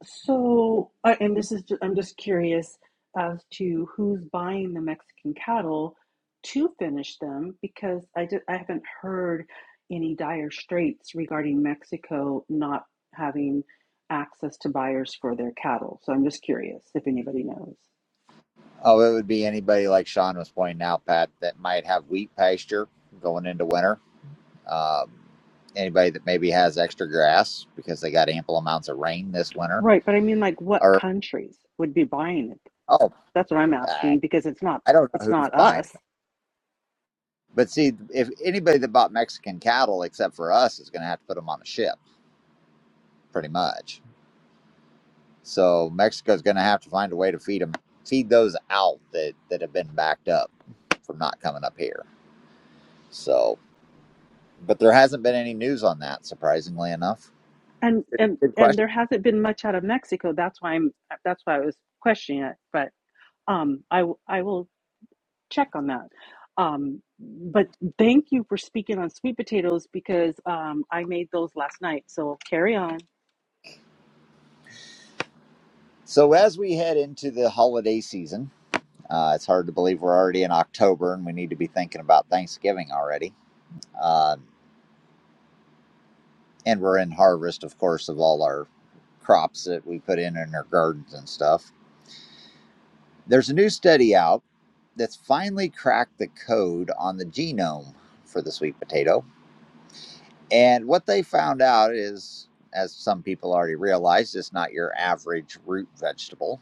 Speaker 7: So, I- and this is, ju- I'm just curious as to who's buying the Mexican cattle to finish them because I, did I haven't heard any dire straits regarding Mexico not having access to buyers for their cattle. So, I'm just curious if anybody knows.
Speaker 1: Oh, it would be anybody like Sean was pointing out, Pat, that might have wheat pasture going into winter. Um, anybody that maybe has extra grass because they got ample amounts of rain this winter.
Speaker 7: Right, but I mean, like, what
Speaker 1: Or,
Speaker 7: countries would be buying it?
Speaker 1: oh,
Speaker 7: That's what I'm
Speaker 1: I
Speaker 7: asking because it's not
Speaker 1: I don't know
Speaker 7: it's
Speaker 1: who's
Speaker 7: not
Speaker 1: buying
Speaker 7: us,
Speaker 1: it. But see, if anybody that bought Mexican cattle except for us is going to have to put them on a ship, pretty much. So Mexico's going to have to find a way to feed them, feed those out that, that have been backed up from not coming up here. So but there hasn't been any news on that, surprisingly enough.
Speaker 7: and and
Speaker 1: Good
Speaker 7: and
Speaker 1: question.
Speaker 7: there hasn't been much out of Mexico. That's why I'm that's why I was questioning it. Um, I I will check on that. Um, but thank you for speaking on sweet potatoes because um, I made those last night. So carry on.
Speaker 1: So, as we head into the holiday season, uh, it's hard to believe we're already in October and we need to be thinking about Thanksgiving already. Um and we're in harvest, of course, of all our crops that we put in in our gardens and stuff. There's a new study out that's finally cracked the code on the genome for the sweet potato. And what they found out is, as some people already realized, it's not your average root vegetable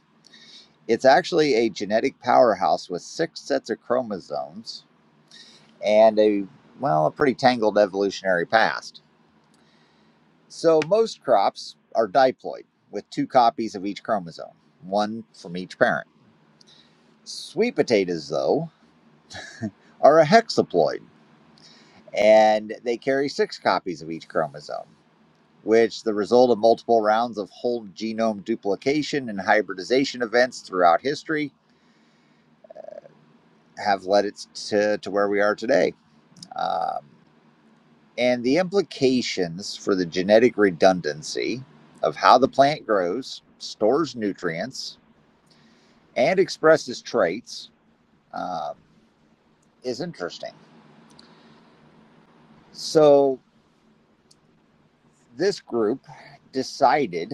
Speaker 1: It's actually a genetic powerhouse with six sets of chromosomes and a, well, a pretty tangled evolutionary past. So most crops are diploid with two copies of each chromosome, one from each parent. Sweet potatoes, though, are a hexaploid and they carry six copies of each chromosome, which the result of multiple rounds of whole genome duplication and hybridization events throughout history have led it to, to where we are today. Um, and the implications for the genetic redundancy of how the plant grows, stores nutrients, and expresses traits um, is interesting. So, this group decided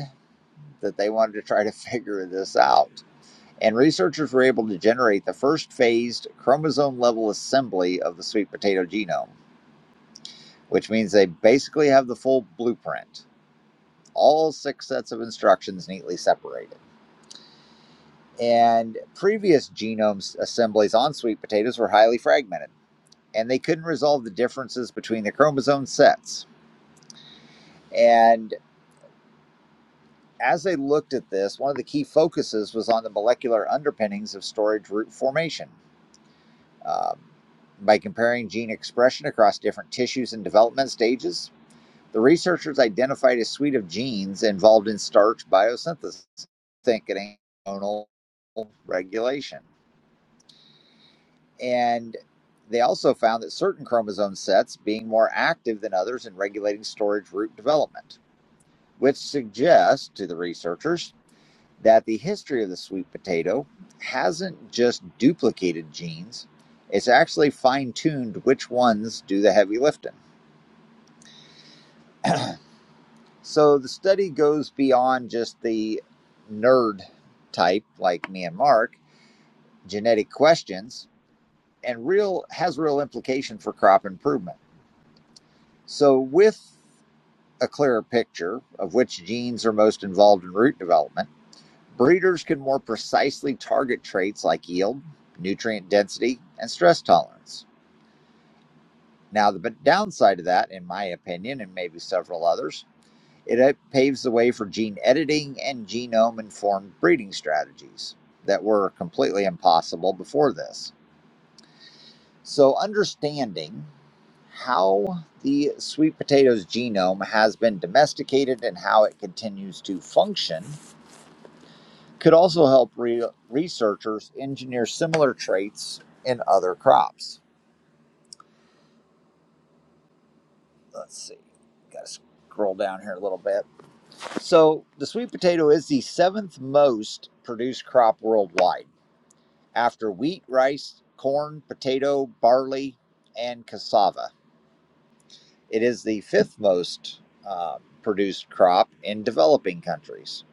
Speaker 1: that they wanted to try to figure this out. And researchers were able to generate the first phased chromosome level assembly of the sweet potato genome, which means they basically have the full blueprint, all six sets of instructions neatly separated. and previous genome assemblies on sweet potatoes were highly fragmented, and they couldn't resolve the differences between the chromosome sets. And as they looked at this, one of the key focuses was on the molecular underpinnings of storage root formation. Um, by comparing gene expression across different tissues and development stages, the researchers identified a suite of genes involved in starch biosynthesis, think an hormonal regulation. And they also found that certain chromosome sets being more active than others in regulating storage root development, which suggests to the researchers that the history of the sweet potato hasn't just duplicated genes, it's actually fine tuned which ones do the heavy lifting. So the study goes beyond just the nerd type like me and Mark, genetic questions, and real has real implication for crop improvement. So with a clearer picture of which genes are most involved in root development, breeders can more precisely target traits like yield, nutrient density, and stress tolerance. Now, the downside of that, in my opinion, and maybe several others, it uh, paves the way for gene editing and genome informed breeding strategies that were completely impossible before this. So, understanding how the sweet potato's genome has been domesticated and how it continues to function could also help re- researchers engineer similar traits in other crops. Let's see, got to scroll down here a little bit. So, the sweet potato is the seventh most produced crop worldwide after wheat, rice, corn, potato, barley, and cassava. It is the fifth most uh, produced crop in developing countries.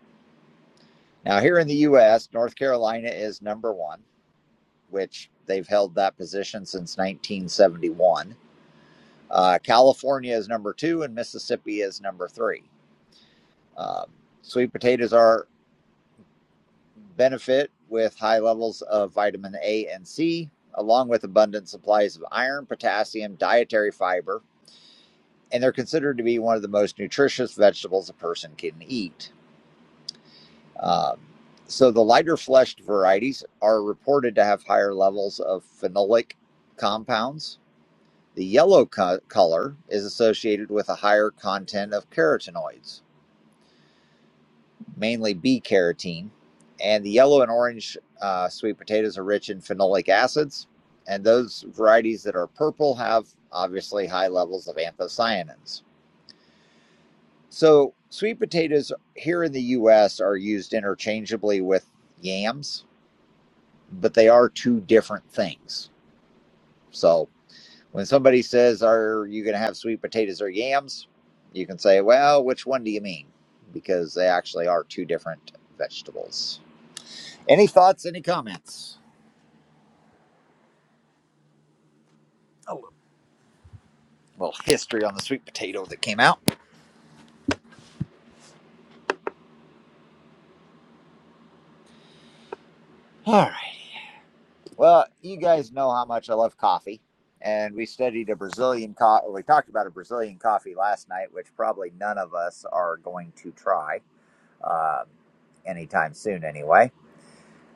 Speaker 1: Now, here in the US, North Carolina is number one, which they've held that position since 1971 Uh, California is number two, and Mississippi is number three. Um, sweet potatoes are benefit with high levels of vitamin A and C, along with abundant supplies of iron, potassium, dietary fiber, and they're considered to be one of the most nutritious vegetables a person can eat. Um, so the lighter fleshed varieties are reported to have higher levels of phenolic compounds. The yellow co- color is associated with a higher content of carotenoids mainly B carotene. And the yellow and orange uh, sweet potatoes are rich in phenolic acids. And those varieties that are purple have obviously high levels of anthocyanins. So, sweet potatoes here in the US are used interchangeably with yams, but they are two different things. So, when somebody says, Are you going to have sweet potatoes or yams? you can say, Well, which one do you mean? Because they actually are two different vegetables. Any thoughts, any comments? Oh, A little history on the sweet potato that came out. All right. Well, you guys know how much I love coffee. And we studied a Brazilian coffee. We talked about a Brazilian coffee last night, which probably none of us are going to try um, anytime soon, anyway.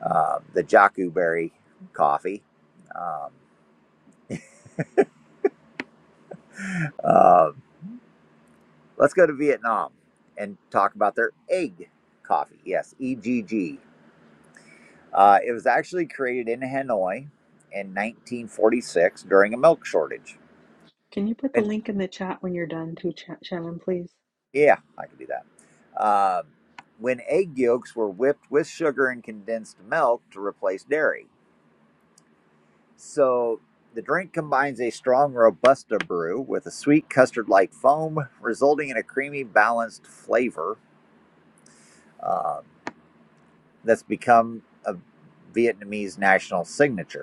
Speaker 1: Uh, the Jacu berry coffee. Um, uh, let's go to Vietnam and talk about their egg coffee. Yes, EGG Uh, it was actually created in Hanoi in 1946 during a milk shortage.
Speaker 7: Can you put the
Speaker 1: And
Speaker 7: link in the chat when you're done, too, Ch- Shannon, please?
Speaker 1: yeah, I can do that. Um when egg yolks were whipped with sugar and condensed milk to replace dairy. So the drink combines a strong Robusta brew with a sweet custard like foam, resulting in a creamy, balanced flavor um, that's become a Vietnamese national signature.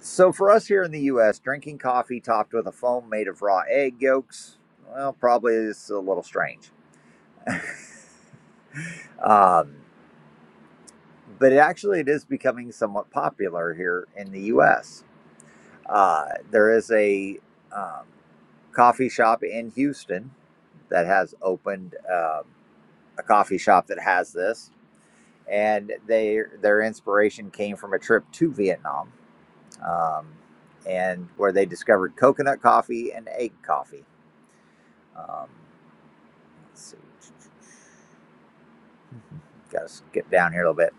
Speaker 1: So for us here in the U.S., drinking coffee topped with a foam made of raw egg yolks, well, probably is a little strange. Um, but it actually, it is becoming somewhat popular here in the U.S. Uh, there is a um, coffee shop in Houston that has opened um a coffee shop that has this, and they their inspiration came from a trip to Vietnam, um, and where they discovered coconut coffee and egg coffee. Um, Let's see. Got to skip down here a little bit.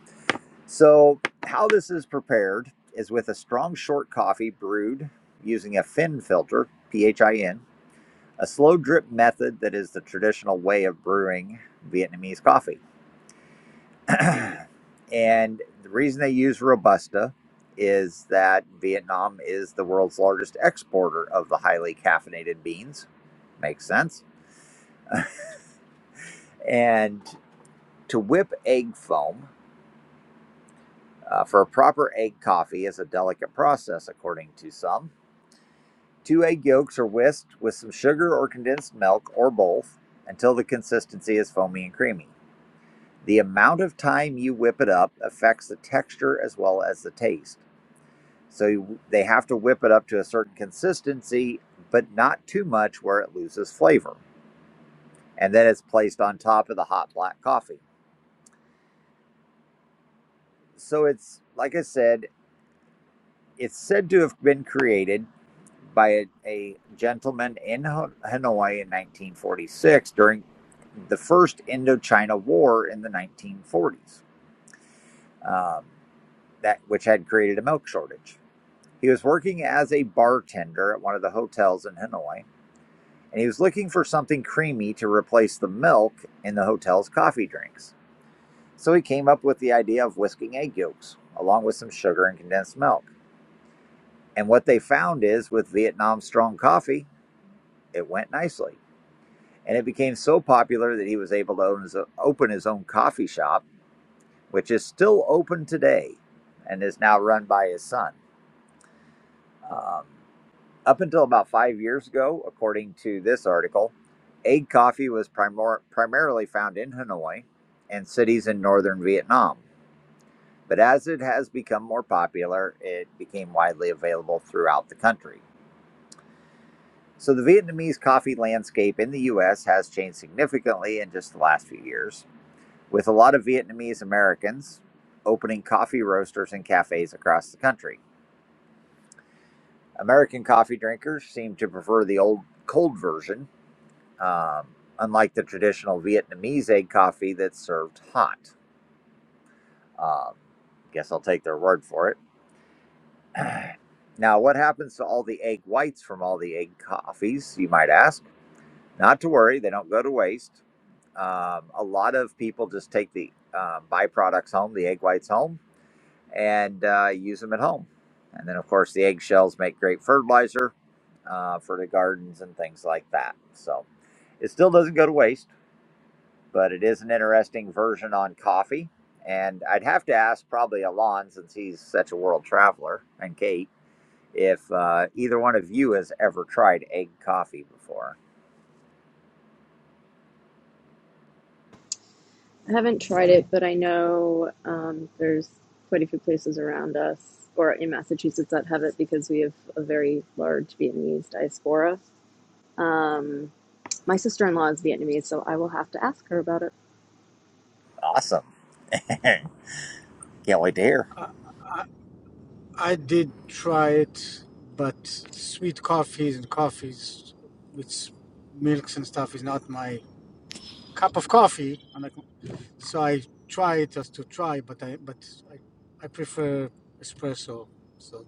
Speaker 1: So, how this is prepared is with a strong short coffee brewed using a fin filter, P H I N, a slow drip method that is the traditional way of brewing Vietnamese coffee. and the reason they use Robusta is that Vietnam is the world's largest exporter of the highly caffeinated beans. Makes sense. And to whip egg foam, Uh, for a proper egg coffee is a delicate process, according to some. Two egg yolks are whisked with some sugar or condensed milk or both until the consistency is foamy and creamy. The amount of time you whip it up affects the texture as well as the taste. So they have to whip it up to a certain consistency, but not too much where it loses flavor. And then it's placed on top of the hot black coffee. So it's, like I said, It's said to have been created by a, a gentleman in Hanoi in 1946 during the first Indochina War in the 1940s, um, that which had created a milk shortage. He was working as a bartender at one of the hotels in Hanoi, and he was looking for something creamy to replace the milk in the hotel's coffee drinks. So he came up with the idea of whisking egg yolks along with some sugar and condensed milk. And what they found is with Vietnam strong coffee, It went nicely. And it became so popular that he was able to own his, open his own coffee shop, which is still open today and is now run by his son. Um, up until about five years ago, according to this article, egg coffee was primor- primarily found in Hanoi and cities in northern Vietnam. But as it has become more popular, it became widely available throughout the country. So the Vietnamese coffee landscape in the US has changed significantly in just the last few years with a lot of Vietnamese Americans opening coffee roasters and cafes across the country. American coffee drinkers seem to prefer the old cold version, um, unlike the traditional Vietnamese egg coffee that's served hot. Um, guess I'll take their word for it. Now, what happens to all the egg whites from all the egg coffees, you might ask? Not to worry, they don't go to waste. Um, a lot of people just take the um, byproducts home, the egg whites home and uh, use them at home. And then, of course, the eggshells make great fertilizer uh, for the gardens and things like that. So it still doesn't go to waste, but it is an interesting version on coffee. And I'd have to ask probably Alon, since he's such a world traveler, and Kate, if uh, either one of you has ever tried egg coffee before.
Speaker 11: I haven't tried it, but I know um, there's quite a few places around us or in Massachusetts that have it because we have a very large Vietnamese diaspora. Um, my sister in law is Vietnamese, so I will have to ask her about it.
Speaker 1: Awesome. Can't wait to hear.
Speaker 3: I did try it, but sweet coffees and coffees with milks and stuff is not my cup of coffee. And I, so I try it just to try, but I but I, I prefer espresso. So,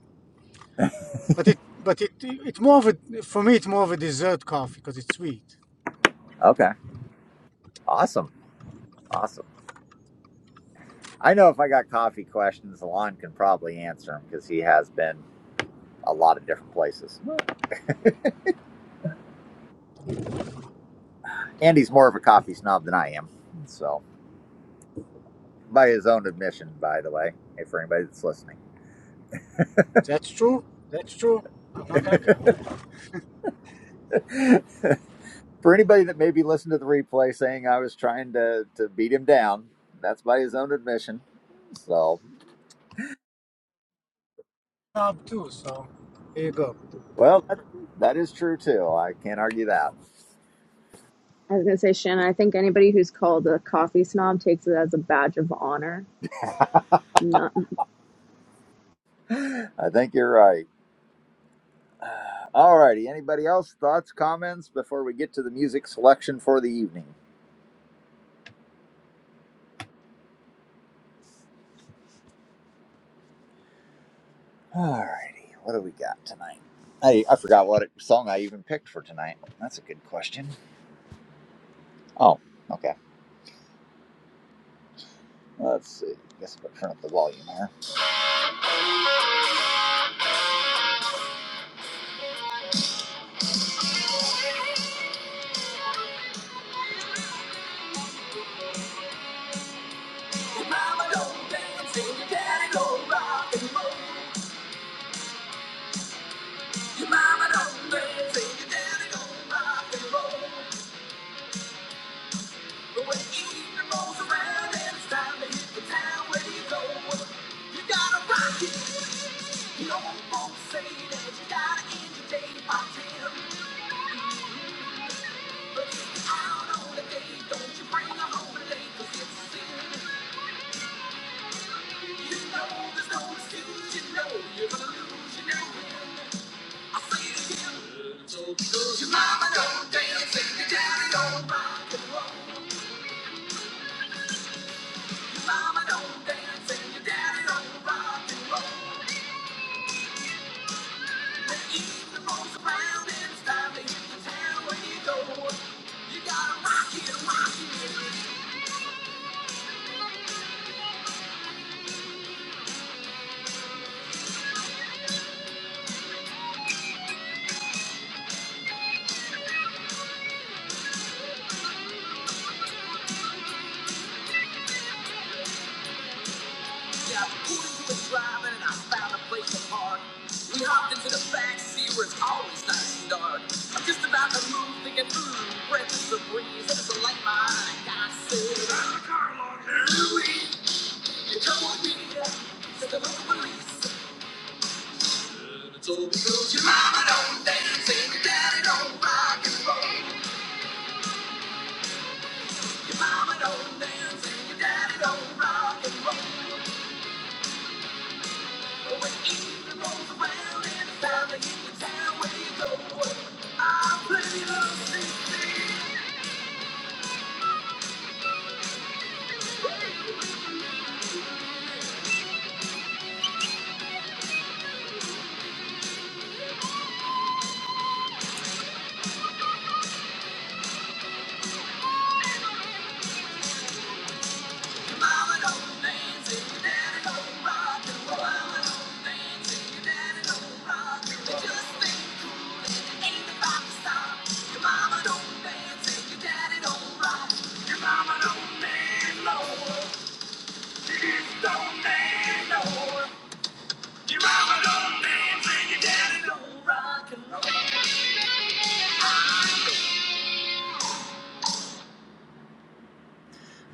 Speaker 3: but it but it it it's more of a for me it's more of a dessert coffee because it's sweet.
Speaker 1: Okay. Awesome. Awesome. I know if I got coffee questions, Alon can probably answer them because he has been a lot of different places. Andy's more of a coffee snob than I am. So, by his own admission, by the way, if for anybody that's listening,
Speaker 3: That's true. That's true. I'm not gonna
Speaker 1: for anybody that maybe listened to the replay saying I was trying to, to beat him down, that's by his own admission. So,
Speaker 3: knob too. So here you go.
Speaker 1: well, that, that is true too. I can't argue that.
Speaker 11: I was gonna say, Shannon, I think anybody who's called a coffee snob takes it as a badge of honor. Not.
Speaker 1: I think you're right. All righty. Anybody else? Thoughts, comments before we get to the music selection for the evening? Alrighty, what do we got tonight? I, I forgot what it, song I even picked for tonight. That's a good question. Oh, okay. Let's see. I Guess I'll turn up the volume here. Your mama don't dance and your daddy don't rock and roll. Your mama don't dance and your daddy don't rock and roll. But when the evening rolls around and it's time to hit the town, where do you go? You gotta rock it. You know what folks say that you gotta end your day by ten. Cause your mama don't dance and your daddy don't rock and roll. Your mama don't dance and your daddy don't rock and roll. The evening rolls around and it's time to hit the town where you go. You gotta rock it, rock it. Yeah, I pulled into a drive-in and I found a place to park. We hopped into the backseat, where it's always nice and dark. I'm just about to move, thinking, mmm, breath is a breeze, and it's a light my eye. i said, "Drive the car along, Louie, You come with me to the local police." It's all because your mama don't dance and your daddy don't rock and roll. Your mama don't dance and your daddy don't rock and roll.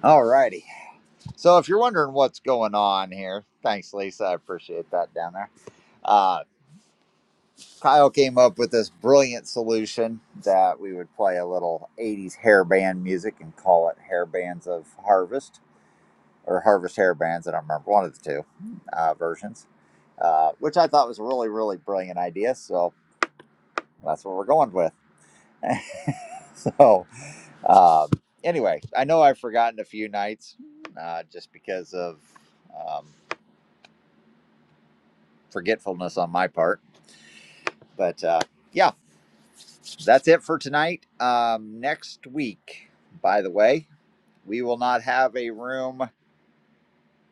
Speaker 1: All righty. So if you're wondering what's going on here, thanks, Lisa. I appreciate that down there. Uh, Kyle came up with this brilliant solution that we would play a little 80s hair band music and call it Hair Bands of Harvest or Harvest Hair Bands. I don't remember one of the two uh, versions, uh, which I thought was a really, really brilliant idea. So that's what we're going with. So um, anyway, I know I've forgotten a few nights uh, just because of um, forgetfulness on my part But uh, yeah, that's it for tonight. Um, next week, by the way, we will not have a room.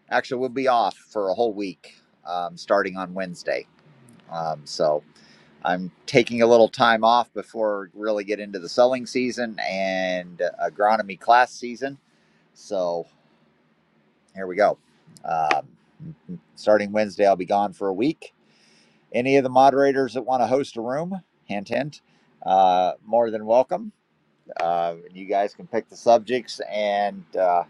Speaker 1: Actually, we'll be off for a whole week um, starting on Wednesday. Um, so I'm taking a little time off before we really get into the selling season and agronomy class season. So here we go. Um, starting Wednesday, I'll be gone for a week. Any of the moderators that want to host a room, hint, hint, uh, more than welcome Um, you guys can pick the subjects and uh,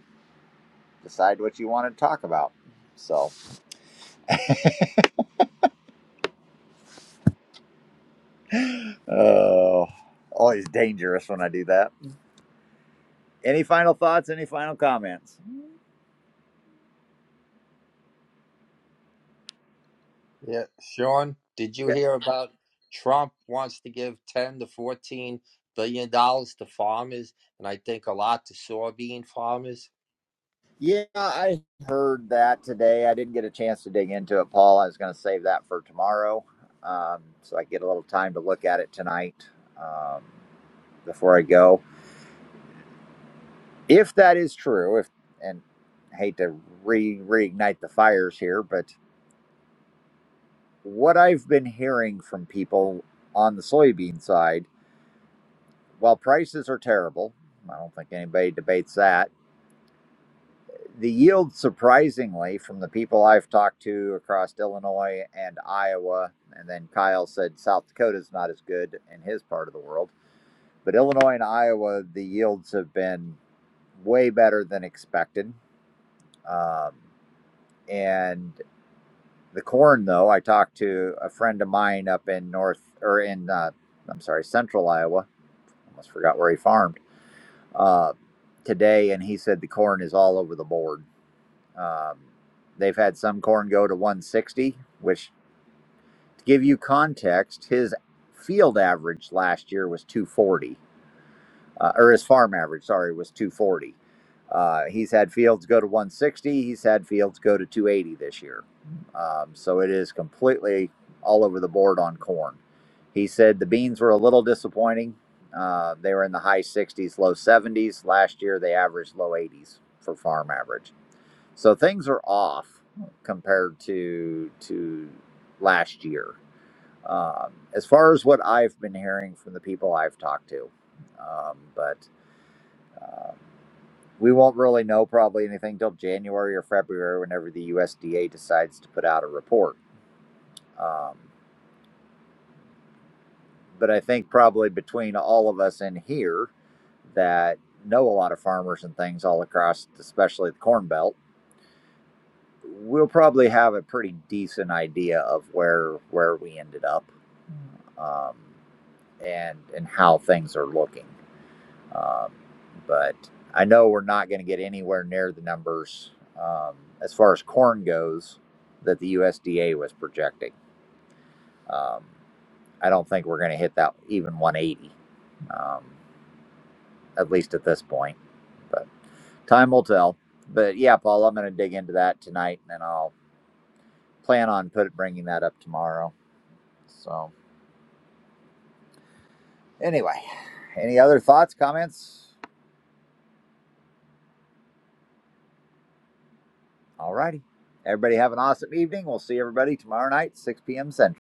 Speaker 1: decide what you want to talk about. So, oh, always dangerous when I do that. Any final thoughts? Any final comments?
Speaker 8: Yeah, Sean, did you
Speaker 1: Yeah,
Speaker 8: hear about Trump wants to give 10 to 14 billion dollars to farmers and I think a lot to soybean farmers?
Speaker 1: yeah, I heard that today. I didn't get a chance to dig into it, Paul. I was going to save that for tomorrow, um, so I get a little time to look at it tonight um, before I go. If that is true, if and hate to re reignite the fires here, but what I've been hearing from people on the soybean side, while prices are terrible, I don't think anybody debates that. The yield, surprisingly, from the people I've talked to across Illinois and Iowa, and then Kyle said South Dakota's not as good in his part of the world, but Illinois and Iowa, the yields have been way better than expected. Um, and The corn, though, I talked to a friend of mine up in North or in, uh, I'm sorry, Central Iowa. Almost forgot where he farmed uh, today, and he said the corn is all over the board. Um, they've had some corn go to 160, which to give you context, his field average last year was 240 uh, or his farm average, sorry, was 240. Uh, he's had Fields go to 160. He's had Fields go to 280 this year. Um, so it is completely all over the board on corn. He said the beans were a little disappointing. Uh, they were in the high 60s, low 70s. Last year, they averaged low 80s for farm average. So things are off compared to to last year. Um, as far as what I've been hearing from the people I've talked to, um, but um, we won't really know probably anything till January or February whenever the USDA decides to put out a report. Um, but I think probably between all of us in here that know a lot of farmers and things all across, especially the Corn Belt, we'll probably have a pretty decent idea of where where we ended up um, and and how things are looking. Um, but I know we're not going to get anywhere near the numbers um, as far as corn goes that the USDA was projecting. Um, I don't think we're going to hit that even 180, um, at least at this point. But time will tell. But yeah, Paul, I'm going to dig into that tonight, and then I'll plan on put bringing that up tomorrow. So anyway, any other thoughts, comments? All righty. Everybody have an awesome evening. We'll see everybody tomorrow night, 6 p.m. Central.